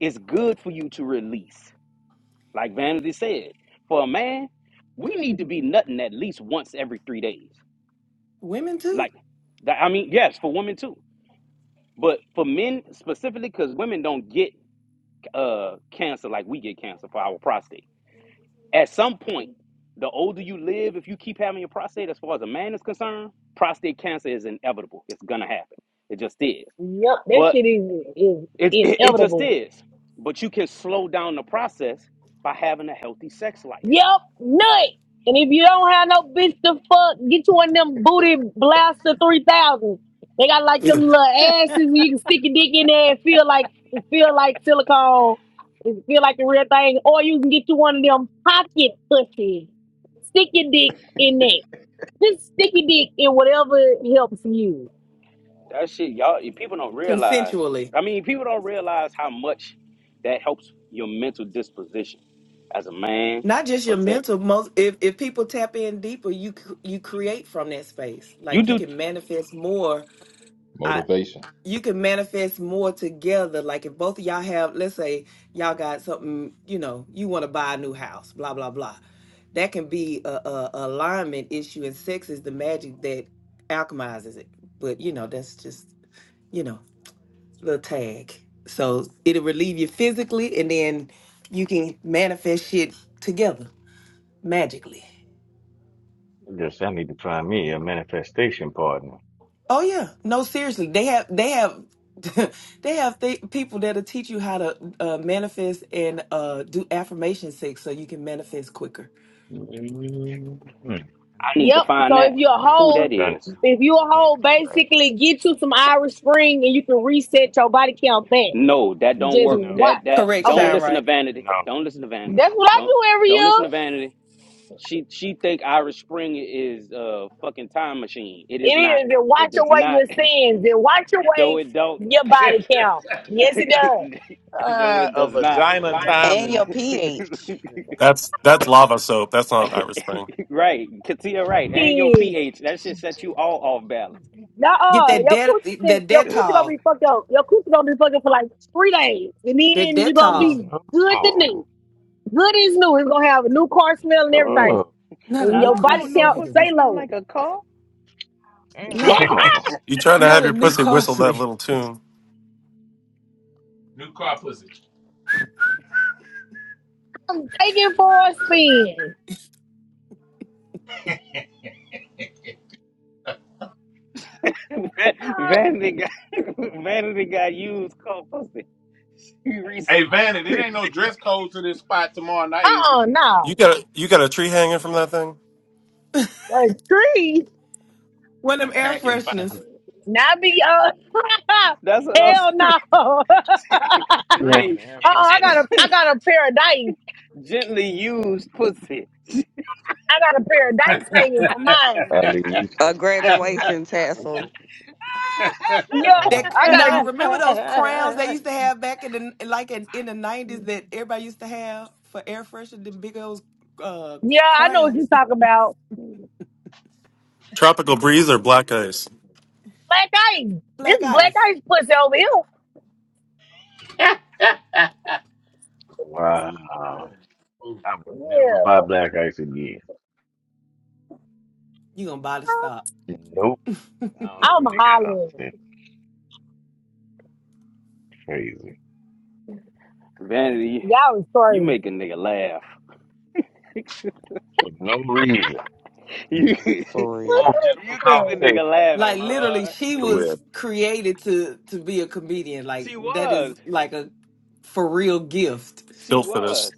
it's good for you to release. Like Vanity said, for a man, we need to be nutting at least once every three days. Women too? Like that, I mean, yes, for women too. But for men specifically, because women don't get uh cancer like we get cancer for our prostate. At some point, the older you live, if you keep having your prostate, as far as a man is concerned, prostate cancer is inevitable. It's gonna happen. It just is. Yep, that But shit is, is it it, it just inevitable. is. But you can slow down the process by having a healthy sex life. Yep, nut. And if you don't have no bitch to fuck, get you one of them booty blaster three thousand. They got like Yeah. them little asses and you can stick your dick in there and feel like feel like silicone, and feel like the real thing. Or you can get you one of them pocket pussies. Stick your dick in there. Just stick your dick in whatever helps you. That shit, y'all. People don't realize. Consensually. I mean, people don't realize how much that helps your mental disposition as a man Not just your for sex. mental most if if people tap in deeper, you c- you create from that space. You Like you do. can I manifest more. I Motivation. you can manifest more together. Like if both of y'all have let's say y'all got something, you know, you want to buy a new house, blah blah blah. That can be a, a a alignment issue and sex is the magic that alchemizes it. But you know, that's just, you know. little tag. So it'll relieve you physically, and then you can manifest shit together magically. Yes, I need to find me a manifestation partner. Oh yeah, no, seriously, they have they have [laughs] they have th- people that'll teach you how to uh, manifest and uh, do affirmation sex so you can manifest quicker. Mhm. I need to need to Yep. find find So me if that one you're of a who them. I'm that hoe, trying to is. see if you a what hoe, they'd be like. basically get you some Irish Spring and you can reset your body count back. No, that don't Just work. No, That watch. that Correct, Okay. don't Shine listen to Right. vanity. no, Don't listen to vanity. no. That's what I Don't do every don't year. listen to vanity. She she think Irish Spring is a fucking time machine. It is not. It is to It watch does away not. your [laughs] sins and watch No, away it don't. your body count. [laughs] no, Yes, it does. [laughs] ah, it a does not. vagina time And That your machine. girl is [laughs] pH. That's that's lava soap. That's not an Irish thing. right, Katia, right, and your See, pH. That shit set you all off balance. Get nah, that your dead coochie just that your coochie gonna Dettol, be fucked up. Your coochie gonna be fucked up for like three days, and that then you gonna no, be Dettol. good to new. no, Good as new. It's gonna have a new car smell and everything, Not a and I new your don't body want no count pussy that costume, stay smell low. like a car. at [laughs] not all. You trying to not have a your new pussy whistle costume. that little tune? New car pussy. I'm taking for a spin. [laughs] Van- Ah. vanity got [laughs] vanity got used car pussy. Hey [laughs] Vanity, it ain't [laughs] no dress code to this spot tomorrow night, is it? Uh, uh You no, got a, you got a tree hanging from that thing? that's three. One of I'm them air packing fresheners. finally. Not be uh, [laughs] That's what I'm hell no. [laughs] uh-uh, [laughs] She hanging Re- air I fresh. got a I gently, got a pair of dice. [laughs] gently used pussy. [laughs] I got a pair of dice hanging for mine. Ali, you A stupid, bro. graduation [laughs] tassel. Yeah, That Ali I ain't got a no, got no remember those motherfucking crowns sense, they bro. used to have back in the like in, in the nineties that everybody used to have for air freshener, the big old uh yeah, I know what you're crowns, talking about. Tropical breeze or black ice? Black ice. This black black ice. ice pussy over here. Wow. Vanity. Ooh. I would never Yeah. buy black ice again. You gonna buy the stop? Nope. I I'm already got hollering. upset crazy. Vanity, Y'all is you crazy. make a nigga laugh. For no reason. [laughs] You, [laughs] Just you keep For real. off general [laughs] yeah. a nigga conversation. Her Like laughing, mind be literally, boy. she everywhere, was bro. created to to be a comedian. Like She that is was. like a for real gift. She Built for this was.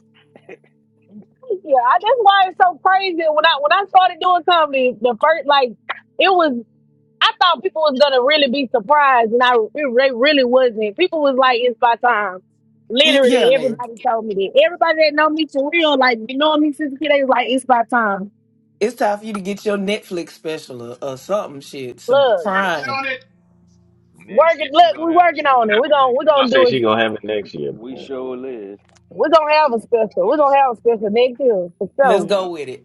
Yeah, I, that's why it's so crazy. When I when I started doing comedy, the first like it was. I thought people was gonna really be surprised, and I it re- really wasn't. People was like, "It's by time." Y- Yeah, Literally, nigga. everybody told me that. Everybody that know me for real, like you know me since a kid, they was like, "It's by time." It's time for you to get your Netflix special or, or something shit, some Look, Working Prime. on it. Next working. year she Look, we gonna have it working she on gonna it. have We're it gonna next we're we gonna gonna say do it. she gonna have it next year, We bro. sure live. We're gonna have a special. We're gonna have a special next year for Let's sure. Yeah. go with it.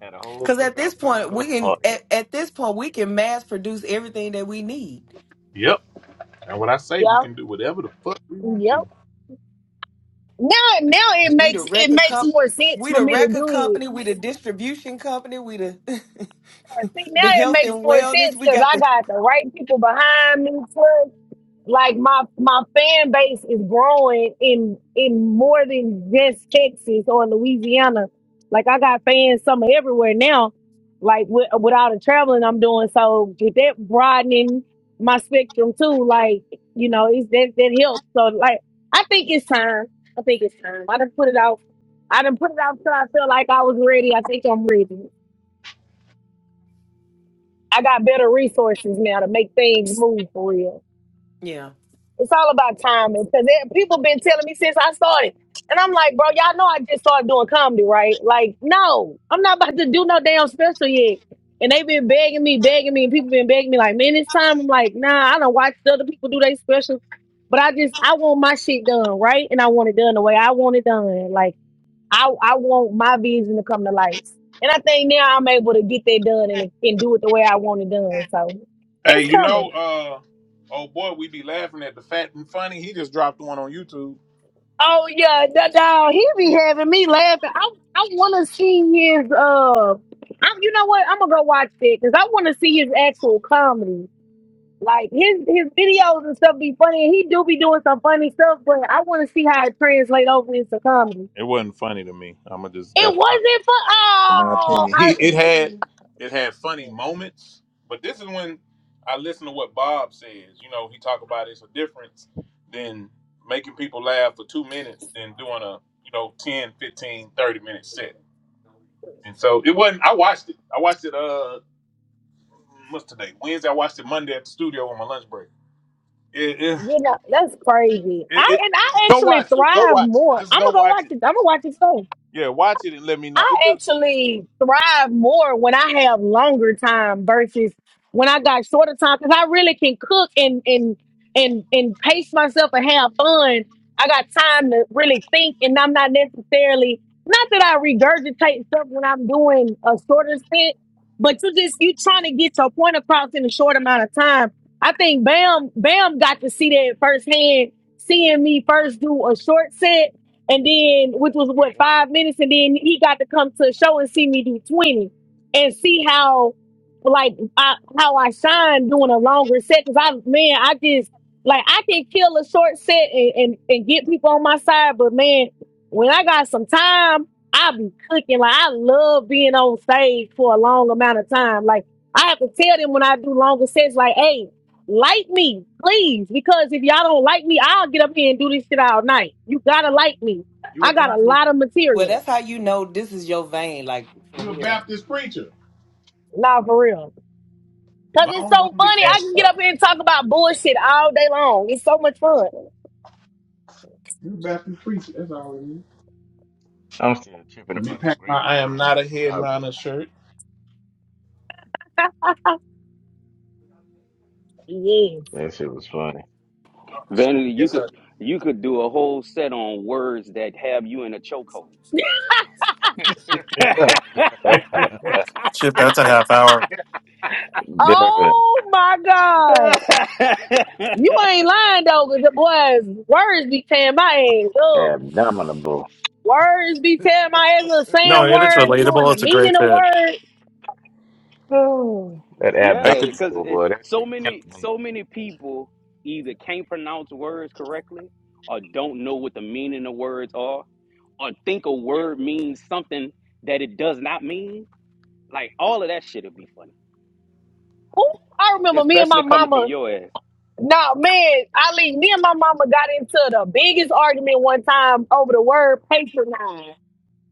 Had a whole Cause at cookout this point plan we with the can audience. at, at this point we can mass produce everything that we need. Yep. And when I say we Yeah, can do whatever the fuck we want yep. to. Now, now it That's- We the makes it record makes comp more sense we for the me to record do company, we it. the distribution company, we the [laughs] See, now the it health and makes more wellness. sense We because got I the got the right people behind me. like my my fan base is growing in in more than just Texas or Louisiana. Like I got fans somewhere everywhere now. Like with, with all the traveling I'm doing, so get that broadening my spectrum too. Like you know, it's that that helps. So like I think it's time. I think it's time. I done put it out. I done put it out till I feel like I was ready. I think I'm ready. I got better resources now to make things move for real. Yeah. It's all about timing because people been telling me since I started. And I'm like, bro, y'all know I just started doing comedy, right? Like, no, I'm not about to do no damn special yet. And they've been begging me, begging me, and people been begging me, like, man, it's time. I'm like, nah, I don't watch other people do their specials. But I just, I want my shit done, right? And I want it done the way I want it done. Like, I, I want my vision to come to life. And I think now I'm able to get that done and, and do it the way I want it done. So it's Hey, you know, coming. uh, oh boy, we be laughing at the fat and funny. He just dropped one on YouTube. Oh yeah, that dog. He be having me laughing. I I want to see his uh. I'm, you know what? I'm gonna go watch it because I want to see his actual comedy. Like his his videos and stuff be funny, and he do be doing some funny stuff. But I want to see how it translate over into comedy. It wasn't funny to me. I'ma just It that's my, wasn't for my oh, opinion. I, He it had you it had funny moments, but this is when I listen to what Bob says. You know, he talk about it's a difference than making people laugh for two minutes than doing a, you know, 10, 15, 30 minute set. And so it wasn't I watched it. I watched it uh What's today? Wednesday. I watched it Monday at the studio on my lunch break. It, it, know that's crazy. it, I it- and I go actually watch it. Go thrive watch it. more. Just I'm go gonna go watch watch it. it. I'm gonna watch it. Yeah, watch it and let me know. I It just actually thrive more when I have longer time versus when I got shorter time because I really can cook and and and and pace myself and have fun. I got time to really think, and I'm not necessarily not that I regurgitate stuff when I'm doing a shorter stint, but you just you trying to get your point across in a short amount of time. I think Bam Bam got to see that firsthand, seeing me first do a short set and then which was what Yep. five minutes, and then he got to come to a show and see me do twenty, and see how like I, how I shine doing a longer set. Cause I man, I just like I can kill a short set and and, and get people on my side, but man, when I got some time. I be cooking like I love being on stage for a long amount of time. Like I have to tell them when I do longer sets, like, "Hey, like me, please, because if y'all don't like me, I'll get up here and do this shit all night. You gotta like me. you a I got a Baptist. lot of Well material. that's how you know this is your vein, like for You a real. Baptist preacher. Nah, for real. Cause it's so Long-winded funny. I as can get up fuck. here and talk about bullshit all day long. It's so much fun. You a Baptist preacher. That's all it is. I'm still tripping Let me about the pack my I am graveyards in not a Chicago. headliner shirt. Yes. That shit was funny. Vanity, [laughs] you Yes, could I. you could do a whole set on words that have you in a chokehold. [laughs] [laughs] shit. That's a half hour. Definitely Oh my God. [laughs] You ain't lying though, cause the boys words be tearing my ass up. abdominable. Words be tearing my ass up, No, saying and it's words, knowing relatable. the It's a meaning great of bit. words. Oh, that I Yeah, could. because abdominable boy, that so shit killed many me. so many people either can't pronounce words correctly or don't know what the meaning of words are or think a word means something that it does not mean. Like all of that shit would be funny, Ooh, I remember me and my especially coming from mama. your ass. No, man, Ali, me and my mama got into the biggest argument one time over the word patronize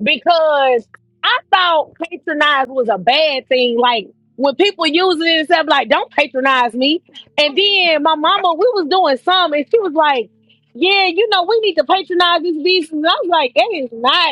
because I thought patronize was a bad thing. Like when people use it and stuff, like, don't patronize me. And [laughs] then my mama, we was doing some and she was like, Yeah, you know, we need to patronize this business. And I was like, That is not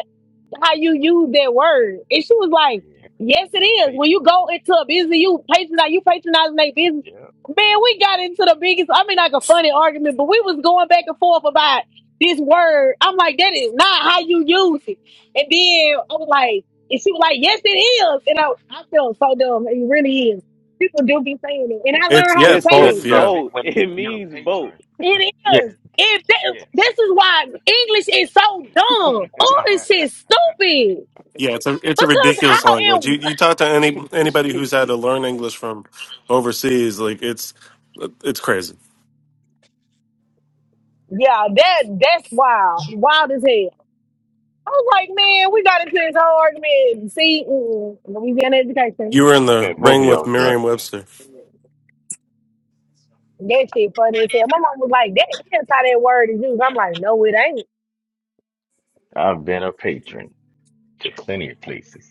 how you use that word. And she was like, yeah, Yes, it you're a is. When patron. you go into a business, you patronize, you patronizing their business. Yeah, Man, we got into the biggest, I mean, like a funny argument, but we was going back and forth about this word. I'm like, that is not how you use it. And then I was like, and she was like, yes, it is. And I, I felt so dumb. It really is. People do be saying it. And I It's learned how yeah, yeah, to it's It's say because it's both. that. you're a Yeah, pa- both. [laughs] when you It you're a means both. patron. It's It yes, is. It, that, yes. this is why English is so dumb. [laughs] All this shit stupid. yeah. It's a it's a Because ridiculous how language. You in you talk to any anybody who's had to learn English from overseas, like it's it's crazy. yeah, that that's wild, wild as hell. I was like, man, we got into this whole argument. See, mm, Louisiana education, You were in Man, the both of ring with y'all is right. huh? Merriam-Webster. that shit funny as hell. My mom was like, that that's how that word is used. I'm like, no, it ain't. I've been a patron to plenty of places.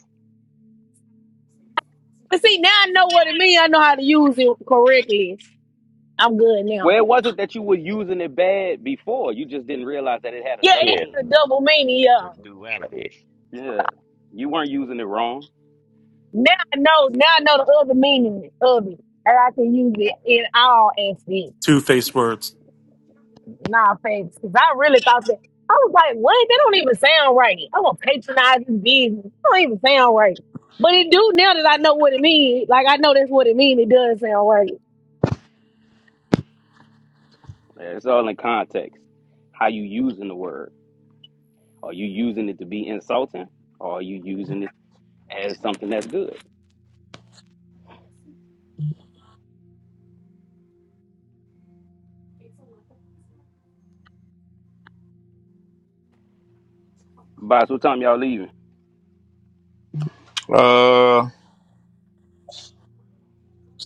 But see, now I know what it means. I know how to use it correctly. I'm good now. Where it wasn't that you were using it bad before, you just didn't realize that it had Yeah, another it Yeah, meaning. has a double meaning. the, the Yeah, duality. Yeah, you weren't using it wrong. now I know. Now I know the other meaning of it, and I can use it in all aspects. Two-faced words. Nah, thanks. Because I really thought that. I was like, what? That don't even sound right. I'm going to patronize this business. That don't even sound right. But it do now that I know what it means. Like, I know that's what it means. It does sound right. Yeah, It's all in context, how you using the word. Are you using it to be insulting? Or are you using it as something that's good? Boss, what time y'all leaving? Uh,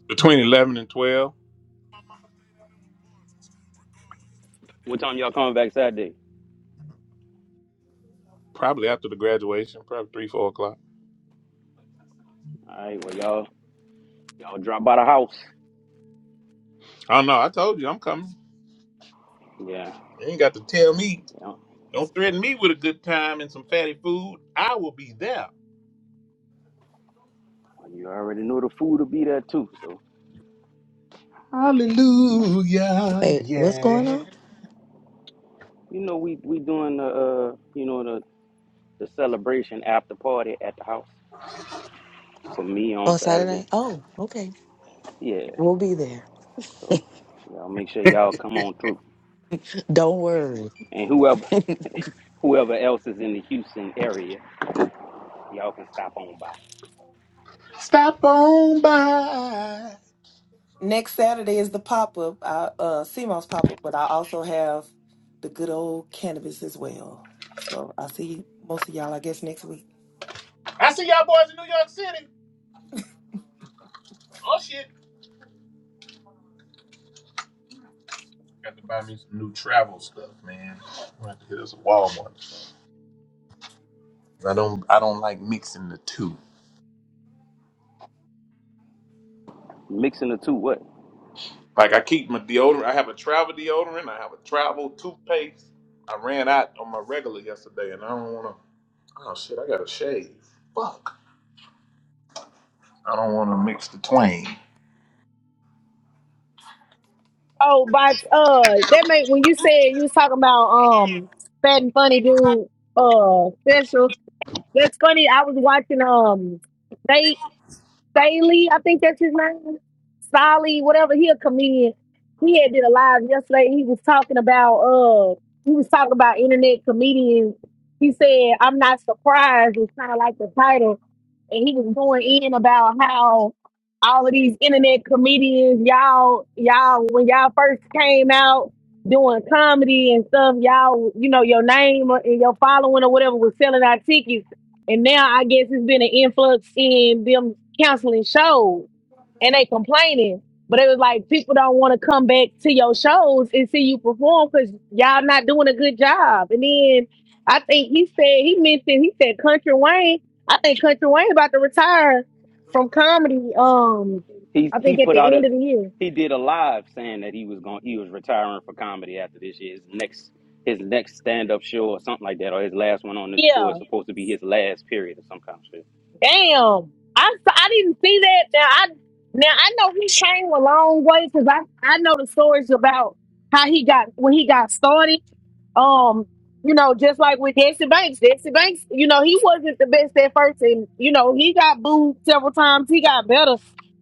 between eleven and twelve, What time y'all coming back Saturday? probably after the graduation, probably three, four o'clock. All right, well y'all y'all drop by the house. I don't know. I told you I'm coming. Yeah, You ain't got to tell me. yeah. Don't threaten me with a good time and some fatty food. I will be there. You already know the food will be there too. So Hallelujah, Wait, what's going yeah. on? you know we we doing the uh you know the the celebration after party at the house for me on On Saturday. Saturday? Oh, okay. Yeah. We'll be there. So y'all make sure y'all come on through. Don't worry. And whoever [laughs] whoever else is in the Houston area, y'all can stop on by. Stop on by. Next Saturday is the pop up, uh uh CMOS pop up, but I also have the good old cannabis as well. So I'll see most of y'all I guess next week. I see y'all boys in New York City. Oh shit. Got to buy me some new travel stuff, man. I'm gonna have to hit us a Walmart. I don't I don't like mixing the two. Mixing the two what? Like I keep my deodorant. I have a travel deodorant. I have a travel toothpaste. I ran out on my regular yesterday and I don't wanna oh shit, I gotta shave. Fuck. I don't wanna mix the twain. Oh, but uh, that made when you said you was talking about um fat and funny dude uh special. That's funny. I was watching um they Staley, I think that's his name. Solly, whatever. He a comedian. He had did a live yesterday. He was talking about uh he was talking about internet comedians. He said, I'm not surprised It's kinda like the title. And he was going in about how all of these internet comedians, y'all, y'all, when y'all first came out doing comedy and stuff, y'all, you know, your name and your following or whatever was selling our tickets and now I guess it's been an influx in them counseling shows and they complaining. But it was like people don't want to come back to your shows and see you perform because y'all not doing a good job. And then I think he said he mentioned he said Country Wayne. I think Country Wayne about to retire from comedy. Um, He I he think at put out the a end of the year. he did a live saying that he was going he was retiring for comedy after this year. His next his next stand up show or something like that, or his last one on this tour Yeah. is supposed to be his last period or some kind of shit. Damn. I s- I didn't see that. Now I now I know he came a long way because I I know the stories about how he got when he got started. Um, you know, just like with Jesse Banks, Jesse Banks, you know, he wasn't the best at first, and you know he got booed several times. He got better,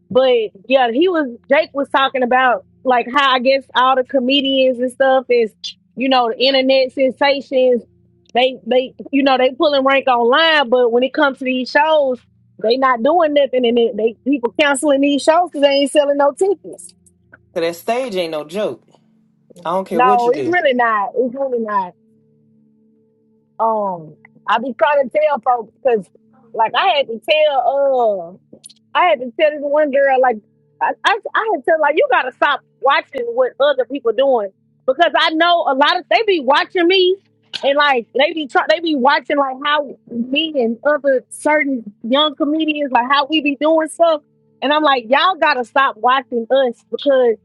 but yeah, he was. Jake was talking about like how I guess all the comedians and stuff is you know the internet sensations they they you know they pulling rank online, but when it comes to these shows, they not doing nothing, and they, they people canceling these shows because they ain't selling no tickets. So that stage ain't no joke. I don't care what No, you it's do. really not. It's really not. Um, I be trying to tell folks because like I had to tell. uh, I had to tell this one girl, like, I, I, I had to tell like, you gotta stop watching what other people doing because I know a lot of they be watching me and like they be try, they be watching like how me and other certain young comedians like how we be doing stuff, and I'm like, y'all gotta stop watching us because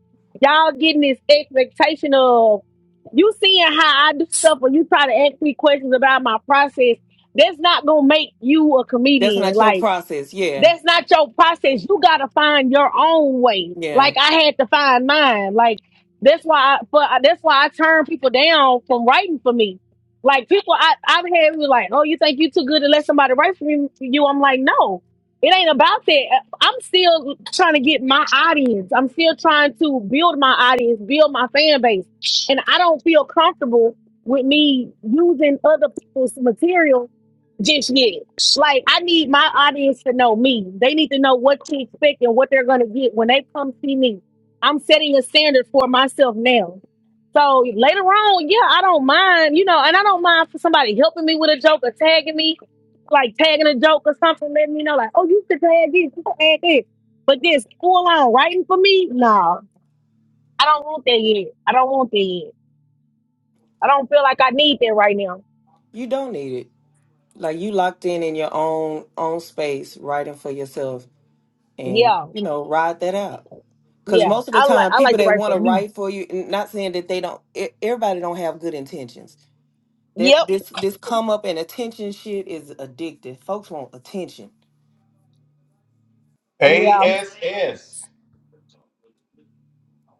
y'all getting this expectation of you seeing how I do stuff or you try to ask me questions about my process. That's not gonna make you a That's comedian, not your like. process. Yeah. That's not your process. You gotta find your own way. Yeah. Like I had to find mine. Like that's why. I, but that's why I turn people down from writing for me. Like people, I I've had people like, oh, you think you too good to let somebody write for you? you?" I'm like, no, it ain't about that. Uh, I'm still trying to get my audience. I'm still trying to build my audience, build my fan base, and I don't feel comfortable with me using other people's material just yet. Like I need my audience to know me. They need to know what to expect and what they're gonna get when they come see me. I'm setting a standard for myself now. So later on, yeah, I don't mind, you know, and I don't mind for somebody helping me with a joke or tagging me, like tagging a joke or something, letting me know, like, oh, you could tag this, you could add this. But this full on writing for me, no, I don't want that yet. I don't want that yet. I don't feel like I need that right now. You don't need it. Like you locked in in your own own space, writing for yourself and, Yeah, you know, ride that out. Cause yeah, most of the I like time I people like to that write want for to me. write for you, n- not saying that they don't, e- everybody don't have good intentions. That Yep. this, this come up and attention shit is addictive. Folks want attention. Yeah. ASS,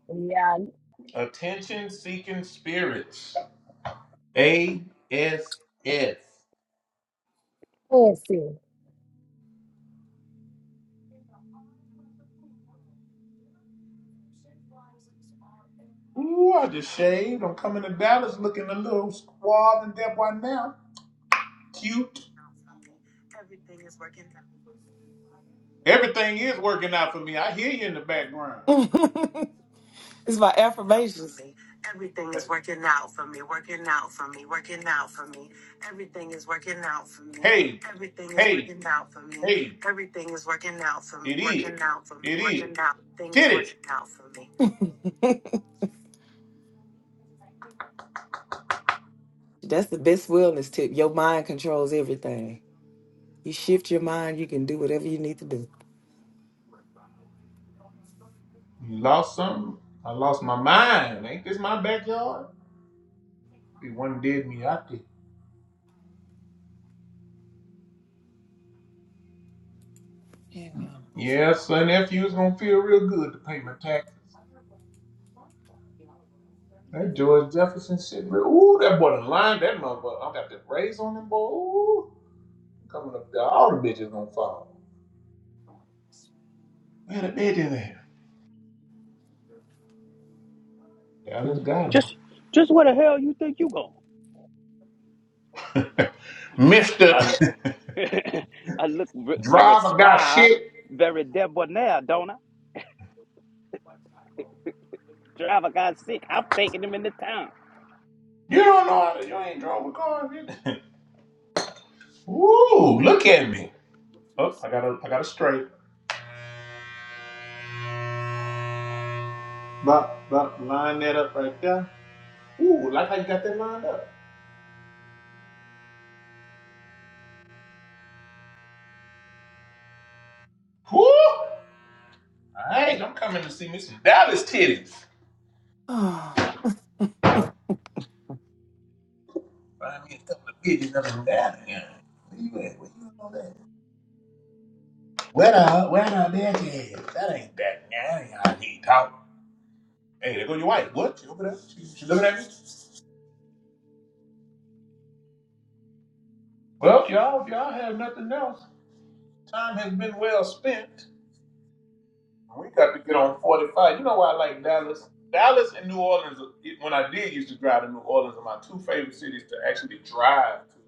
Yeah, attention seeking spirits. ASS. Nancy. Ooh, I just shaved. I'm coming to Dallas looking a little squab and dead right now. Cute. Everything is working out for me. I hear you in the background. [laughs] it's my affirmations. Hey, hey, hey. It is. It is. Titties. That's the best wellness tip. Your mind controls everything. You shift your mind, you can do whatever you need to do. You lost something? I lost my mind. Ain't this my backyard? They one did me out there. Yeah. Yeah, son, nephew is gonna feel real good to pay my taxes. That George Jefferson shit, man. Ooh, that boy done lined that motherfucker. I got the rays on him, boy. Ooh, coming up there, all the bitches gonna fall. Man, the bitch in there. Yeah, I just got Just him. just where the hell you think you going? [laughs] Mister I l- [laughs] I look v- [laughs] very Driver got suave, shit. very debonair, don't I? Driver got sick. I'm taking him into town. You don't know how to. You ain't drove a car. Yet. [laughs] Ooh, look at me. Oh, I got a, I got a straight. Bop, bop, line that up right there. Ooh, like how you got that lined up. Woo! All right, I'm coming to see me some Dallas titties. [sighs] Find me a couple of bitches that are down here. Where you at? Where you all that? Where the where the bitch is? That ain't that man. Y'all need talk. Hey, there go your wife. What? She over there? She, she looking at me? Well, y'all, if y'all have nothing else, time has been well spent. We got to get on 45. You know why I like Dallas? Dallas and New Orleans, it- when I did used to drive to New Orleans, are my two favorite cities to actually drive to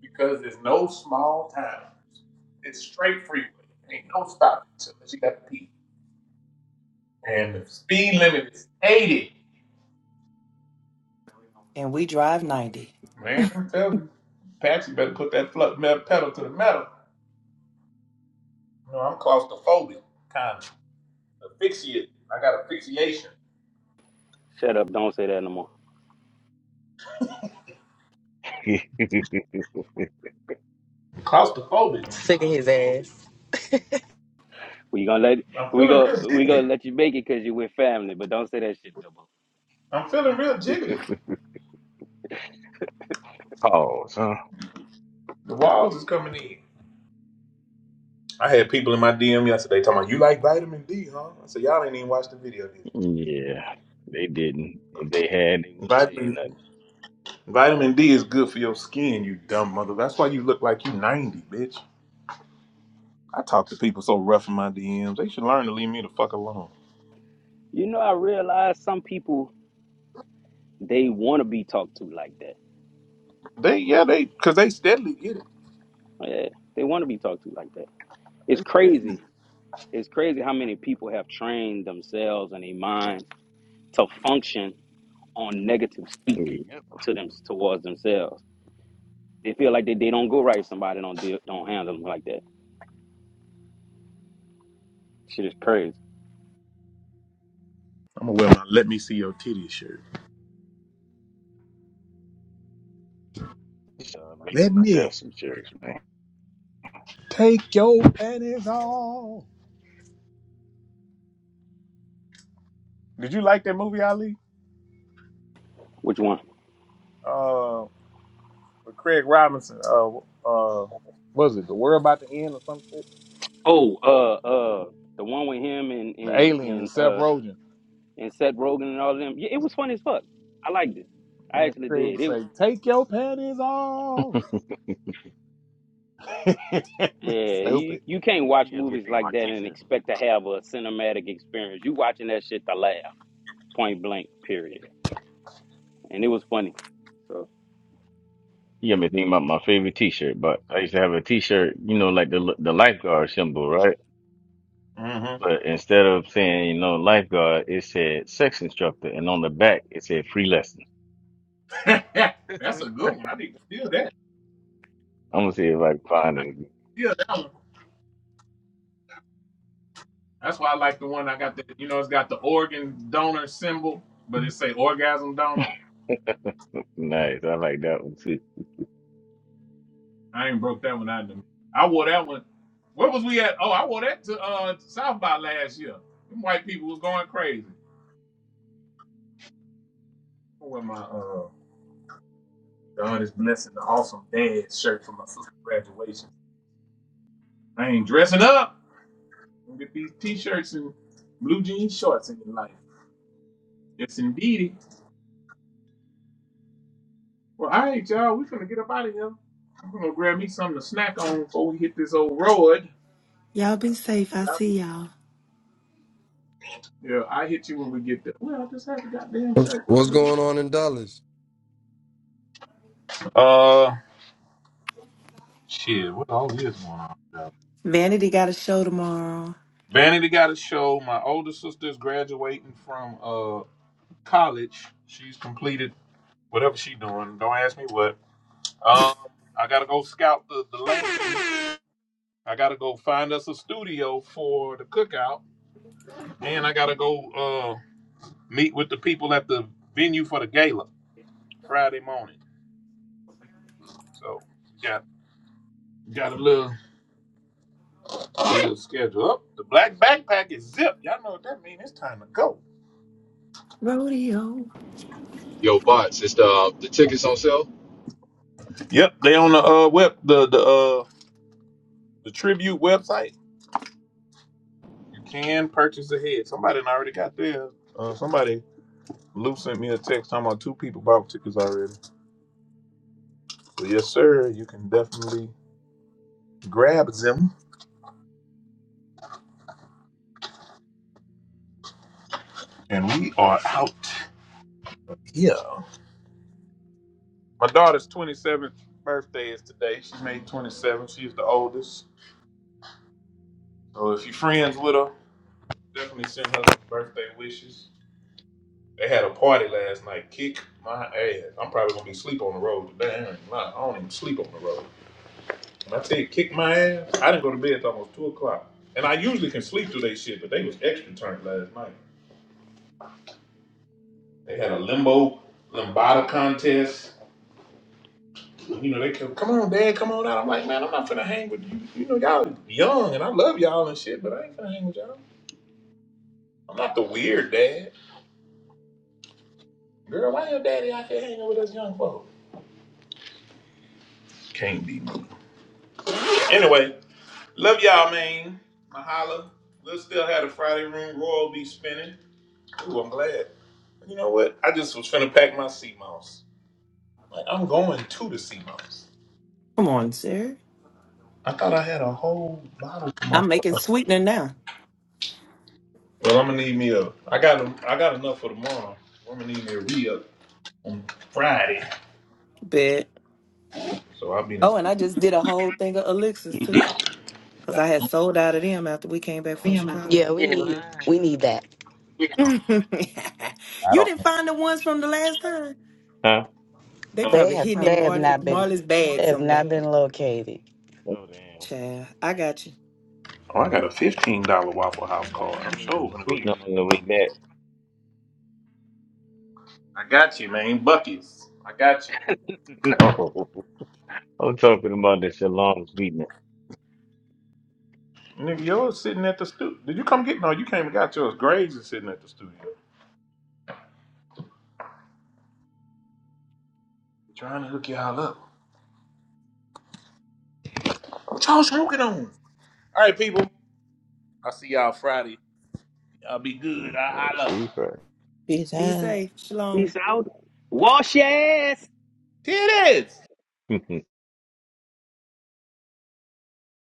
because there's no small towns. It's straight freeway. Ain't no stopping unless you got to pee. And the speed limit is 80. and we drive 90. Man, I'm telling you, Patsy better put that fl- me- pedal to the metal. No, I'm claustrophobic, kind of. Asphyxiate. I got asphyxiation. Shut up! Don't say that no more. Claustrophobic. Sick of his ass. We gonna let I'm we feeling go real we gonna jiggly. let you make it because you with family, but don't say that shit no more. I'm feeling real jiggly. [laughs] Pause. huh? The walls is coming in. I had people in my DM yesterday talking about, you like vitamin D, huh? I said, y'all ain't even watched the video yet. Yeah, they didn't. If they had, they wouldn't have said Vitamin, vitamin D is good for your skin, you dumb mother. That's why you look like you 90, bitch. I talk to people so rough in my DMs. They should learn to leave me the fuck alone. You know, I realize some people they want to be talked to like that. They yeah they because they steadily get it. Yeah, they want to be talked to like that. It's crazy. Steadily. It's crazy how many people have trained themselves and their minds to function on negative speak nothing. Yep. to them towards themselves. They feel like they, they don't go right if somebody don't deal, don't handle them like that. Shit is crazy. I'm gonna wear my "Let Me See Your Titties" shirt. Just, uh, making Let myself me some shirts, man. take your panties off. Did you like that movie Ali? Which one? Uh, with Craig Robinson. Uh, uh, what was it The World About to End or some shit? Oh, uh, uh, the one with him and The and Alien and and Seth uh Rogen. and Seth Rogen and all of them. Yeah, it was funny as fuck. I liked it. I And then actually Craig did. It was. say, "Take your panties off." [laughs] [laughs] Yeah, you, Stupid. you can't You watch got me movies thinking like about that and t-shirts. expect to have a cinematic experience. You watching that shit to laugh, point blank, period. And it was funny. So You got me thinking about my favorite t-shirt. But I used to have a t-shirt, you know, like the the lifeguard symbol, right? hmm But instead of saying, you know, lifeguard, it said sex instructor, and on the back it said free lesson. [laughs] [laughs] That's I'm a good one. I need to steal that. gonna see if I can find I need it. to steal that. one. That's why I like the one I got that you know it's got the organ donor symbol, but it say orgasm donor. Nice. I like that one too. I ain't broke that one out. to me. I wore that one. Where was we at? Oh, I wore that to uh South by last year. Them white people was going crazy. I wear my uh God is blessing the awesome dad shirt for my sister's graduation. I ain't dressing up. I'm gonna get these t-shirts and blue jean shorts in your life. Yes indeedy. Well, all right, y'all, we gonna get up out of here. I'm gonna grab me something to snack on before we hit this old road. Y'all be safe. I Y'all be see y'all. Yeah, I hit you when we get there. Well, I just had the goddamn shirt. What I What's do? going on in Dallas? Uh, shit. What all is going on? though? Vanity got a show tomorrow. Vanity got a show. My older sister's graduating from uh college. She's completed whatever she's doing. Don't ask me what. Um, I gotta go scout the, the land. I gotta go find us a studio for the cookout, and I gotta go uh meet with the people at the venue for the gala Friday morning. So got got a little. Real schedule up. The black backpack is zipped. Y'all know what that means. It's time to go. Rodeo. Yo, bots, is the the tickets on sale? Yep, they on the uh web the the uh the tribute website. You can purchase ahead. Somebody done already got theirs. Uh, somebody Lou sent me a text talking about two people bought tickets already. So yes, sir, you can definitely grab them. And we are out. Yeah. My daughter's 27th birthday is today. She made 27. She is the oldest. So if you're friends with her, definitely send her birthday wishes. They had a party last night. Kick my ass. I'm probably gonna be asleep on the road today. I don't even sleep on the road. When I tell you kick my ass, I didn't go to bed till almost two o'clock. And I usually can sleep through they shit, but they was extra turned last night. They had a limbo limbada contest. You know, they kept, come on, Dad, come on out. I'm like, man, I'm not finna hang with you. You know, y'all young and I love y'all and shit, but I ain't finna hang with y'all. I'm not the weird dad. Girl, why your daddy out here hanging with us young folk? Can't be me. Anyway, Love y'all, man. Mahalo. We'll still have a Friday room. Roy will be spinning. Ooh, I'm glad. You know what? I just was finna pack my sea moss. Like, I'm going to the sea moss. Come on, sir. I thought I had a whole bottle for my. I'm making sweetener now. Well, I'm gonna need me a. I got a, I got enough for tomorrow. I'm gonna need me a re up on Friday. Bet. So I'll be in. Oh, and I just did a whole thing of elixirs too. Because I had sold out of them after we came back from Don't don't Chicago. Yeah, we forget need mine. we need that. [laughs] you I don't. didn't find the ones from the last time? Huh? They They probably have hidden in they have Mar- not been Marley's bag they have somewhere. not been located. Oh damn. Child, I got you. Oh, I got a fifteen dollar Waffle House card. I, I I'm need sure some gonna go use. sweetener it. on the way back. I got you, man. Buckies. I got you. No, I'm talking about the shalom sweetness. Nigga, yours sitting at the studio. Did you come get? No, you came and got yours. Graves is sitting at the studio. Trying to hook y'all up. What y'all smoking on? All right, people. I'll see y'all Friday. Y'all be See, good. I bro. holla. See, bro. Be Jesus. safe. Shalom. He's out. Wash your ass. Titties! [laughs]